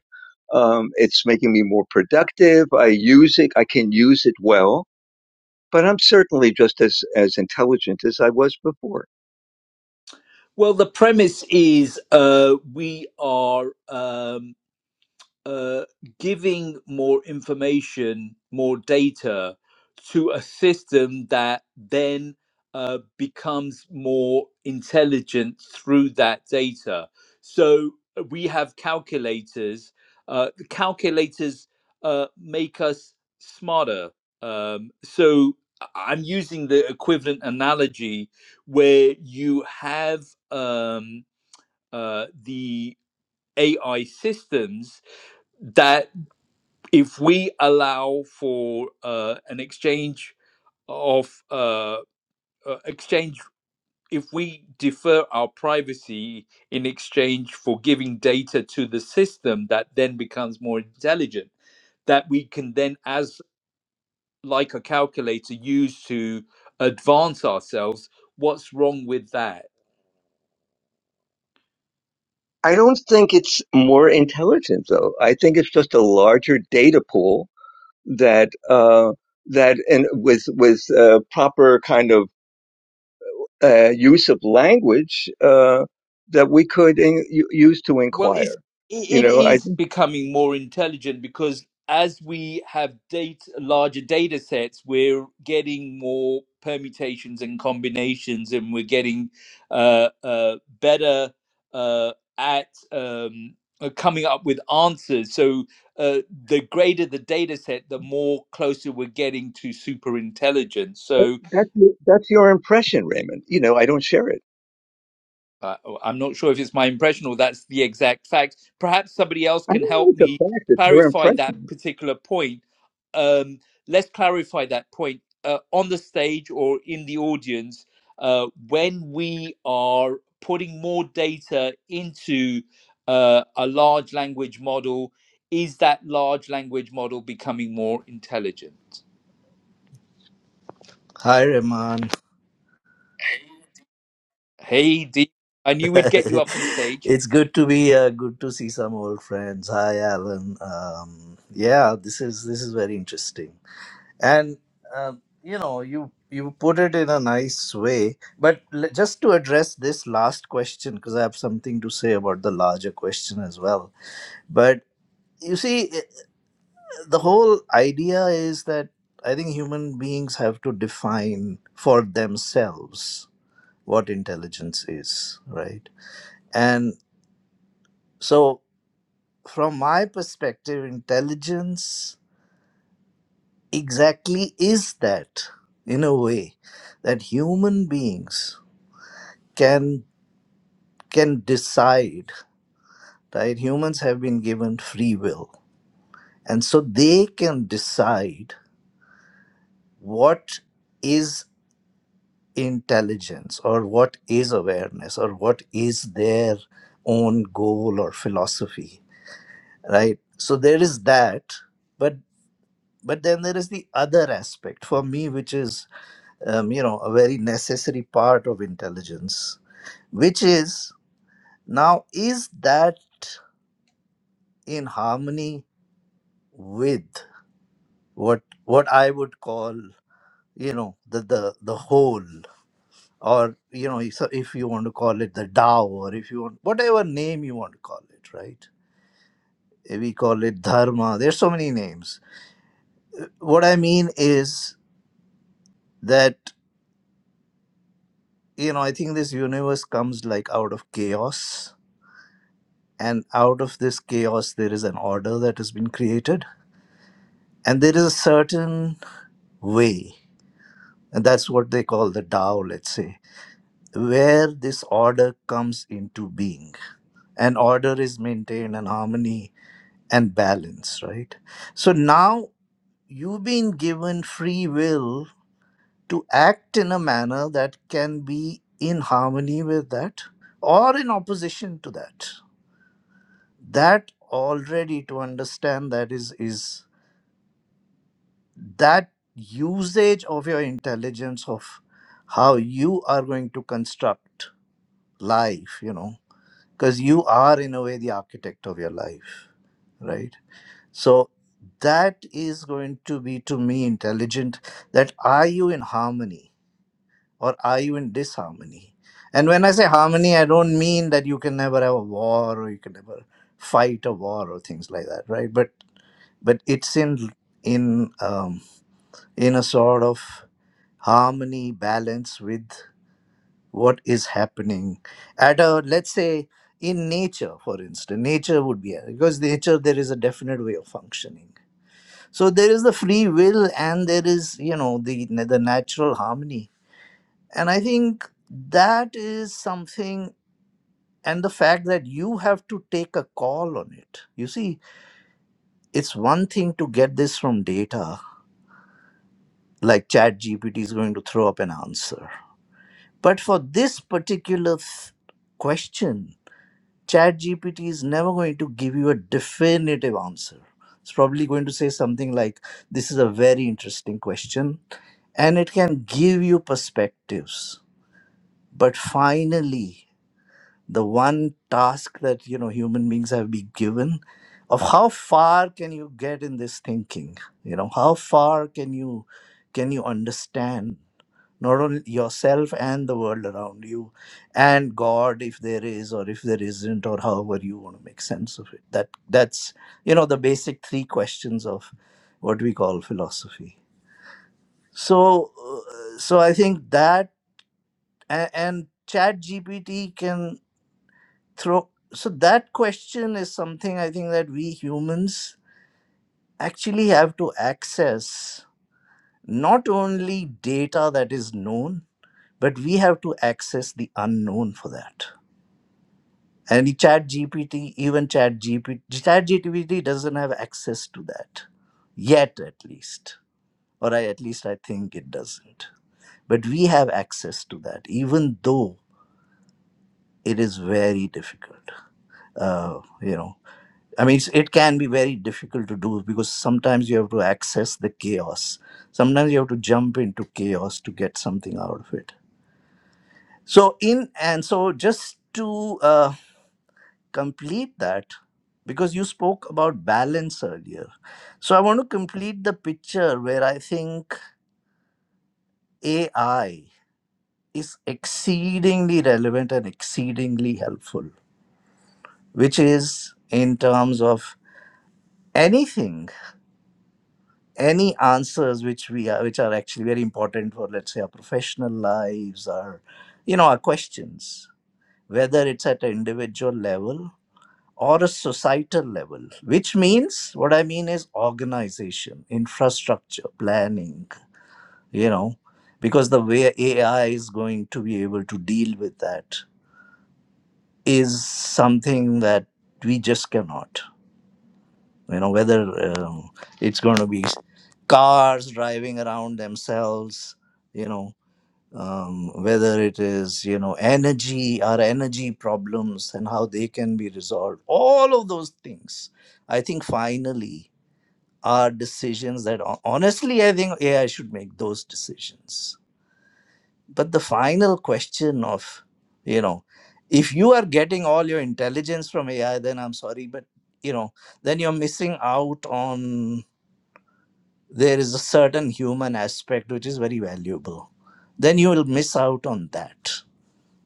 H: Um, it's making me more productive. I use it. I can use it well but I'm certainly just as as intelligent as I was before.
A: Well, the premise is uh, we are. Um, uh, giving more information, more data to a system that then uh, becomes more intelligent through that data. So uh, we have calculators. Uh, the calculators uh, make us smarter. Um, so I- I'm using the equivalent analogy where you have um, uh, the AI systems that if we allow for uh, an exchange of uh, uh, exchange if we defer our privacy in exchange for giving data to the system that then becomes more intelligent that we can then as like a calculator use to advance ourselves what's wrong with that
H: I don't think it's more intelligent though. I think it's just a larger data pool that uh, that and with with uh, proper kind of uh, use of language uh, that we could in, use to
A: Well, it's,
H: inquire. You
A: it it
H: know, I
A: is becoming more intelligent because as we have data, larger data sets, we're getting more permutations and combinations, and we're getting uh, uh, better uh, at um, uh, coming up with answers. So uh, the greater the data set, the more closer we're getting to super intelligence. So
H: that's that's your impression, Raymond. You know, I don't share it.
A: uh, I'm not sure if it's my impression or that's the exact fact. Perhaps somebody else
H: I don't
A: can
H: know
A: help
H: it's a
A: me
H: fact. It's your
A: clarify that
H: impression.
A: particular point. Um, let's clarify that point uh, on the stage or in the audience. Uh, when we are putting more data into uh, a large language model, is that large language model becoming more intelligent?
I: Hi, Rahman.
A: Hey, Dee, I knew
I: [laughs]
A: we'd get you up on stage.
I: it's good to be uh, good to see some old friends. Hi, Alan. Um, yeah, this is this is very interesting, and um, you know, you you put it in a nice way. But l- just to address this last question, because I have something to say about the larger question as well. But you see, i- the whole idea is that I think human beings have to define for themselves what intelligence is, right? So, from my perspective, intelligence exactly is that in a way that human beings can can decide right humans have been given free will and so they can decide what is intelligence or what is awareness or what is their own goal or philosophy right so there is that but. but then there is the other aspect for me which is um, you know a very necessary part of intelligence which is now is that in harmony with what what i would call you know the the, the whole or you know if, if you want to call it the Tao, or if you want whatever name you want to call it right we call it dharma there's so many names what i mean is that you know, I think this universe comes like out of chaos. And out of this chaos, there is an order that has been created. And there is a certain way, and that's what they call the Tao, let's say, where this order comes into being. And order is maintained and harmony and balance, right? So now you've been given free will to act in a manner that can be in harmony with that or in opposition to that that already to understand that is is that usage of your intelligence of how you are going to construct life you know because you are in a way the architect of your life right so that is going to be to me intelligent that are you in harmony or are you in disharmony and when i say harmony i don't mean that you can never have a war or you can never fight a war or things like that right but but it's in in um, in a sort of harmony balance with what is happening at a let's say in nature for instance nature would be because nature there is a definite way of functioning so there is the free will and there is you know the the natural harmony and i think that is something and the fact that you have to take a call on it you see it's one thing to get this from data like chat gpt is going to throw up an answer but for this particular th- question chat gpt is never going to give you a definitive answer it's probably going to say something like this is a very interesting question and it can give you perspectives but finally the one task that you know human beings have been given of how far can you get in this thinking you know how far can you can you understand not only yourself and the world around you and god if there is or if there isn't or however you want to make sense of it that that's you know the basic three questions of what we call philosophy so uh, so i think that and, and chat gpt can throw so that question is something i think that we humans actually have to access not only data that is known but we have to access the unknown for that and the chat gpt even chat gpt chat gpt doesn't have access to that yet at least or I, at least i think it doesn't but we have access to that even though it is very difficult uh, you know i mean it's, it can be very difficult to do because sometimes you have to access the chaos sometimes you have to jump into chaos to get something out of it so in and so just to uh, complete that because you spoke about balance earlier. So I want to complete the picture where I think AI is exceedingly relevant and exceedingly helpful, which is in terms of anything, any answers which we are, which are actually very important for, let's say, our professional lives, our, you know, our questions, whether it's at an individual level or a societal level, which means what I mean is organization, infrastructure, planning, you know, because the way AI is going to be able to deal with that is something that we just cannot, you know, whether um it's going to be cars driving around themselves, you know, um, whether it is you know energy our energy problems and how they can be resolved all of those things i think finally are decisions that hon- honestly i think ai should make those decisions but the final question of you know if you are getting all your intelligence from ai then i'm sorry but you know then you're missing out on there is a certain human aspect which is very valuable then you will miss out on that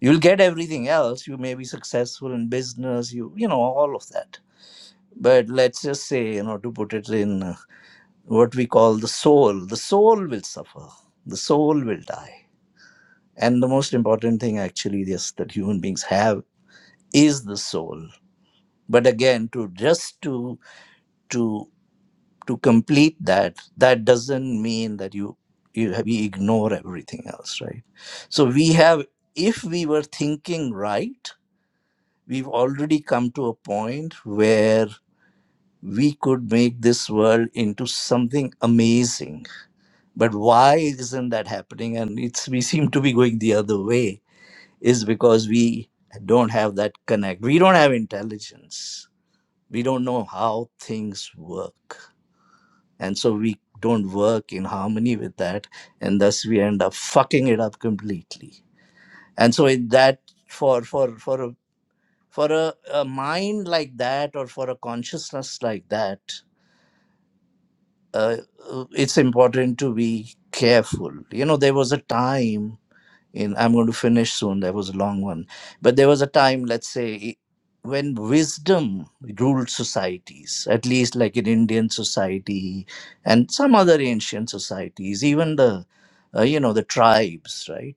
I: you'll get everything else you may be successful in business you you know all of that but let's just say you know to put it in uh, what we call the soul the soul will suffer the soul will die and the most important thing actually yes that human beings have is the soul but again to just to to to complete that that doesn't mean that you you have, we ignore everything else right so we have if we were thinking right we've already come to a point where we could make this world into something amazing but why isn't that happening and it's we seem to be going the other way is because we don't have that connect we don't have intelligence we don't know how things work and so we don't work in harmony with that and thus we end up fucking it up completely and so in that for for for for a, a mind like that or for a consciousness like that uh, uh, it's important to be careful you know there was a time in i'm going to finish soon that was a long one but there was a time let's say when wisdom ruled societies at least like in indian society and some other ancient societies even the uh, you know the tribes right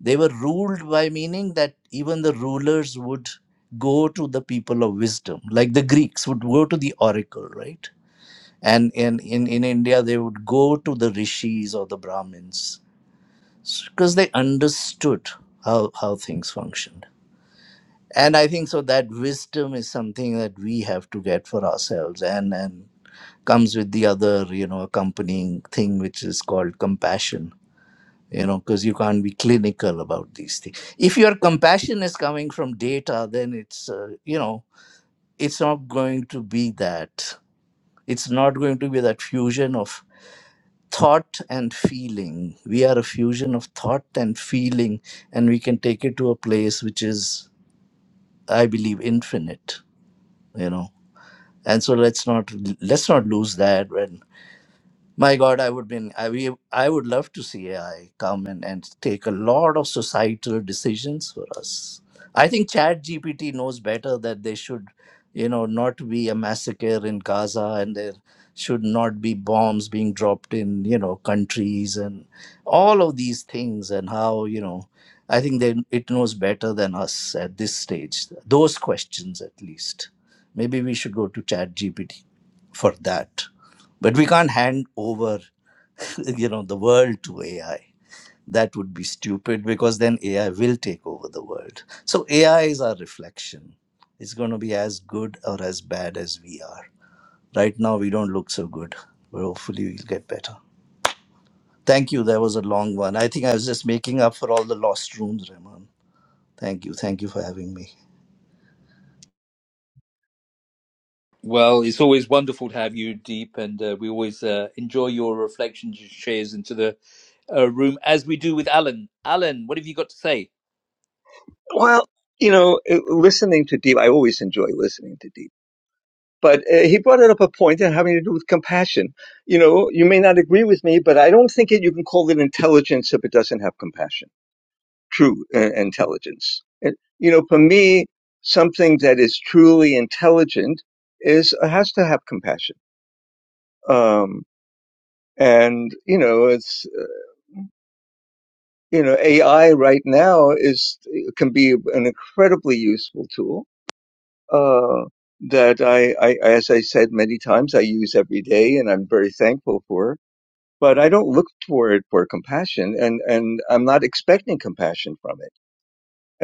I: they were ruled by meaning that even the rulers would go to the people of wisdom, like the Greeks would go to the oracle, right? And in, in, in India, they would go to the rishis or the Brahmins because they understood how, how things functioned. And I think so that wisdom is something that we have to get for ourselves and, and comes with the other, you know, accompanying thing, which is called compassion you know because you can't be clinical about these things if your compassion is coming from data then it's uh, you know it's not going to be that it's not going to be that fusion of thought and feeling we are a fusion of thought and feeling and we can take it to a place which is i believe infinite you know and so let's not let's not lose that when. My God, I would been I, we, I would love to see AI come and, and take a lot of societal decisions for us. I think Chat GPT knows better that they should, you know, not be a massacre in Gaza and there should not be bombs being dropped in, you know, countries and all of these things and how, you know, I think they, it knows better than us at this stage. Those questions at least. Maybe we should go to Chat GPT for that. But we can't hand over, [laughs] you know, the world to AI. That would be stupid because then AI will take over the world. So AI is our reflection. It's going to be as good or as bad as we are. Right now, we don't look so good, but hopefully, we'll get better. Thank you. That was a long one. I think I was just making up for all the lost rooms, Raymond. Thank you. Thank you for having me.
A: Well, it's always wonderful to have you, Deep, and uh, we always uh, enjoy your reflections and shares into the uh, room, as we do with Alan. Alan, what have you got to say?
H: Well, you know, listening to Deep, I always enjoy listening to Deep but uh, he brought it up a point in having to do with compassion. You know, you may not agree with me, but I don't think it, you can call it intelligence if it doesn't have compassion, true uh, intelligence. And, you know, for me, something that is truly intelligent is uh, has to have compassion. Um, and you know, it's you know, AI right now is can be an incredibly useful tool. Uh, that I, I, as I said many times, I use every day, and I'm very thankful for but I don't look for it for compassion, and and I'm not expecting compassion from it.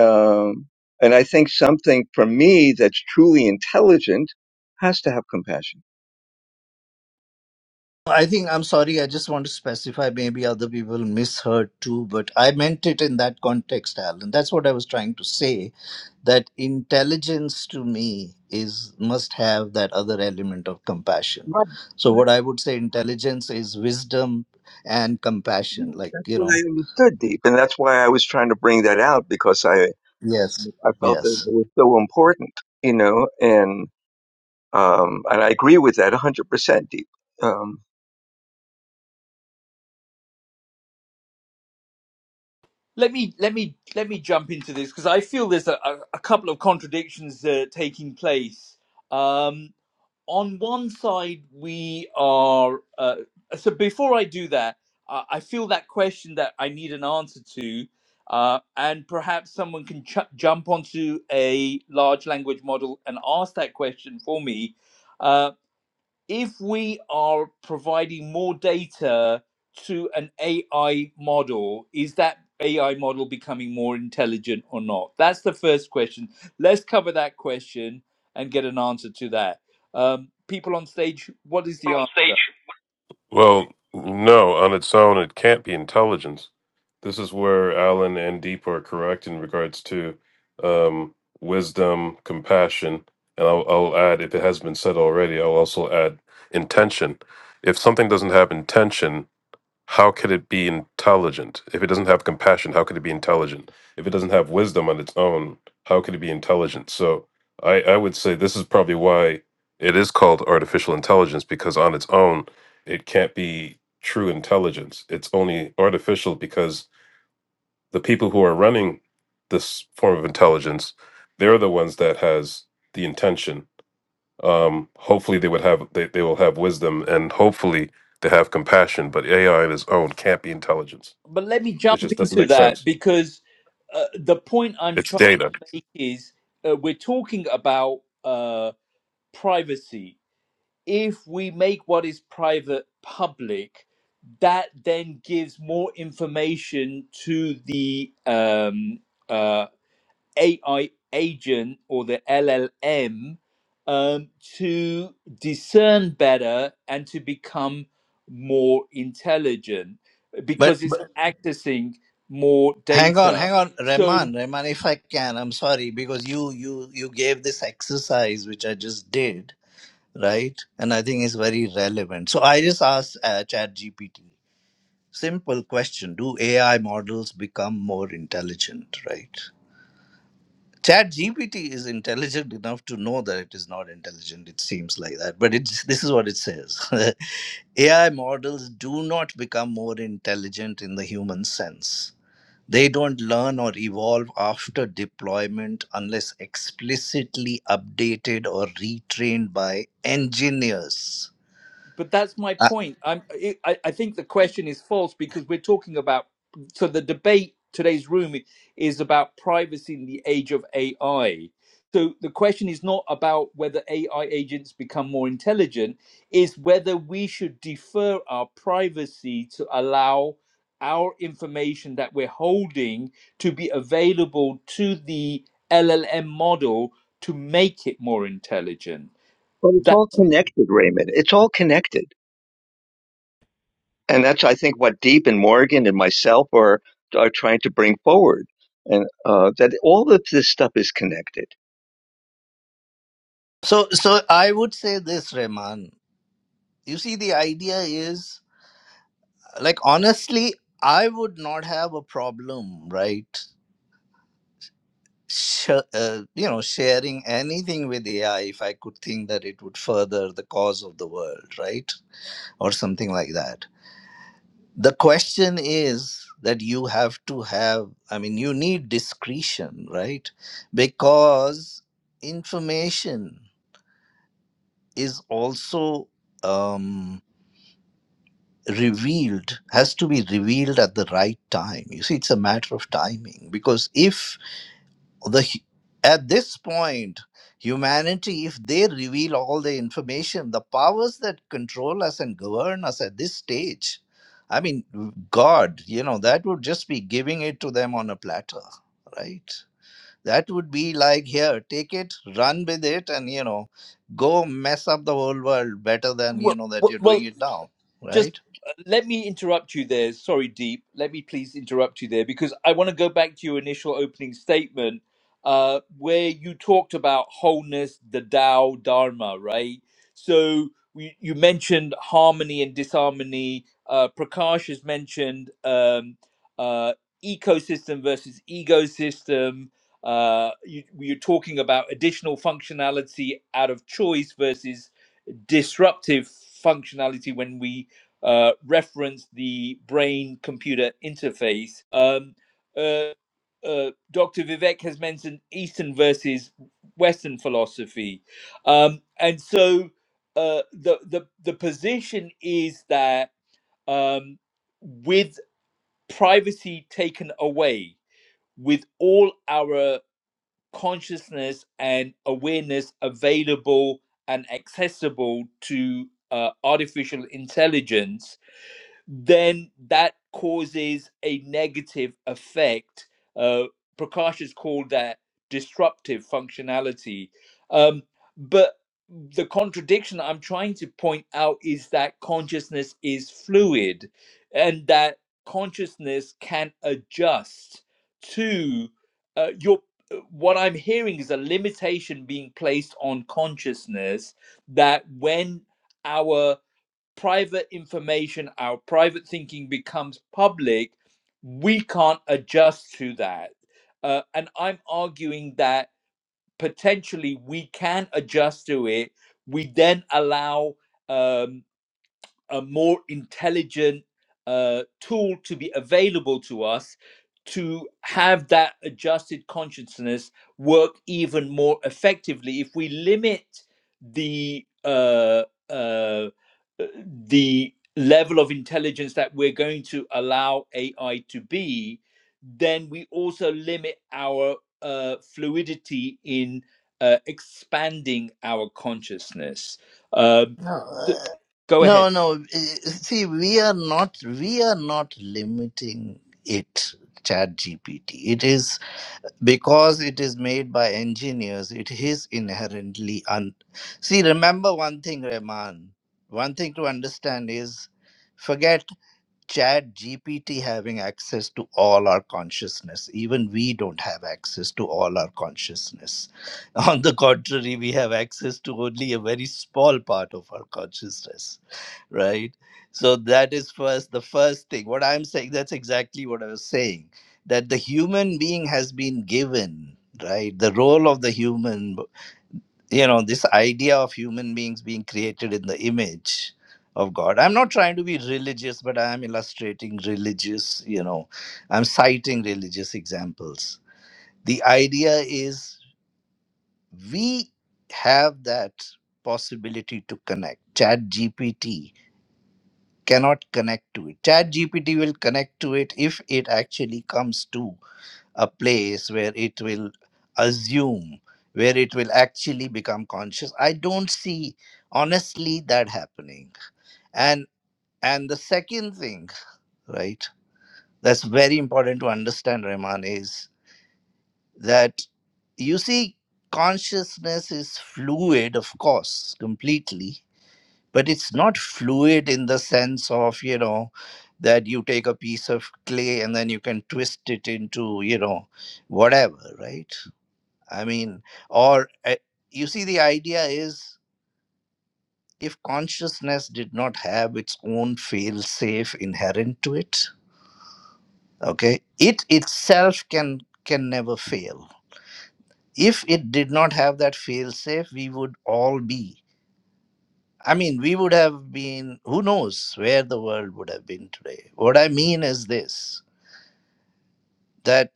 H: Um, and I think something from me that's truly intelligent has to have compassion.
I: I think I'm sorry. I just want to specify. Maybe other people misheard too, but I meant it in that context, Alan. That's what I was trying to say. That intelligence to me is must have that other element of compassion.
H: Right.
I: So what I would say, intelligence is wisdom and
H: Yeah.
I: compassion. Like
H: That's
I: you
H: what I
I: know,
H: understood deep, and that's why I was trying to bring that out because I
I: yes,
H: I felt that
I: yes.
H: it was so important, you know, and um, and I agree with that 100% deep. Um,
A: Let me let me let me jump into this because I feel there's a, a, a couple of contradictions uh, taking place. Um, on one side we are uh, so before i do that uh, i feel that question that i need an answer to uh, and perhaps someone can ch- jump onto a large language model and ask that question for me Uh, if we are providing more data to an AI model, is that AI model becoming more intelligent or not? That's the first question. Let's cover that question and get an answer to that. Um, people on stage, what is the
F: On
A: answer?
F: stage.
E: Well, no, on its own, it can't be intelligence. This is where Alan and Deep are correct in regards to um, wisdom, compassion, and I'll, I'll add, if it has been said already, I'll also add intention. If something doesn't have intention, how could it be intelligent if it doesn't have compassion how could it be intelligent if it doesn't have wisdom on its own how could it be intelligent so i i would say this is probably why it is called artificial intelligence because on its own it can't be true intelligence it's only artificial because the people who are running this form of intelligence they're the ones that has the intention um, hopefully they would have they, they will have wisdom and hopefully they have compassion but ai of its own can't be intelligence
A: But let me
E: it
A: jump
E: just doesn't
A: into
E: make
A: that
E: sense
A: because uh, the point I'm
E: it's
A: trying
E: data
A: to make is uh, we're talking about uh, privacy if we make what is private public, that then gives more information to the um, uh, AI agent or the LLM um, to discern better and to become more intelligent
I: But,
A: because it's
I: but
A: accessing more
I: hang on,
A: data.
I: hang on,
A: So
I: Rahman, Rahman. If I can, I'm sorry because you you you gave this exercise which I just did right? And I think it's very relevant. So I just asked uh, ChatGPT simple question: Do AI models become more intelligent, right? ChatGPT is intelligent enough to know that it is not intelligent. It seems like that, but it's this is what it says: [laughs] AI models do not become more intelligent in the human sense. They don't learn or evolve after deployment unless explicitly updated or retrained by engineers.
A: but that's my
I: Uh,
A: point. I'm, I, I think the question is false because we're talking about. So the debate today's room is about privacy in the age of AI. So the question is not about whether AI agents become more intelligent, is whether we should defer our privacy to allow our information that we're holding to be available to the LLM model to make it more intelligent.
H: but it's
A: That
H: all connected, Raymond. It's all connected. and that's I think what Deep and Morgan and myself are are trying to bring forward, and uh, that all of this stuff is connected.
I: So, so I would say this, Rehman. You see, the idea is like honestly, I would not have a problem, right? Sh- uh, you know, sharing anything with AI if I could think that it would further the cause of the world, right, or something like that. The question is that you have to have. I mean, you need discretion, right? Because information is also. Um, revealed has to be revealed at the right time you see it's a matter of timing because if the hu- at this point humanity if they reveal all the information the powers that control us and govern us at this stage i mean god you know that would just be giving it to them on a platter right that would be like here take it run with it and you know go mess up the whole world better than you
A: well,
I: know that
A: well,
I: you're
A: well
I: doing it now
A: just
I: right
A: uh, let me interrupt you there. Sorry, Deep. Let me please interrupt you there because I want to go back to your initial opening statement uh, where you talked about wholeness, the Tao, Dharma, right? So we, you mentioned harmony and disharmony. Uh, Prakash has mentioned um, uh, ecosystem versus ecosystem. Uh, you, you're talking about additional functionality out of choice versus disruptive functionality when we uh, reference the brain computer interface. Um, uh, uh, Dr. Vivek has mentioned Eastern versus Western philosophy. Um, and so uh, the, the, the position is that um, with privacy taken away, with all our consciousness and awareness available and accessible to uh, artificial intelligence then that causes a negative effect. Uh, Prakash has called that disruptive functionality. Um, but the contradiction I'm trying to point out is that consciousness is fluid and that consciousness can adjust to uh, your. uh, What I'm hearing is a limitation being placed on consciousness that when our private information, our private thinking becomes public, we can't adjust to that. Uh, and I'm arguing that potentially we can adjust to it. We then allow um, a more intelligent uh, tool to be available to us to have that adjusted consciousness work even more effectively if we limit the uh, uh, the level of intelligence that we're going to allow AI to be, then we also limit our uh, fluidity in uh, expanding our consciousness. Um,
I: No,
A: th-
I: uh,
A: go
I: no,
A: ahead.
I: no. uh, See, we are not we are not limiting it. Chat GPT. It is because it is made by engineers. It is inherently un. See, remember one thing, Rahman. One thing to understand is, forget. Chat GPT having access to all our consciousness. Even we don't have access to all our consciousness. [laughs] On the contrary, we have access to only a very small part of our consciousness right so that is first the first thing what i'm saying that's exactly what i was saying that the human being has been given right the role of the human you know this idea of human beings being created in the image of god i'm not trying to be religious but i am illustrating religious you know i'm citing religious examples the idea is we have that possibility to connect chat gpt cannot connect to it. Chat GPT will connect to it if it actually comes to a place where it will assume, where it will actually become conscious. I don't see honestly that happening. And and the second thing, right, that's very important to understand, Rahman, is that you see consciousness is fluid, of course, completely. but it's not fluid in the sense of you know that you take a piece of clay and then you can twist it into you know whatever right i mean or uh, you see the idea is if consciousness did not have its own fail safe inherent to it okay it itself can can never fail if it did not have that fail safe we would all be I mean, we would have been, who knows where the world would have been today. What I mean is this that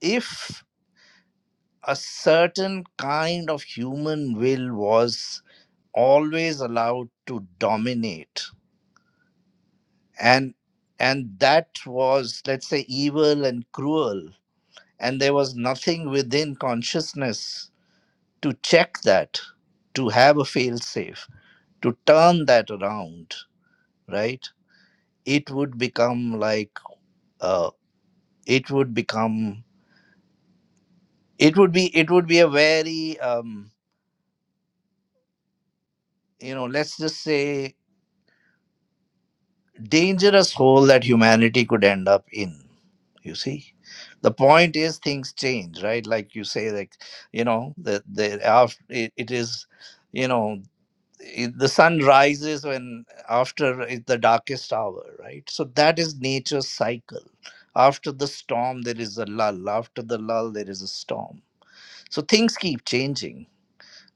I: if a certain kind of human will was always allowed to dominate and and that was let's say evil and cruel and there was nothing within consciousness to check that to have a fail safe to turn that around right it would become like a. it would become it would be it would be a very um, you know let's just say dangerous hole that humanity could end up in you see the point is things change right like you say like you know the the after it, it is you know it, the sun rises when after it- the darkest hour right so that is nature's cycle after the storm there is a lull after the lull there is a storm so things keep changing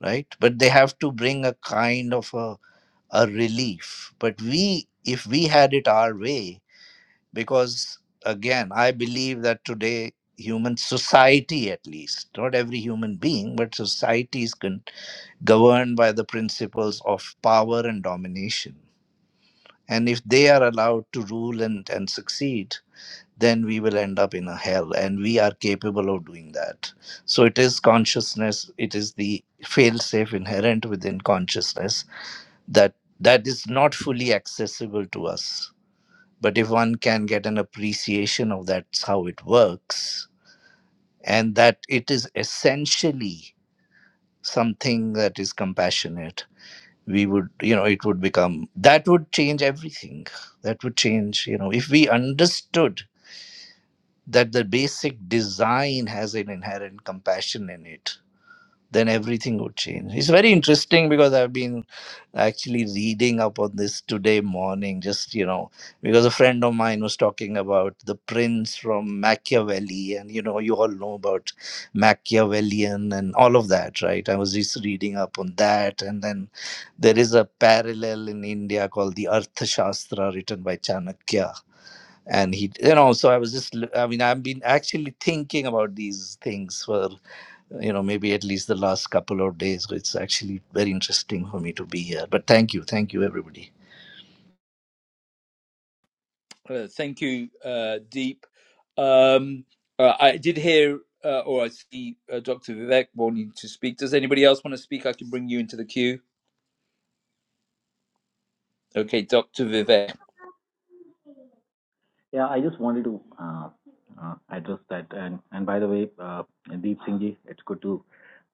I: right? But they have to bring a kind of a, a relief. But we, if we had it our way, because again, I believe that today, human society at least, not every human being, but society is con- governed by the principles of power and domination. And if they are allowed to rule and, and succeed, then we will end up in a hell and we are capable of doing that so it is consciousness it is the fail safe inherent within consciousness that that is not fully accessible to us but if one can get an appreciation of that's how it works and that it is essentially something that is compassionate we would you know it would become that would change everything that would change you know if we understood that the basic design has an inherent compassion in it then everything would change it's very interesting because i've been actually reading up on this today morning just you know because a friend of mine was talking about the prince from machiavelli and you know you all know about machiavellian and all of that right i was just reading up on that and then there is a parallel in india called the arthashastra written by chanakya and he you know so i was just I mean i've been actually thinking about these things for you know maybe at least the last couple of days so it's actually very interesting for me to be here but thank you thank you everybody
A: Uh, thank you, uh, Deep. Um, uh, I did hear, uh, or I see uh, Dr. Vivek wanting to speak. Does anybody else want to speak? I can bring you into the queue. Okay, Dr. Vivek.
F: Yeah, I just wanted to uh, uh, address that. And and by the way, uh, Deep Singh ji, it's good to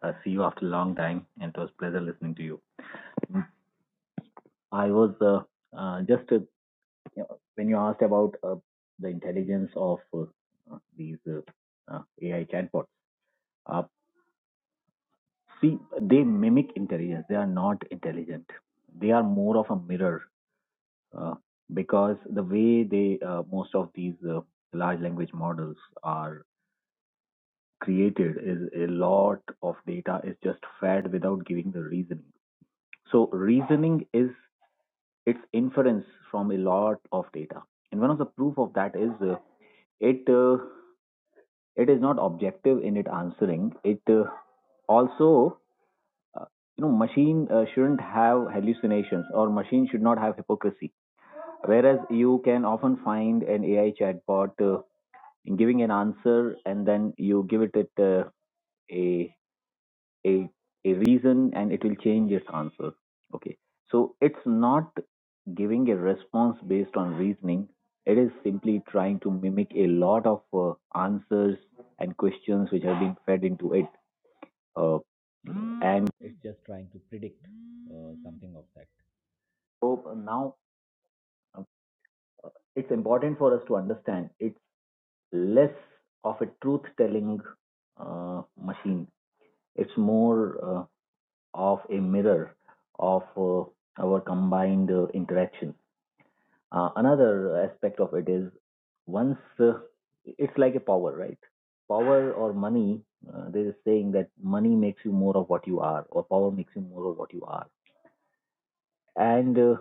F: uh, see you after a long time, and it was a pleasure listening to you. I was uh, uh, just uh, you know, when you asked about uh, the intelligence of uh, uh, these uh, uh, AI chatbots. Uh, see, they mimic intelligence. They are not intelligent. They are more of a mirror uh, because the way they uh, most of these uh, large language models are created is a lot of data is just fed without giving the reasoning. So reasoning is its inference from a lot of data. And one of the proof of that is uh, it uh, it is not objective in its answering. It uh, also uh, you know machine uh, shouldn't have hallucinations or machine should not have hypocrisy. Whereas you can often find an AI chatbot uh, giving an answer and then you give it, it uh, a a a reason and it will change its answer. Okay, so it's not giving a response based on reasoning. It is simply trying to mimic a lot of uh, answers and questions which have been fed into it. Uh, and It's just trying to predict uh, something of that. so uh, now uh, it's important for us to understand it's less of a truth telling uh, machine, it's more uh, of a mirror of uh, our combined uh, interaction. Uh, another aspect of it is once uh, it's like a power, right? Power or money, uh, there is saying that money makes you more of what you are, or power makes you more of what you are. And uh,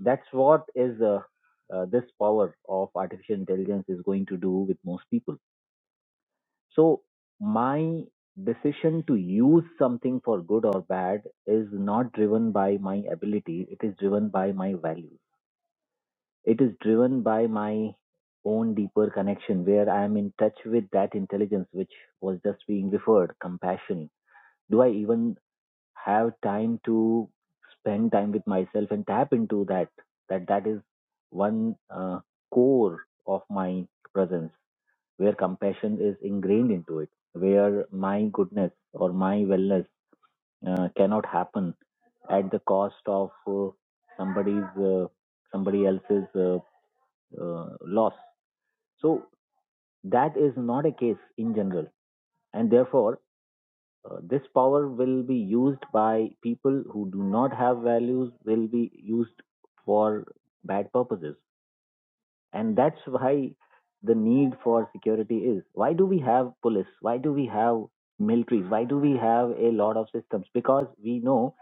F: that's what is uh, uh, this power of artificial intelligence is going to do with most people. So, my decision to use something for good or bad is not driven by my ability, it is driven by my values It is driven by my own deeper connection where I am in touch with that intelligence which was just being referred compassion. Do I even have time to spend time with myself and tap into that? That that is one uh, core of my presence where compassion is ingrained into it, where my goodness or my wellness uh, cannot happen at the cost of uh, somebody's uh, somebody else's uh, uh, loss. So that is not a case in general, and therefore uh, this power will be used by people who do not have values will be used for bad purposes, and that's why the need for security is. Why do we have police? Why do we have military? Why do we have a lot of systems? Because we know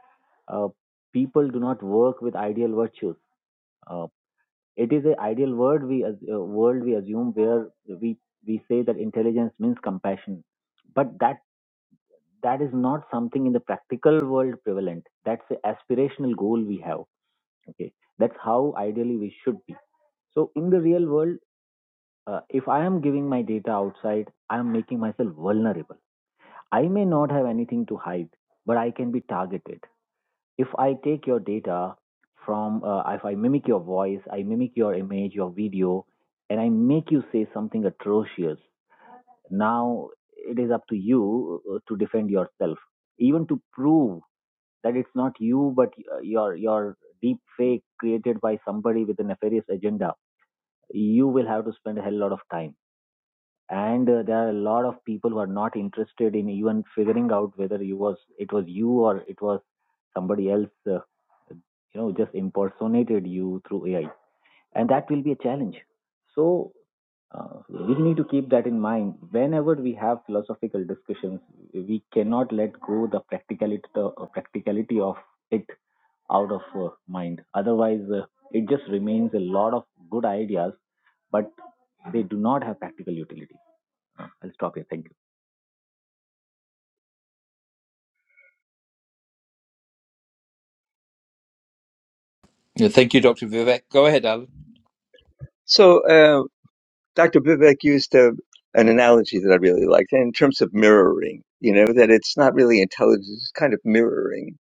F: uh, people do not work with ideal virtues. Uh, It is a ideal word we as- uh, world we assume where we we say that intelligence means compassion, but that that is not something in the practical world prevalent. That's the aspirational goal we have. Okay, that's how ideally we should be. So in the real world, uh, if I am giving my data outside, I am making myself vulnerable. I may not have anything to hide, but I can be targeted if I take your data from, uh, if I mimic your voice, I mimic your image, your video, and I make you say something atrocious, now it is up to you uh, to defend yourself, even to prove that it's not you, but uh, your your deep fake created by somebody with a nefarious agenda. You will have to spend a hell lot of time, and uh, there are a lot of people who are not interested in even figuring out whether you was it was you or it was somebody else uh, you know just impersonated you through ai and that will be a challenge so uh, we need to keep that in mind whenever we have philosophical discussions we cannot let go the practicality the uh, practicality of it out of uh, mind otherwise uh, it just remains a lot of good ideas but they do not have practical utility i'll stop here thank you
A: Yeah, thank you, Dr. Vivek. Go ahead, Alan.
H: So uh, Dr. Vivek used a, an analogy that I really liked in terms of mirroring. You know that it's not really intelligence; it's kind of mirroring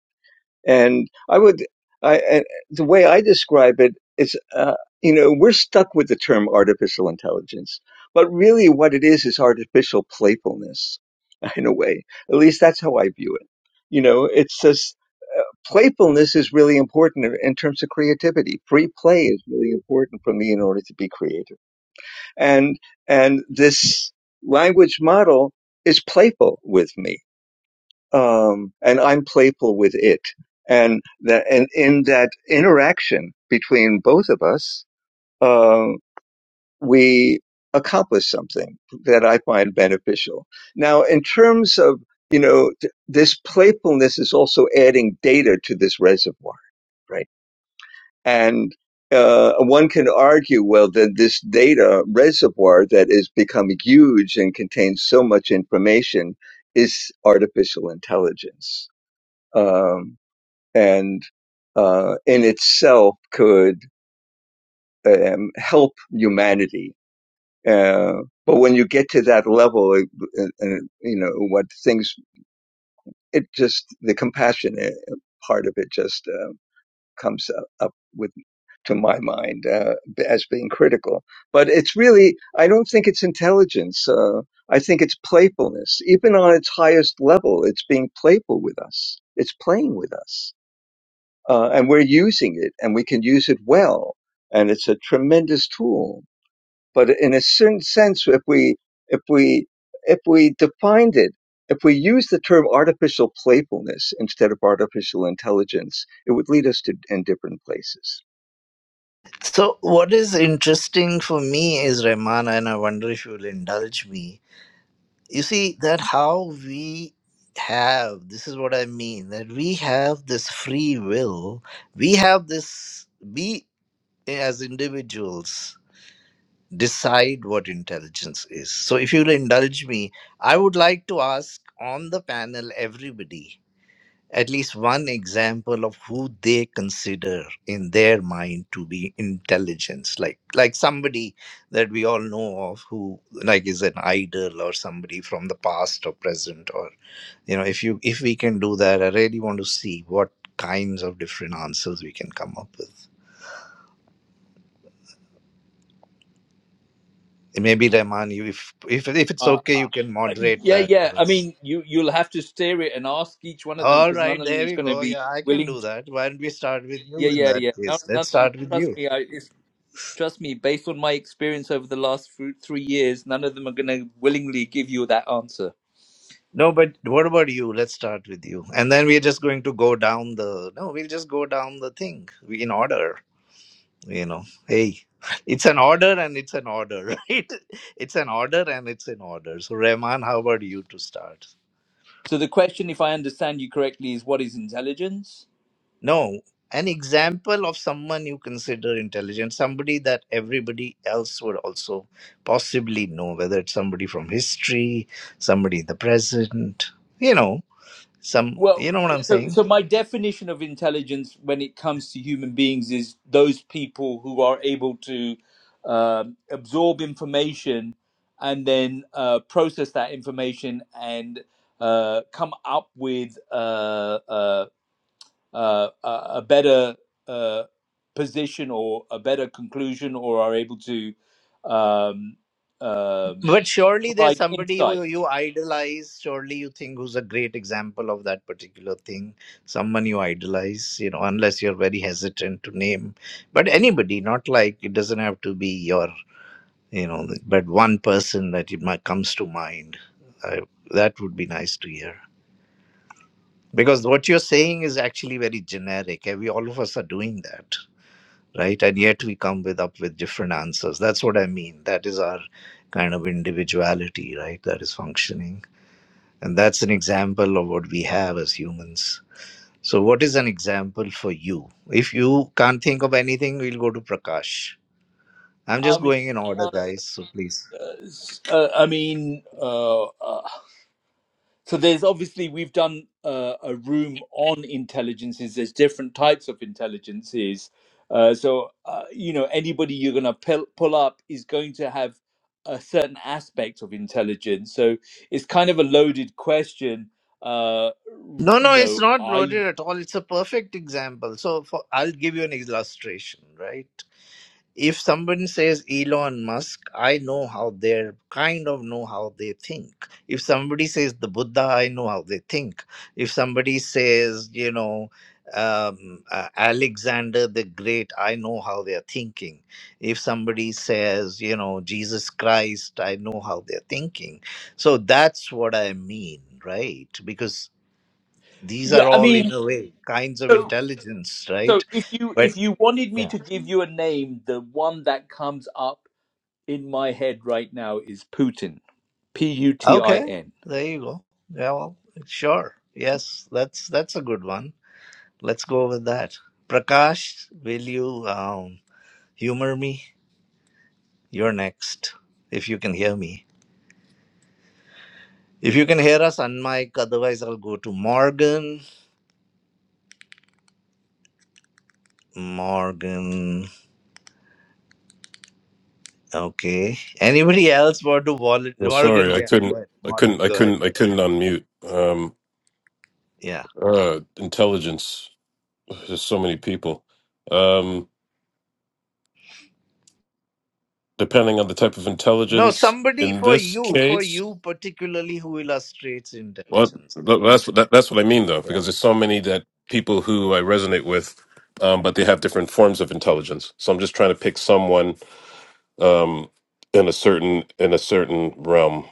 H: And I would, I, and the way I describe it is, uh, you know, we're stuck with the term artificial intelligence, but really what it is is artificial playfulness [laughs] in a way. At least that's how I view it. You know, it's just uh, playfulness is really important in terms of creativity. Free play is really important for me in order to be creative. And, and this language model is playful with me um, and I'm playful with it. And that, and in that interaction between both of us, uh, we accomplish something that I find beneficial. Now, in terms of, you know, th- this playfulness is also adding data to this reservoir, right? And, uh, one can argue, well, then this data reservoir that is becoming huge and contains so much information is artificial intelligence um, and uh, in itself could um, help humanity. Uh, but when you get to that level, it, and, and, you know what things it just the compassion uh, part of it just uh, comes up, up with to my mind uh, as being critical. But it's really I don't think it's intelligence. Uh, I think it's playfulness. Even on its highest level, it's being playful with us. It's playing with us uh, and we're using it and we can use it well and it's a tremendous tool but in a certain sense if we if we if we defined it if we use the term artificial playfulness instead of artificial intelligence it would lead us to in different places
I: so what is interesting for me is ramana and i wonder if you'll indulge me you see that how we have this is what i mean that we have this free will we have this we as individuals decide what intelligence is. So, if you'll indulge me, I would like to ask on the panel everybody at least one example of who they consider in their mind to be intelligence like like somebody that we all know of who like is an idol or somebody from the past or present or you know if you if we can do that i really want to see what kinds of different answers we can come up with maybe rahman you if if if it's
A: Uh,
I: okay you
A: uh,
I: can moderate
A: yeah,
I: that
A: yeah.
I: for
A: I
I: us
A: mean, you, you'll have to steer it and ask each one of them
I: All
A: because
I: right,
A: none of them
I: there
A: is
I: we
A: going to
I: go.
A: be
I: Yeah, I can
A: willing
I: do
A: to.
I: that. Why don't we start with
A: Yeah,
I: you in
A: yeah,
I: that
A: yeah. No,
I: case?
A: none
I: Let's
A: of them,
I: start with
A: trust
I: you.
A: me. I, it's, trust me, based on my experience over the last thr- three years, none of them are going to willingly give you that answer.
I: No, but what about you? Let's start with you. And then we're just going to go down the. No, we'll just go down the thing in order, you know. Hey, [laughs] it's an order and it's an order, [laughs] right? It's an order and it's an order. So, Rahman, how about you to start?
A: So the question, if I understand you correctly, is what is intelligence?
I: No, an example of someone you consider intelligent, somebody that everybody else would also possibly know, whether it's somebody from history, somebody in the present, you know, some, you
A: Well,
I: know what
A: uh,
I: I'm
A: so,
I: saying?
A: so my definition of intelligence when it comes to human beings is those people who are able to um absorb information and then uh, process that information and uh, come up with uh, uh, uh, a a better uh, position or a better conclusion, or are able to um, um,
I: But surely there's
A: provide
I: somebody
A: insight.
I: who you idolize, surely you think who's a great example of that particular thing, someone you idolize, you know, unless you're very hesitant to name. But anybody, not like it doesn't have to be your you know th- but one person that it might comes to mind I, that would be nice to hear because what you're saying is actually very generic and we all of us are doing that right and yet we come with up with different answers that's what i mean that is our kind of individuality right that is functioning and that's an example of what we have as humans so what is an example for you if you can't think of anything we'll go to prakash i'm
A: I
I: just
A: mean,
I: going in order
A: uh,
I: guys so please
A: uh, uh, I mean, uh, uh, so there's obviously we've done uh, a room on intelligences. There's different types of intelligences. Uh, so uh, you know, anybody you're going to pull, pull up is going to have a certain aspect of intelligence. So it's kind of a loaded question. Uh,
I: No,
A: you
I: no, it's
A: know,
I: not
A: I
I: loaded at all. It's a perfect example. So for, I'll give you an illustration, right? If somebody says Elon Musk, I know how they're kind of know how they think. If somebody says the Buddha, I know how they think. If somebody says, you know, um, uh, Alexander the Great, I know how they're thinking. If somebody says, you know, Jesus Christ, I know how they're thinking. So that's what I mean, right? Because these are
A: yeah, I
I: all, in
A: mean,
I: a way, kinds of
A: so
I: intelligence,
A: so
I: right?
A: if you
I: But
A: if you wanted me
I: yeah,
A: to give you a name, the one that comes up in my head right now is Putin. P U T I
I: okay,
A: N.
I: there you go. Yeah, well, sure. Yes, that's that's a good one. Let's go with that. Prakash, will you um, humor me? You're next, if you can hear me. If you can hear us, unmic. Otherwise, I'll go to Morgan. Morgan. Okay. Anybody else want to volunteer?
E: Well,
I: Morgan,
E: sorry, I
I: yeah. Go
E: couldn't,
I: ahead.
E: I
I: Mor-
E: couldn't, I
I: go ahead.
E: couldn't,
I: Go
E: I
I: ahead.
E: couldn't unmute. Um,
I: Yeah.
E: uh, intelligence. There's so many people. Um, depending on the type of
I: No,
E: intelligence,
I: somebody
E: in
I: for
E: this
I: you, for
E: case,
I: you particularly who illustrates
E: what
I: intelligence.
E: well,
I: Simple.
E: that's what that, that's what I mean though,
I: Yeah.
E: because there's so many that people who I resonate with, um, but they have different forms of intelligence. So I'm just trying to pick someone um, in a certain in a certain realm.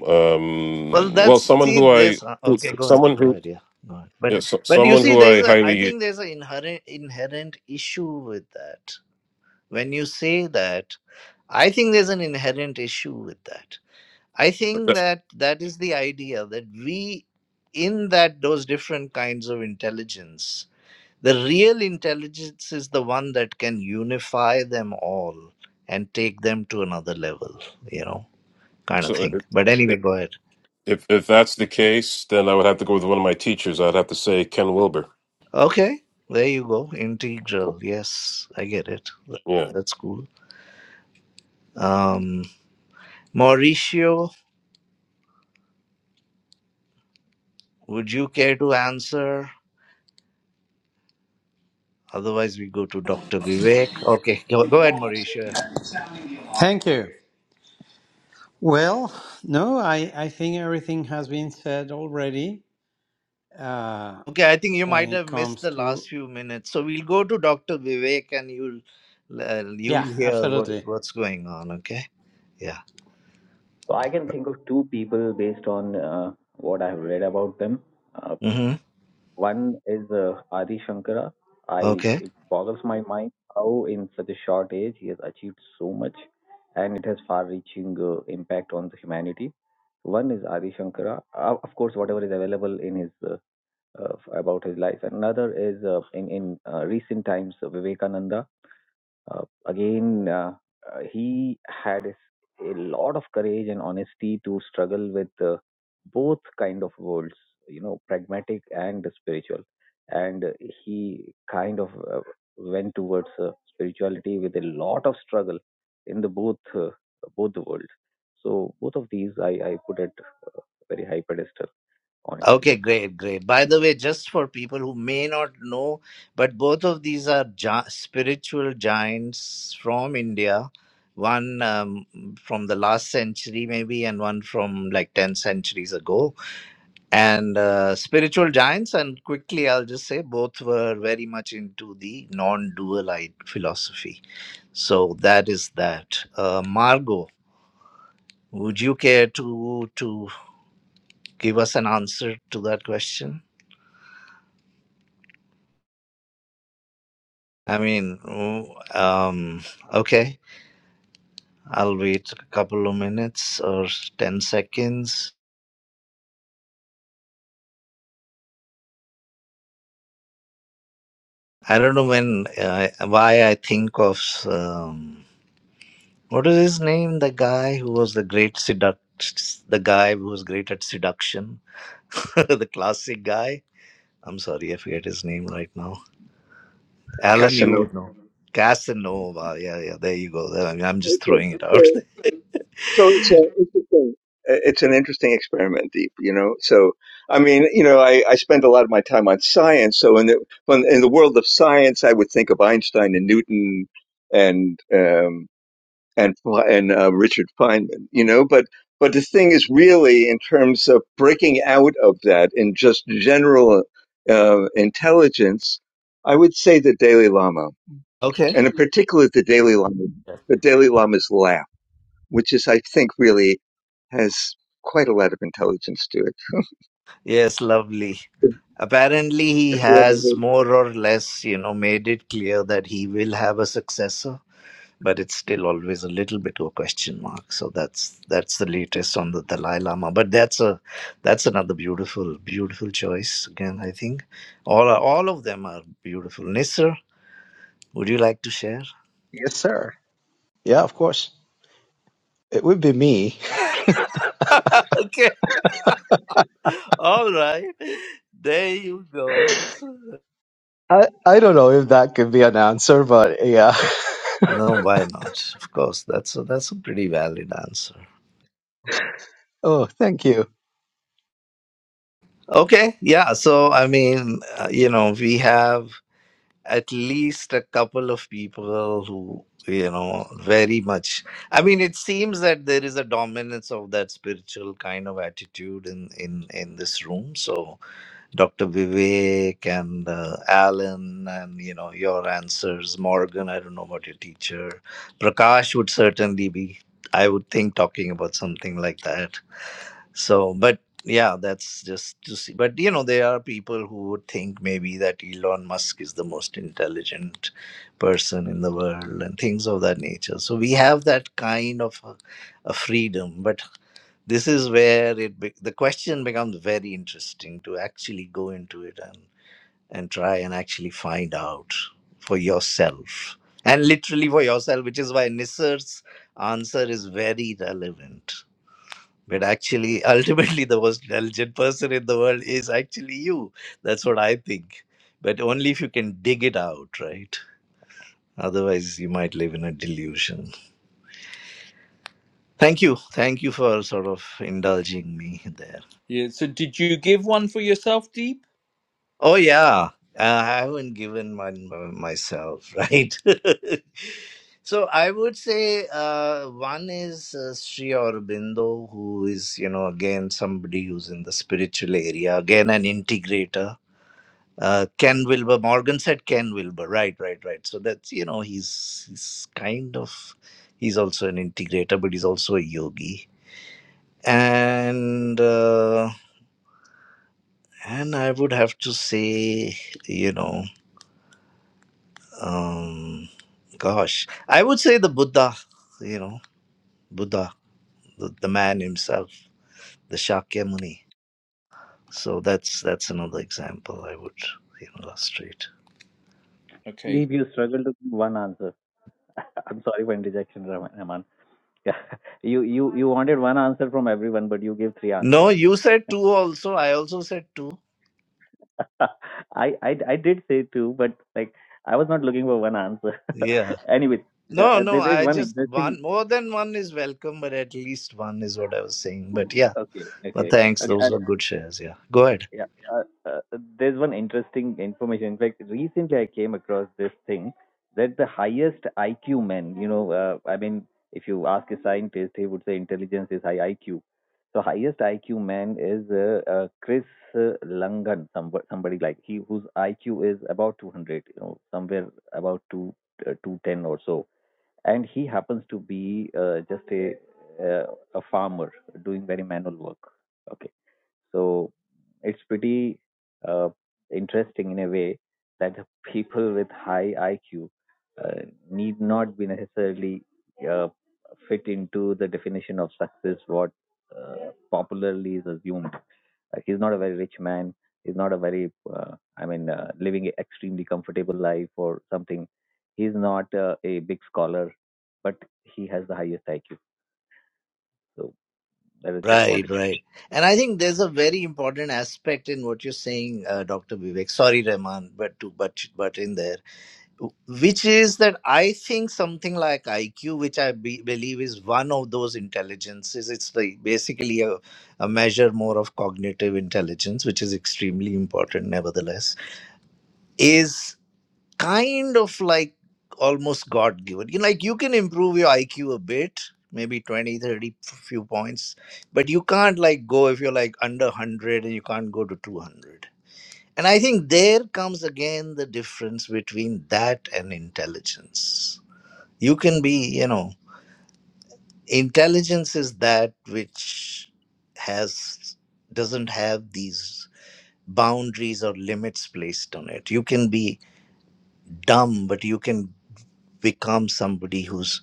I: Well,
E: Um, well,
I: that's
E: someone
I: see
E: who I
I: this. uh,
E: who-
I: Okay, go ahead,
E: someone
I: go
E: who
I: ahead. Yeah, go ahead. But
E: yeah, so,
I: but you
E: someone
I: see,
E: who
I: there's
E: I
I: a. I
E: highly
I: think there's an inherent inherent issue with that. When you say that, I think there's an inherent issue with that. I think
E: that-
I: that that is the idea that we, in that those different kinds of intelligence, The real intelligence is the one that can unify them all and take them to another level, you know, kind of
E: so
I: thing.
E: if,
I: But anyway,
E: if
I: go ahead.
E: if if that's the case, then I would have to go with one of my teachers. I'd have to say Ken Wilber.
I: Okay, there you go. Integral. Yes, I get it. Th-
E: Yeah,
I: That's cool. Um, Mauricio, would you care to answer? Otherwise, we go to Dr. Vivek. Okay, go, go ahead, Mauricio.
C: Thank you. Well, no, I, I think everything has been said already uh,
I: Okay, I think you
C: when
I: might
C: it
I: have missed
C: comes
I: the
C: to.
I: last few minutes. So we'll go to Dr. Vivek and you'll uh,
C: Yeah,
I: you'll hear what,
C: absolutely.
I: what's going on, okay? Yeah.
F: so i can think of two people based on uh, what i have read about them Uh,
I: hmm
F: One is uh, Adi Shankara. I
I: Okay.
F: it boggles my mind how in such a short age he has achieved so much, and it has far-reaching uh, impact on the humanity. One is Adi Shankara, uh, of course, whatever is available in his uh, uh, about his life. Another is uh, in in uh, recent times uh, Vivekananda uh, again, uh, uh, he had a lot of courage and honesty to struggle with uh, both kind of worlds, you know, pragmatic and spiritual. And uh, he kind of uh, went towards uh, spirituality with a lot of struggle in the both uh, both the worlds. So both of these, I, I put at very high pedestal on
I: Okay,
F: intelligence.
I: great, great. By the way, just for people who may not know, but both of these are gi- spiritual giants from India, one um, from the last century, maybe, and one from like 10 centuries ago. And uh, spiritual giants, and quickly I'll just say both were very much into the non dualite philosophy. So that is that. Uh, Margot, would you care to to? give us an answer to that question? I mean, w- um, okay, I'll wait a couple of minutes or 10 seconds. I don't know when, uh, why I think of, um, what is his name? The guy who was the great seduct, the guy who was great at seduction, [laughs] the classic guy. I'm sorry, I forget his name right now. Alan, you
H: casanova
I: would know. Casanova. Yeah, yeah, there you go. I mean, I'm just
H: okay
I: throwing it out.
H: So So it's a interesting. It's an interesting experiment, Deep. You know, so I mean, you know, I, I spend a lot of my time on science. So in the when, in the world of science, I would think of Einstein and Newton and um, and and uh, Richard Feynman. You know, but but the thing is really in terms of breaking out of that in just general uh, intelligence, I would say the Dalai Lama,
I: [laughs] okay.
H: and in particular the Dalai Lama, the Dalai Lama's laugh which is, I think, really has quite a lot of intelligence to it.
I: Yes, lovely.
H: If
I: apparently he
H: you ever
I: has
H: read-
I: more or less you know made it clear that he will have a successor but it's still always a little bit of a question mark so that's that's the latest on the dalai lama but that's a that's another beautiful beautiful choice again i think all are, all of them are beautiful nisser would you like to share
B: Yes, sir. Yeah, of course. It would be me.
I: [laughs] okay all right there you go
B: [laughs] I, I don't know if that could be an answer, but yeah.
I: no why not of course that's a that's a pretty valid answer
B: [laughs] oh, thank you.
I: Okay, yeah. So, I mean, uh, you know, we have at least a couple of people who, you know, very much. I mean, it seems that there is a dominance of that spiritual kind of attitude in in in this room. So, Dr. Vivek and uh, Alan, and you know, your answers, Morgan. I don't know about your teacher. Prakash would certainly be. I would think talking about something like that so, but yeah, that's just to see. But you know, there are people who would think maybe that Elon Musk is the most intelligent person in the world and things of that nature. So we have that kind of a, a freedom. But this is where it be- the question becomes very interesting to actually go into it and and try and actually find out for yourself and literally for yourself, which is why Nisar's answer is very relevant but actually, [laughs] ultimately, the most intelligent person in the world is actually you. That's what I think. But only if you can dig it out, right? Otherwise, you might live in a delusion. Thank you. Thank you for sort of indulging me there.
A: Yeah. So did you give one for yourself, Deep?
I: Oh, yeah. Uh, I haven't given my, myself, right? [laughs] so I would say uh, one is uh, Sri Aurobindo, who is, you know, again, somebody who's in the spiritual area, again, an integrator uh, Ken Wilber. Morgan said Ken Wilber. Right, right, right. So that's you know he's he's kind of he's also an integrator, but he's also a yogi. And uh, and I would have to say you know um, gosh I would say the Buddha. You know Buddha, the, the man himself, the Shakyamuni. So that's that's another example I would you know, illustrate.
A: Okay.
F: Deep, you struggle to give one answer. [laughs] I'm sorry for interjection, Raman. Yeah. [laughs] You you you wanted one answer from everyone, but you gave three
I: No,
F: answers.
I: you said two also. I also said two.
F: [laughs] I I I did say two, but like I was not looking for one answer.
I: Yeah.
F: [laughs] Anyway, uh,
I: No,
F: uh,
I: no,
F: there there is
I: I
F: one
I: just
F: interesting.
I: one more than one is welcome, but at least one is what I was saying. But yeah,
F: Okay,
I: but
F: okay,
I: thanks.
F: okay. Uh,
I: Those are good shares. Yeah, go ahead.
F: Yeah. Uh, uh, there's one interesting information. In fact, recently I came across this thing that the highest IQ men, you know, uh, I mean, if you ask a scientist, he would say intelligence is high IQ. So highest IQ man is uh, uh, Chris uh, Langan, somebody, somebody like he whose IQ is about 200, you know, somewhere about two, uh, 210 or so, and he happens to be uh, just a uh, a farmer doing very manual work. Okay so it's pretty uh, interesting in a way that the [laughs] people with high IQ uh, need not be necessarily uh, fit into the definition of success what uh, popularly is assumed. Uh, he's not a very rich man. He's not a very, uh, I mean, uh, living an extremely comfortable life or something. He's not uh, a big scholar, but he has the highest IQ. So that is just
I: Right,
F: wanted
I: right.
F: to.
I: And I think there's a very important aspect in what you're saying, uh, Dr. Vivek. Sorry, Rahman, but to but but in there, which is that I think something like IQ, which I be, believe is one of those intelligences. It's like basically a, a measure more of cognitive intelligence, which is extremely important, nevertheless. Is kind of like almost god given you know, like you can improve your iq a bit maybe 20, 30, few points but you can't like go if you're like under 100 and you can't go to 200 and i think there comes again the difference between that and intelligence you can be you know intelligence is that which has doesn't have these boundaries or limits placed on it you can be dumb but you can become somebody who's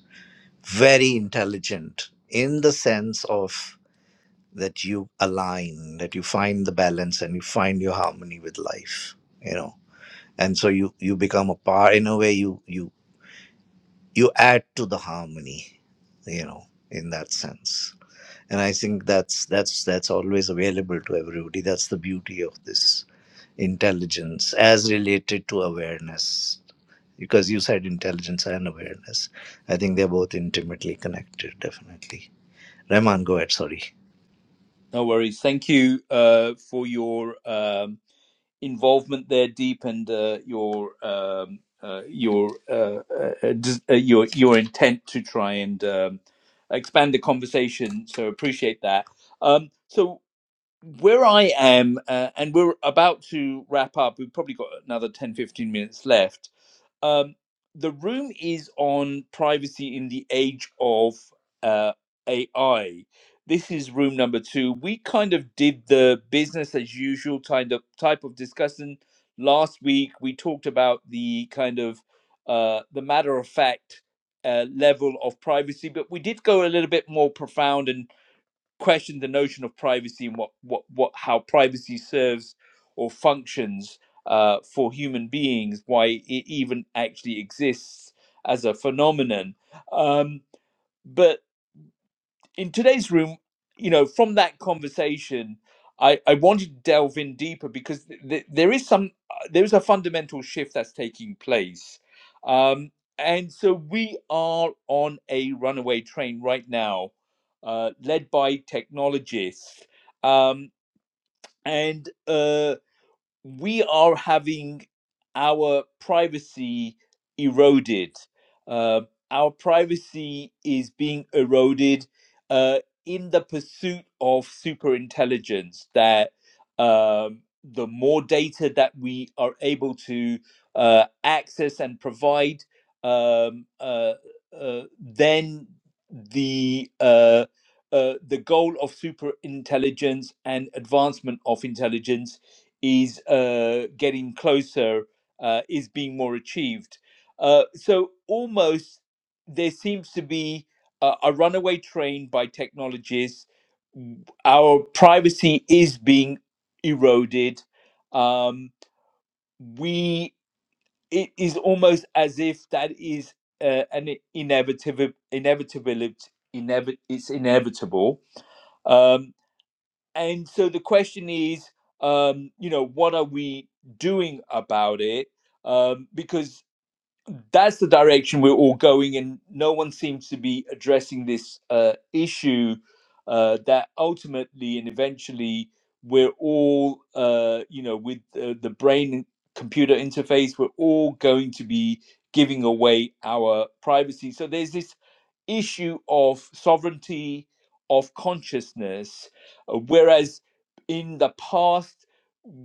I: very intelligent in the sense of that you align that you find the balance and you find your harmony with life you know and so you you become a part in a way you you you add to the harmony you know in that sense and i think that's that's that's always available to everybody that's the beauty of this intelligence as related to awareness because you said intelligence and awareness i think they're both intimately connected definitely Rahman, go ahead sorry
A: No worries. Thank you uh, for your um, involvement there, Deep, and uh, your um, uh, your uh, uh, dis- uh, your your intent to try and um, expand the conversation. So appreciate that. Um, so. where I am, uh, and we're about to wrap up, we've probably got another 10, 15 minutes left. Um, the room is on privacy in the age of uh, AI. This is room number two. We kind of did the business as usual kind of type of discussion last week. We talked about the kind of uh, the matter of fact uh, level of privacy, but we did go a little bit more profound and questioned the notion of privacy and what what what how privacy serves or functions uh, for human beings, why it even actually exists as a phenomenon. Um, but in today's room, you know, from that conversation, I, I wanted to delve in deeper because th- th- there is some uh, there is a fundamental shift that's taking place, um, and so we are on a runaway train right now, uh, led by technologists, um, and. uh, we are having our privacy eroded. Uh, our privacy is being eroded uh, in the pursuit of super intelligence. That um, the more data that we are able to uh, access and provide, um, uh, uh, then the uh, uh, the goal of super intelligence and advancement of intelligence is uh, getting closer, uh, is being more achieved. Uh, so almost there seems to be a, a runaway train by technologies. Our privacy is being eroded. Um, we it is almost as if that is uh, an inevitable inevitability. Inevi- it's inevitable Um and so the question is um you know what are we doing about it um because that's the direction we're all going and no one seems to be addressing this uh issue uh that ultimately and eventually we're all uh you know with uh, the brain computer interface we're all going to be giving away our privacy so there's this issue of sovereignty of consciousness, uh, whereas in the past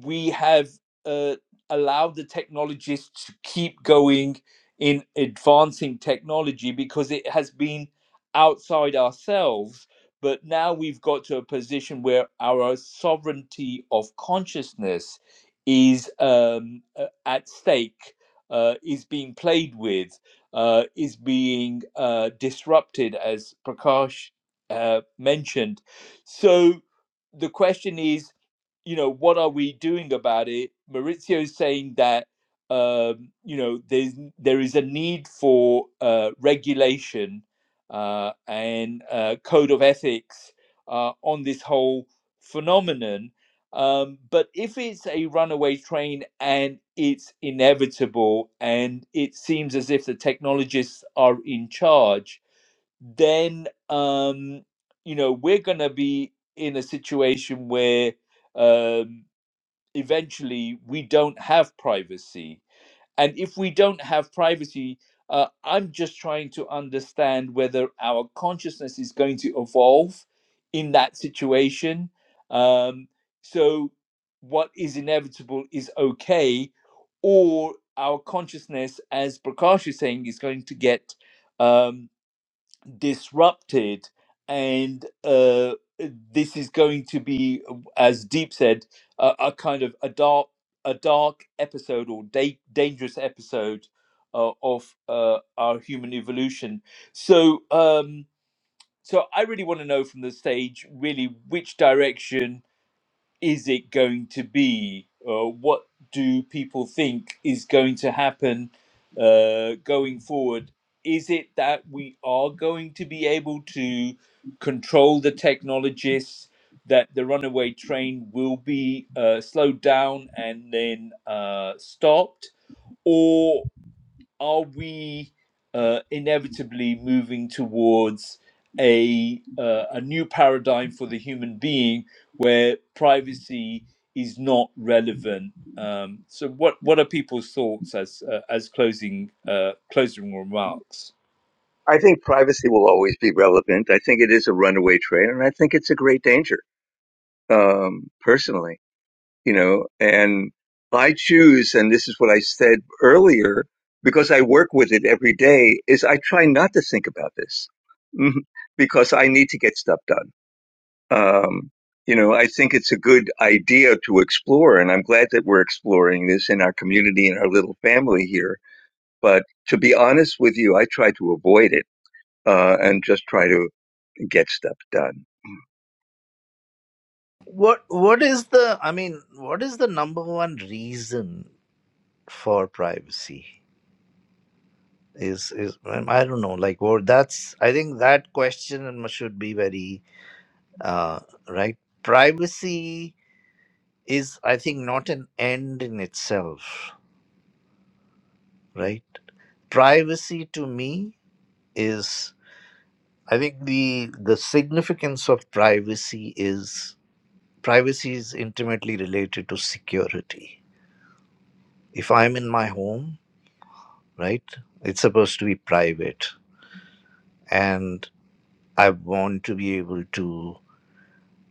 A: we have uh, allowed the technologists to keep going in advancing technology because it has been outside ourselves. But now we've got to a position where our sovereignty of consciousness is um, uh, at stake, uh, is being played with uh, is being uh, disrupted, as Prakash uh, mentioned. So the question is, you know, what are we doing about it? Maurizio is saying that um, you know there's there is a need for uh, regulation uh, and uh, code of ethics uh, on this whole phenomenon um, but if it's a runaway train and it's inevitable and it seems as if the technologists are in charge, then, um, you know, we're going to be in a situation where um, eventually we don't have privacy and if we don't have privacy, uh, I'm just trying to understand whether our consciousness is going to evolve in that situation. Um, so, what is inevitable is okay, or our consciousness, as Prakash is saying, is going to get um, disrupted and uh, this is going to be as deep said a, a kind of a dark a dark episode or da- dangerous episode uh, of uh, our human evolution so um so i really want to know from the stage really which direction is it going to be? Uh, what do people think is going to happen uh, going forward? Is it that we are going to be able to control the technologists, that the runaway train will be uh, slowed down and then uh, stopped? Or are we uh, inevitably moving towards a uh, a new paradigm for the human being where privacy is not relevant? Um, so, what what are people's thoughts as uh, as closing uh, closing remarks?
H: I think privacy will always be relevant. I think it is a runaway trade, and I think it's a great danger, um, personally, you know. And I choose, and this is what I said earlier, because I work with it every day, is I try not to think about this [laughs] because I need to get stuff done um, you know, I think it's a good idea to explore, and I'm glad that we're exploring this in our community and our little family here. But to be honest with you, I try to avoid it uh, and just try to get stuff done.
I: what what is the i mean what is the number one reason for privacy is is i don't know like what that's i think that question should be very uh right privacy is, I think, not an end in itself, right? Privacy to me is, I think, the the significance of privacy is privacy is intimately related to security. If I'm in my home, right, it's supposed to be private, and I want to be able to,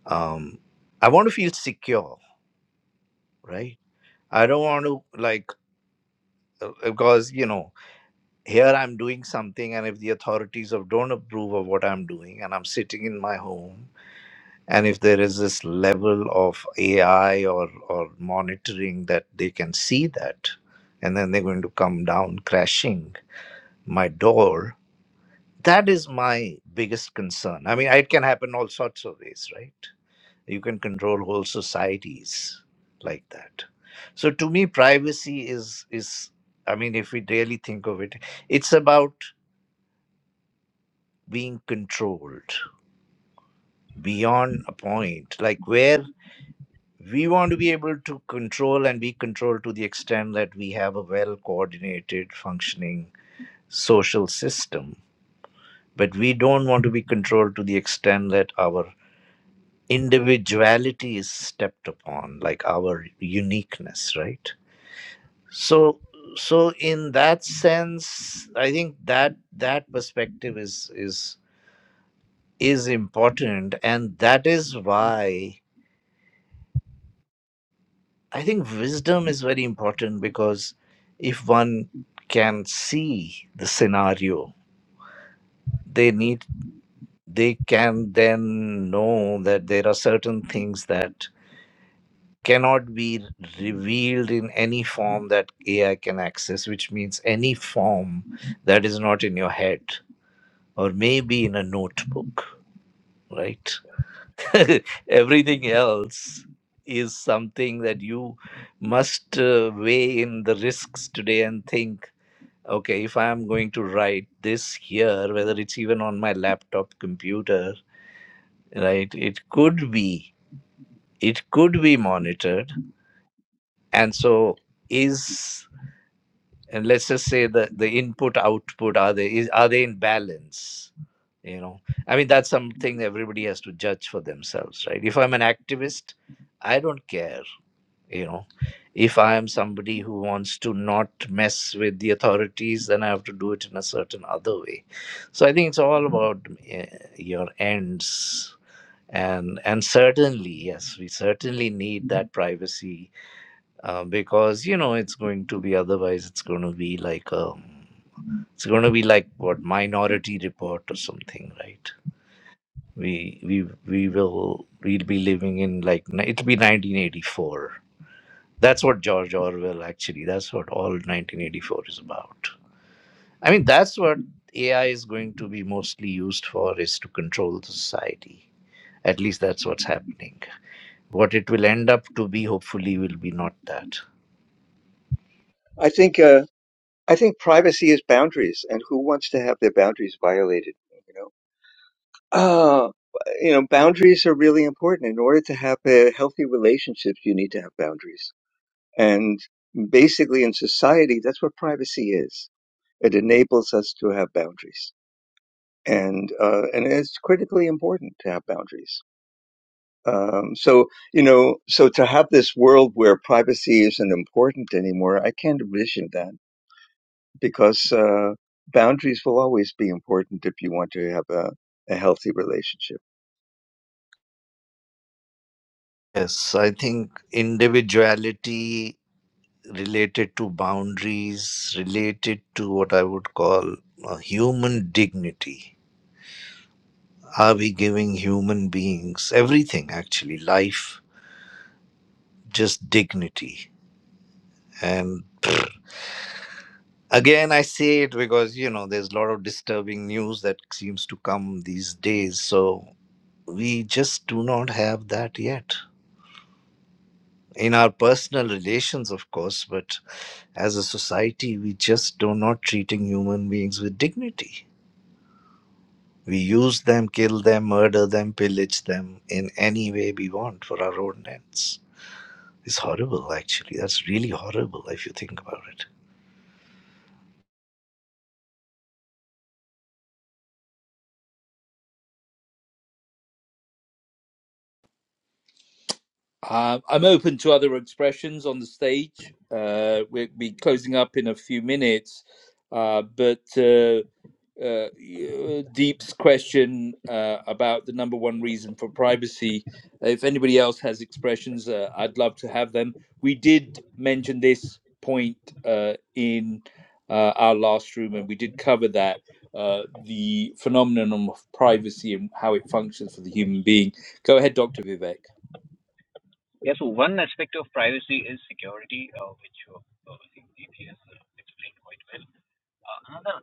I: um, I want to feel secure, right? I don't want to like uh, because you know here i'm doing something and if the authorities of don't approve of what i'm doing and i'm sitting in my home and if there is this level of ai or or monitoring that they can see that and then they're going to come down crashing my door that is my biggest concern i mean it can happen all sorts of ways right you can control whole societies like that so to me privacy is is i mean if we really think of it it's about being controlled beyond a point, like where we want to be able to control and be controlled to the extent that we have a well coordinated, functioning social system. But we don't want to be controlled to the extent that our individuality is stepped upon, like our uniqueness, right? So, so in that sense, I think that that perspective is is is important, and that is why I think wisdom is very important because if one can see the scenario, they need they can then know that there are certain things that cannot be revealed in any form that AI can access, which means any form that is not in your head or maybe in a notebook, right? [laughs] Everything else is something that you must uh, weigh in the risks today and think okay if i am going to write this here whether it's even on my laptop computer right it could be it could be monitored and so is and let's just say the the input output are they is, are they in balance you know i mean that's something everybody has to judge for themselves right if i'm an activist i don't care you know if i am somebody who wants to not mess with the authorities then i have to do it in a certain other way so i think it's all about uh, your ends and and certainly yes we certainly need that privacy uh, because you know it's going to be otherwise it's going to be like um it's going to be like what minority report or something right we we we will we'll be living in like it'll be 1984 that's what George Orwell actually, that's what all 1984 is about. I mean, that's what AI is going to be mostly used for is to control the society. At least that's what's happening. What it will end up to be, hopefully, will be not that.
H: I think uh, I think privacy is boundaries, and who wants to have their boundaries violated? You know, uh, you know, boundaries are really important. In order to have a healthy relationships, you need to have boundaries, and basically in society, that's what privacy is It enables us to have boundaries, and uh, and it's critically important to have boundaries. Um, so you know, so to have this world where privacy isn't important anymore, I can't envision that because uh, boundaries will always be important if you want to have a, a healthy relationship.
I: Yes, I think individuality related to boundaries, related to what I would call uh, human dignity. Are we giving human beings everything, actually, life, just dignity? and [sniffs] again i say it because you know there's a lot of disturbing news that seems to come these days so we just do not have that yet in our personal relations of course but as a society we just do not treating human beings with dignity we use them kill them murder them pillage them in any way we want for our own ends it's horrible actually that's really horrible if you think about it
A: Uh, I'm open to other expressions on the stage. Uh, we'll be closing up in a few minutes, uh, but uh, uh, y- uh, Deep's question uh, about the number one reason for privacy. If anybody else has expressions, uh, I'd love to have them. We did mention this point uh, in uh, our last room, and we did cover that uh, the phenomenon of privacy and how it functions for the human being. Go ahead, Dr. Vivek.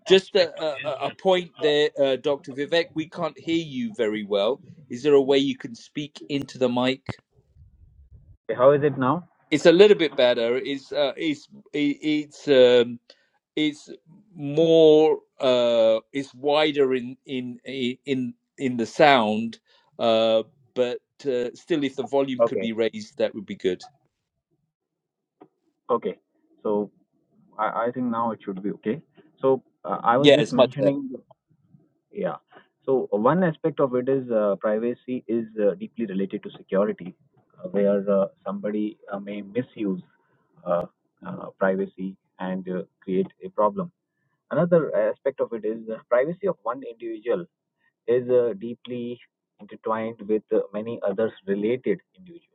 A: Just a, a, a point there, uh, Dr. Vivek. We can't hear you very well. Is there a way you can speak into the mic? It's a little bit better. It's uh, it's it, it's um, it's more uh, it's wider in in in in the sound, uh, but uh, still, if the volume could be raised, that would be good.
F: Okay. So I, now it should be okay. So uh, I was
A: Yeah,
F: just
A: it's much better.
F: mentioning, yeah. So one aspect of it is uh, privacy is uh, deeply related to security, uh, where uh, somebody uh, may misuse uh, uh, privacy and uh, create a problem. Another aspect of it is uh, privacy of one individual is uh, deeply intertwined with uh, many others related individuals.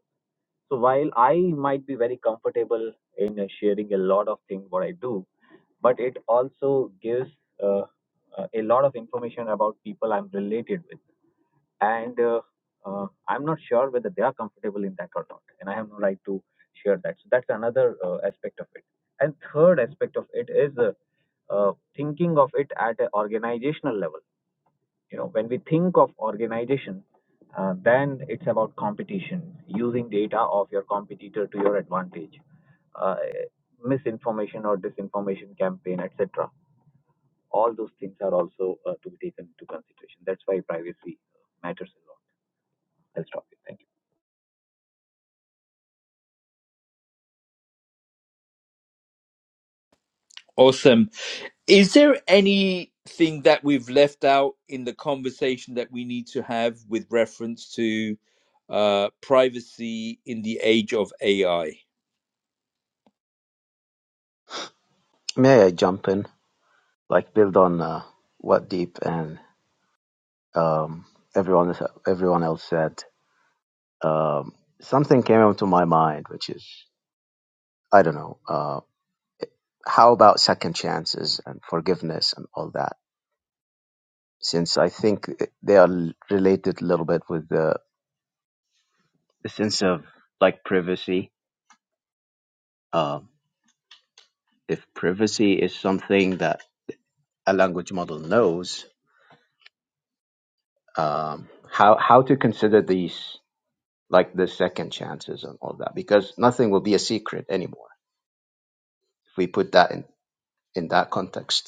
F: So while I might be very comfortable in uh, sharing a lot of things what I do, but it also gives uh, uh, a lot of information about people I'm related with, and uh, uh, I'm not sure whether they are comfortable in that or not, and I have no right to share that. So that's another uh, aspect of it. And third aspect of it is uh, uh, thinking of it at an organizational level you know when we think of organization uh, then it's about competition using data of your competitor to your advantage uh, misinformation or disinformation campaign etc all those things are also uh, to be taken into consideration that's why privacy matters a lot i'll stop you thank you
A: Awesome. Is there anything that we've left out in the conversation that we need to have with reference to uh, privacy in the age of AI?
B: May I jump in? Like build on uh, what deep and um, everyone everyone else said, um, something came into my mind, which is I don't know. Uh, how about second chances and forgiveness and all that? Since I think they are related a little bit with the, the sense of like privacy. Um, if privacy is something that a language model knows, um, how how to consider these like the second chances and all that? Because nothing will be a secret anymore if we put that in in that context.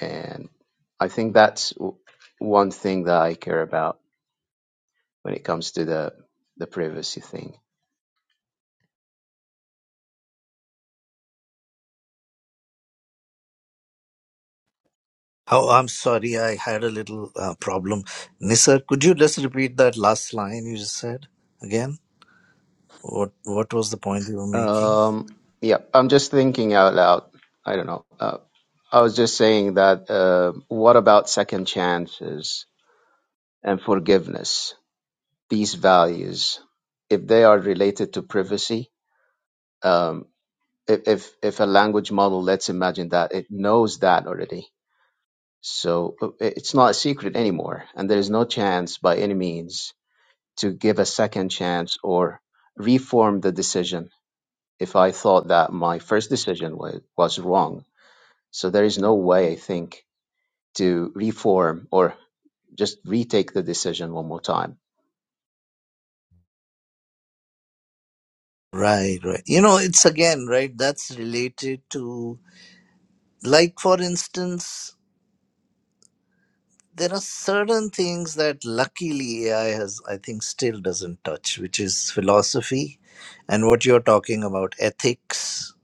B: And I think that's w- one thing that I care about when it comes to the the privacy thing.
I: Oh, I'm sorry. I had a little uh, problem. Nisar, could you just repeat that last line you just said again? What What was the point you were making?
B: Um, yeah, I'm just thinking out loud. I don't know. Uh, I was just saying that. Uh, what about second chances and forgiveness? These values, if they are related to privacy, um, if, if if a language model, let's imagine that it knows that already, so uh, it's not a secret anymore, and there is no chance by any means to give a second chance or reform the decision if I thought that my first decision was, was wrong. So there is no way, I think, to reform or just retake the decision one more time.
I: Right, right. You know, it's again, right? That's related to, like, for instance, there are certain things that luckily AI has, I think, still doesn't touch, which is philosophy and what you're talking about, ethics,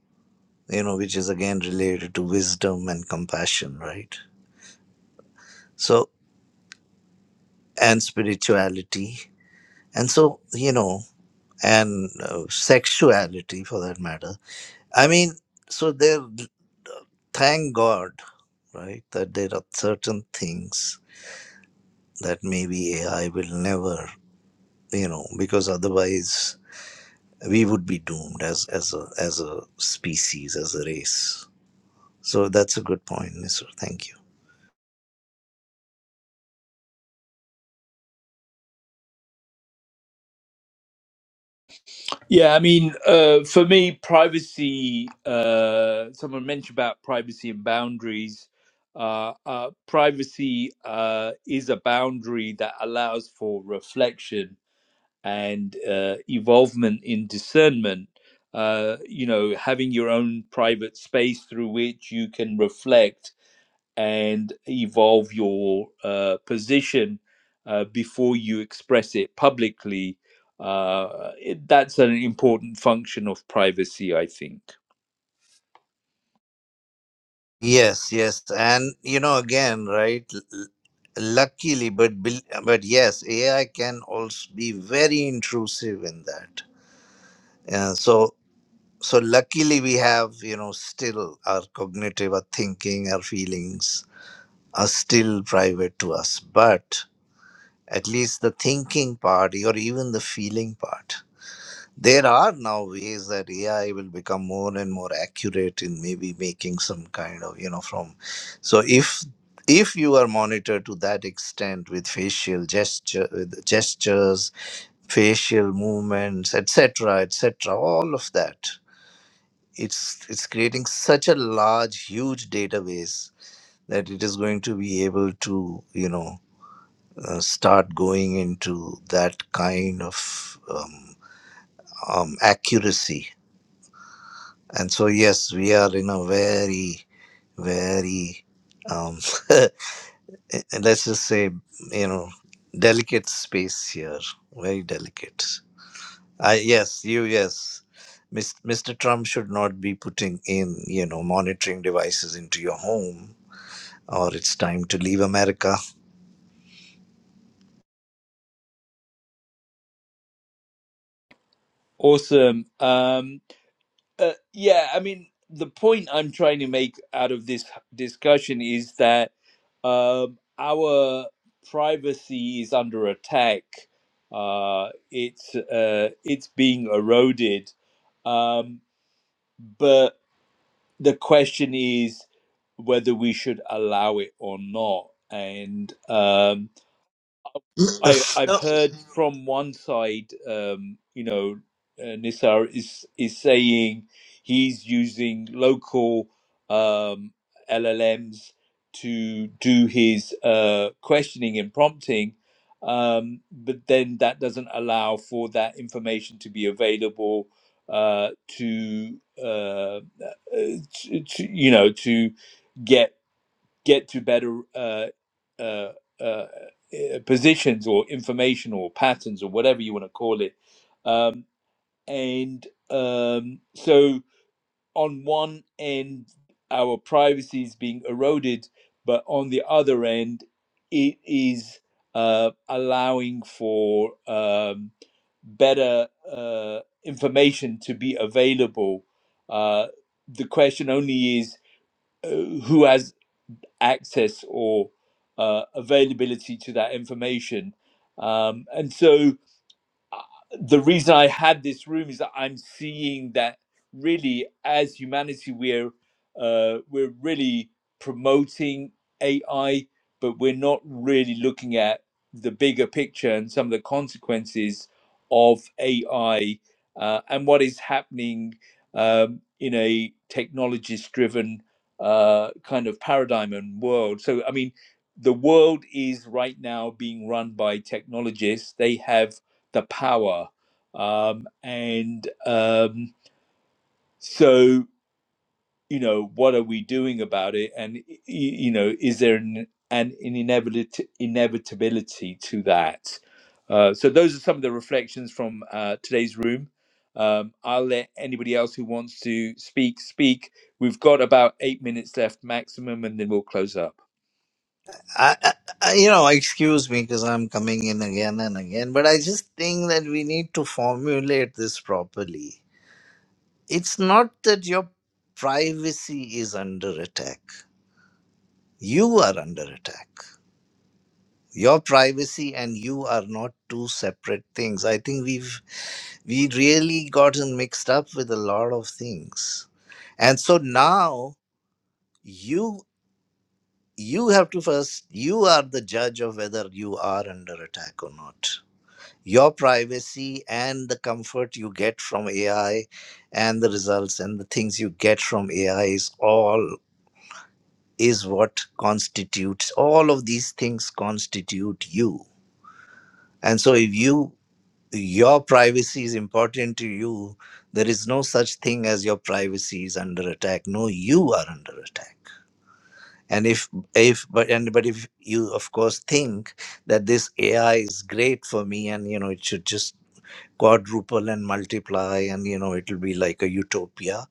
I: you know, which is again related to wisdom and compassion, right? So, and spirituality and so you know and uh, sexuality for that matter i mean so there thank god right that there are certain things that maybe ai will never you know because otherwise we would be doomed as as a as a species as a race so that's a good point mister thank you
A: Yeah, I mean, uh, for me, privacy. Uh, someone mentioned about privacy and boundaries. Uh, uh, privacy uh, is a boundary that allows for reflection and uh, evolvement in discernment. Uh, you know, having your own private space through which you can reflect and evolve your uh, position uh, before you express it publicly. Uh, it, that's an important function of privacy, I think.
I: yes yes and you know again right l- l- luckily but bel- but yes ai can also be very intrusive in that Yeah, so so luckily we have you know still our cognitive, our thinking, our feelings are still private to us. But at least the thinking part, or even the feeling part, there are now ways that AI will become more and more accurate in maybe making some kind of you know from. So if if you are monitored to that extent with facial gesture, with gestures, facial movements, etc., etc., all of that it's it's creating such a large huge database that it is going to be able to you know uh, start going into that kind of um, um, accuracy and so yes we are in a very very um, [laughs] and let's just say you know delicate space here very delicate i yes you yes Mis- mr trump should not be putting in you know monitoring devices into your home or it's time to leave America.
A: Awesome. Um, Uh, yeah, I mean, the point I'm trying to make out of this discussion is that um, our privacy is under attack. Uh, it's uh, it's being eroded, um, but the question is whether we should allow it or not. And um,
I: [laughs]
A: I I've
I: no,
A: heard from one side, um, you know, uh, Nisar is is saying he's using local um, LLMs to do his uh, questioning and prompting, um, but then that doesn't allow for that information to be available uh, to, uh, uh, to, to you know to get get to better uh, uh, uh, eh, positions or information or patterns or whatever you want to call it. Um, and um, so, on one end, our privacy is being eroded, but on the other end, it is uh, allowing for um, better uh, information to be available. Uh, the question only is uh, who has access or uh, availability to that information. Um, and so the reason I had this room is that I'm seeing that really, as humanity, we're uh, we're really promoting AI, but we're not really looking at the bigger picture and some of the consequences of AI uh, and what is happening um, in a technologist-driven uh, kind of paradigm and world. So, I mean, the world is right now being run by technologists. They have the power. Um, and um, so, you know, what are we doing about it? And, y- you know, is there an, an inevitability, inevitability to that? Uh, so, those are some of the reflections from uh, today's room. Um, I'll let anybody else who wants to speak, speak. We've got about eight minutes left maximum, and then we'll close up.
I: I, I, I- you know, excuse me because I'm coming in again and again, but I just think that we need to formulate this properly. It's not that your privacy is under attack, you are under attack. Your privacy and you are not two separate things. I think we've we really gotten mixed up with a lot of things. And so now you. you have to first you are the judge of whether you are under attack or not your privacy and the comfort you get from ai and the results and the things you get from ai is all is what constitutes all of these things constitute you and so if you your privacy is important to you there is no such thing as your privacy is under attack no you are under attack and if if but and but if you of course think that this ai is great for me and you know it should just quadruple and multiply and you know it'll be like a utopia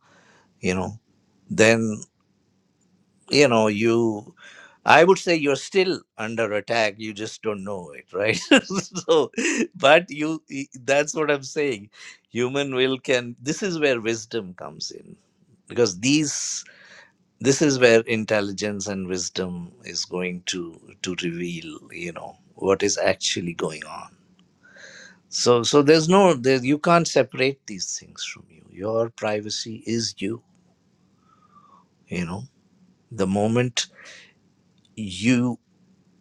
I: you know then you know you i would say you're still under attack you just don't know it right [laughs] so but you that's what i'm saying human will can this is where wisdom comes in because these this is where intelligence and wisdom is going to to reveal you know what is actually going on so so there's no there, you can't separate these things from you your privacy is you you know the moment you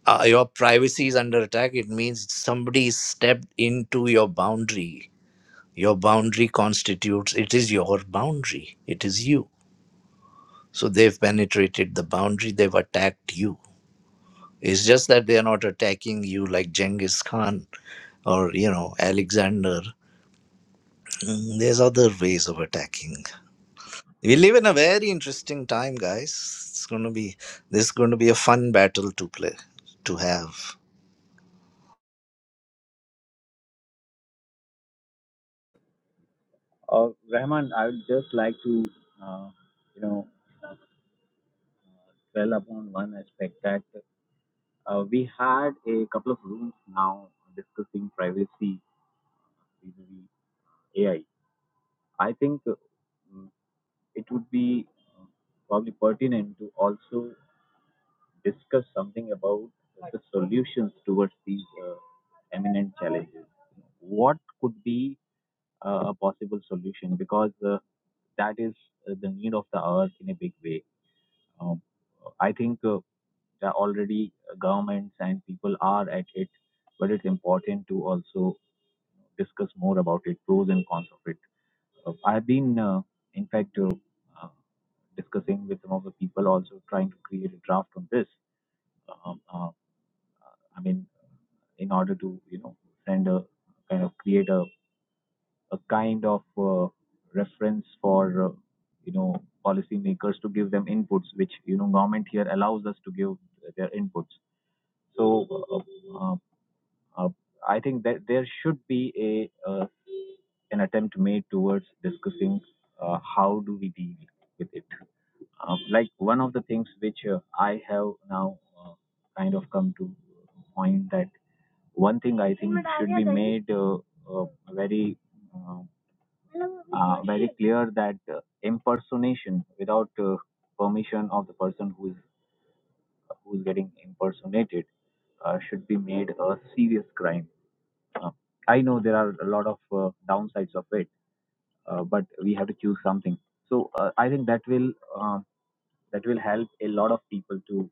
I: uh, your privacy is under attack it means somebody stepped into your boundary your boundary constitutes it is your boundary it is you so they've penetrated the boundary they've attacked you It's just that they are not attacking you like Genghis Khan or, you know, Alexander. Mm, There's other ways of attacking. We live in a very interesting time, guys. It's going to be this is going to be a fun battle to play to have.
F: Uh, Rahman, I would just like to, uh, you know, dwell upon one aspect that uh, we had a couple of rooms now discussing privacy vis-a-vis A I. I think uh, mm, it would be uh, probably pertinent to also discuss something about the solutions towards these uh, eminent challenges. What could be uh, a possible solution? Because uh, that is uh, the need of the hour in a big way. Um, I think uh, there are already uh, governments and people are at it, but it's important to also discuss more about it, pros and cons of it. Uh, I've been, uh, in fact, uh, uh, discussing with some of the people also trying to create a draft on this. Um, uh, I mean, in order to you know send a kind of create a a kind of uh, reference for uh, you know policymakers to give them inputs, which you know government here allows us to give their inputs. So uh, uh, uh, I think that there should be a uh, an attempt made towards discussing uh, how do we deal with it. Uh, like one of the things which uh, I have now uh, kind of come to point that one thing I think should be made uh, uh, very uh, uh, very clear that uh, impersonation without uh, permission of the person who is uh, who's getting impersonated uh, should be made a serious crime. Uh, I know there are a lot of uh, downsides of it, uh, but we have to choose something. So uh, I think that will um that will help a lot of people to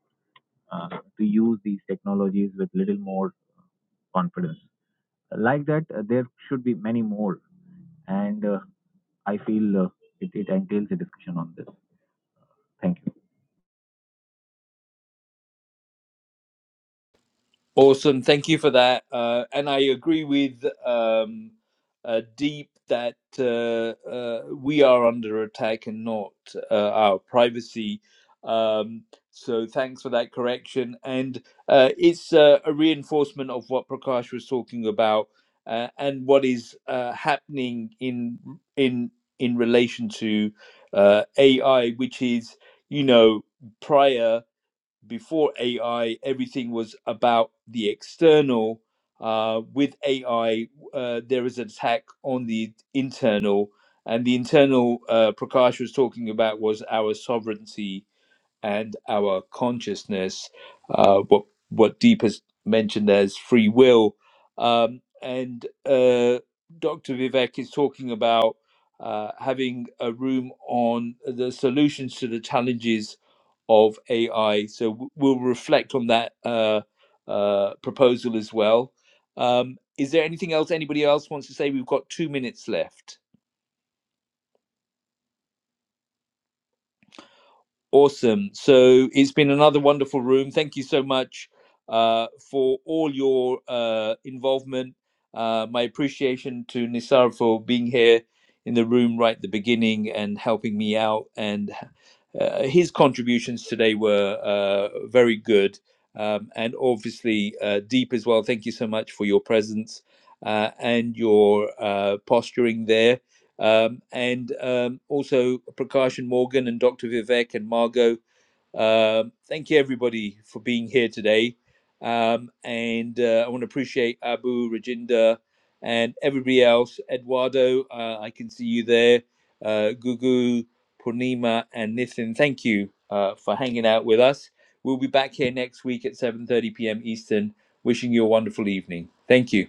F: uh, to use these technologies with little more confidence. Like that, uh, there should be many more, and uh, I feel uh, it, it entails a discussion on this. Thank you.
A: Awesome. Thank you for that. Uh, and I agree with um, uh, Deep that uh, uh, we are under attack and not uh, our privacy. Um, so thanks for that correction. And uh, it's uh, a reinforcement of what Prakash was talking about uh, and what is uh, happening in in in relation to uh, AI, which is you know prior before AI, everything was about the external. Uh, with AI, uh, there is an attack on the internal, and the internal uh, Prakash was talking about was our sovereignty and our consciousness, uh, what what Deepa's mentioned as free will, um, and uh, Dr. Vivek is talking about uh, having a room on the solutions to the challenges of AI. So w- we'll reflect on that uh, uh, proposal as well. Um, is there anything else anybody else wants to say? We've got two minutes left. Awesome. So it's been another wonderful room. Thank you so much uh, for all your uh, involvement. Uh, my appreciation to Nisar for being here in the room right at the beginning and helping me out. And uh, his contributions today were uh, very good um, and obviously uh, deep as well. Thank you so much for your presence uh, and your uh, posturing there um, and um, also Prakash and Morgan and Dr. Vivek and Margot. Um, thank you, everybody, for being here today. Um, and uh, I want to appreciate Abu, Rajinda, and everybody else. Eduardo, uh, I can see you there. Uh, Gugu, Purnima, and Nitin, thank you uh, for hanging out with us. We'll be back here next week at 7.30 p.m. Eastern. Wishing you a wonderful evening. Thank you.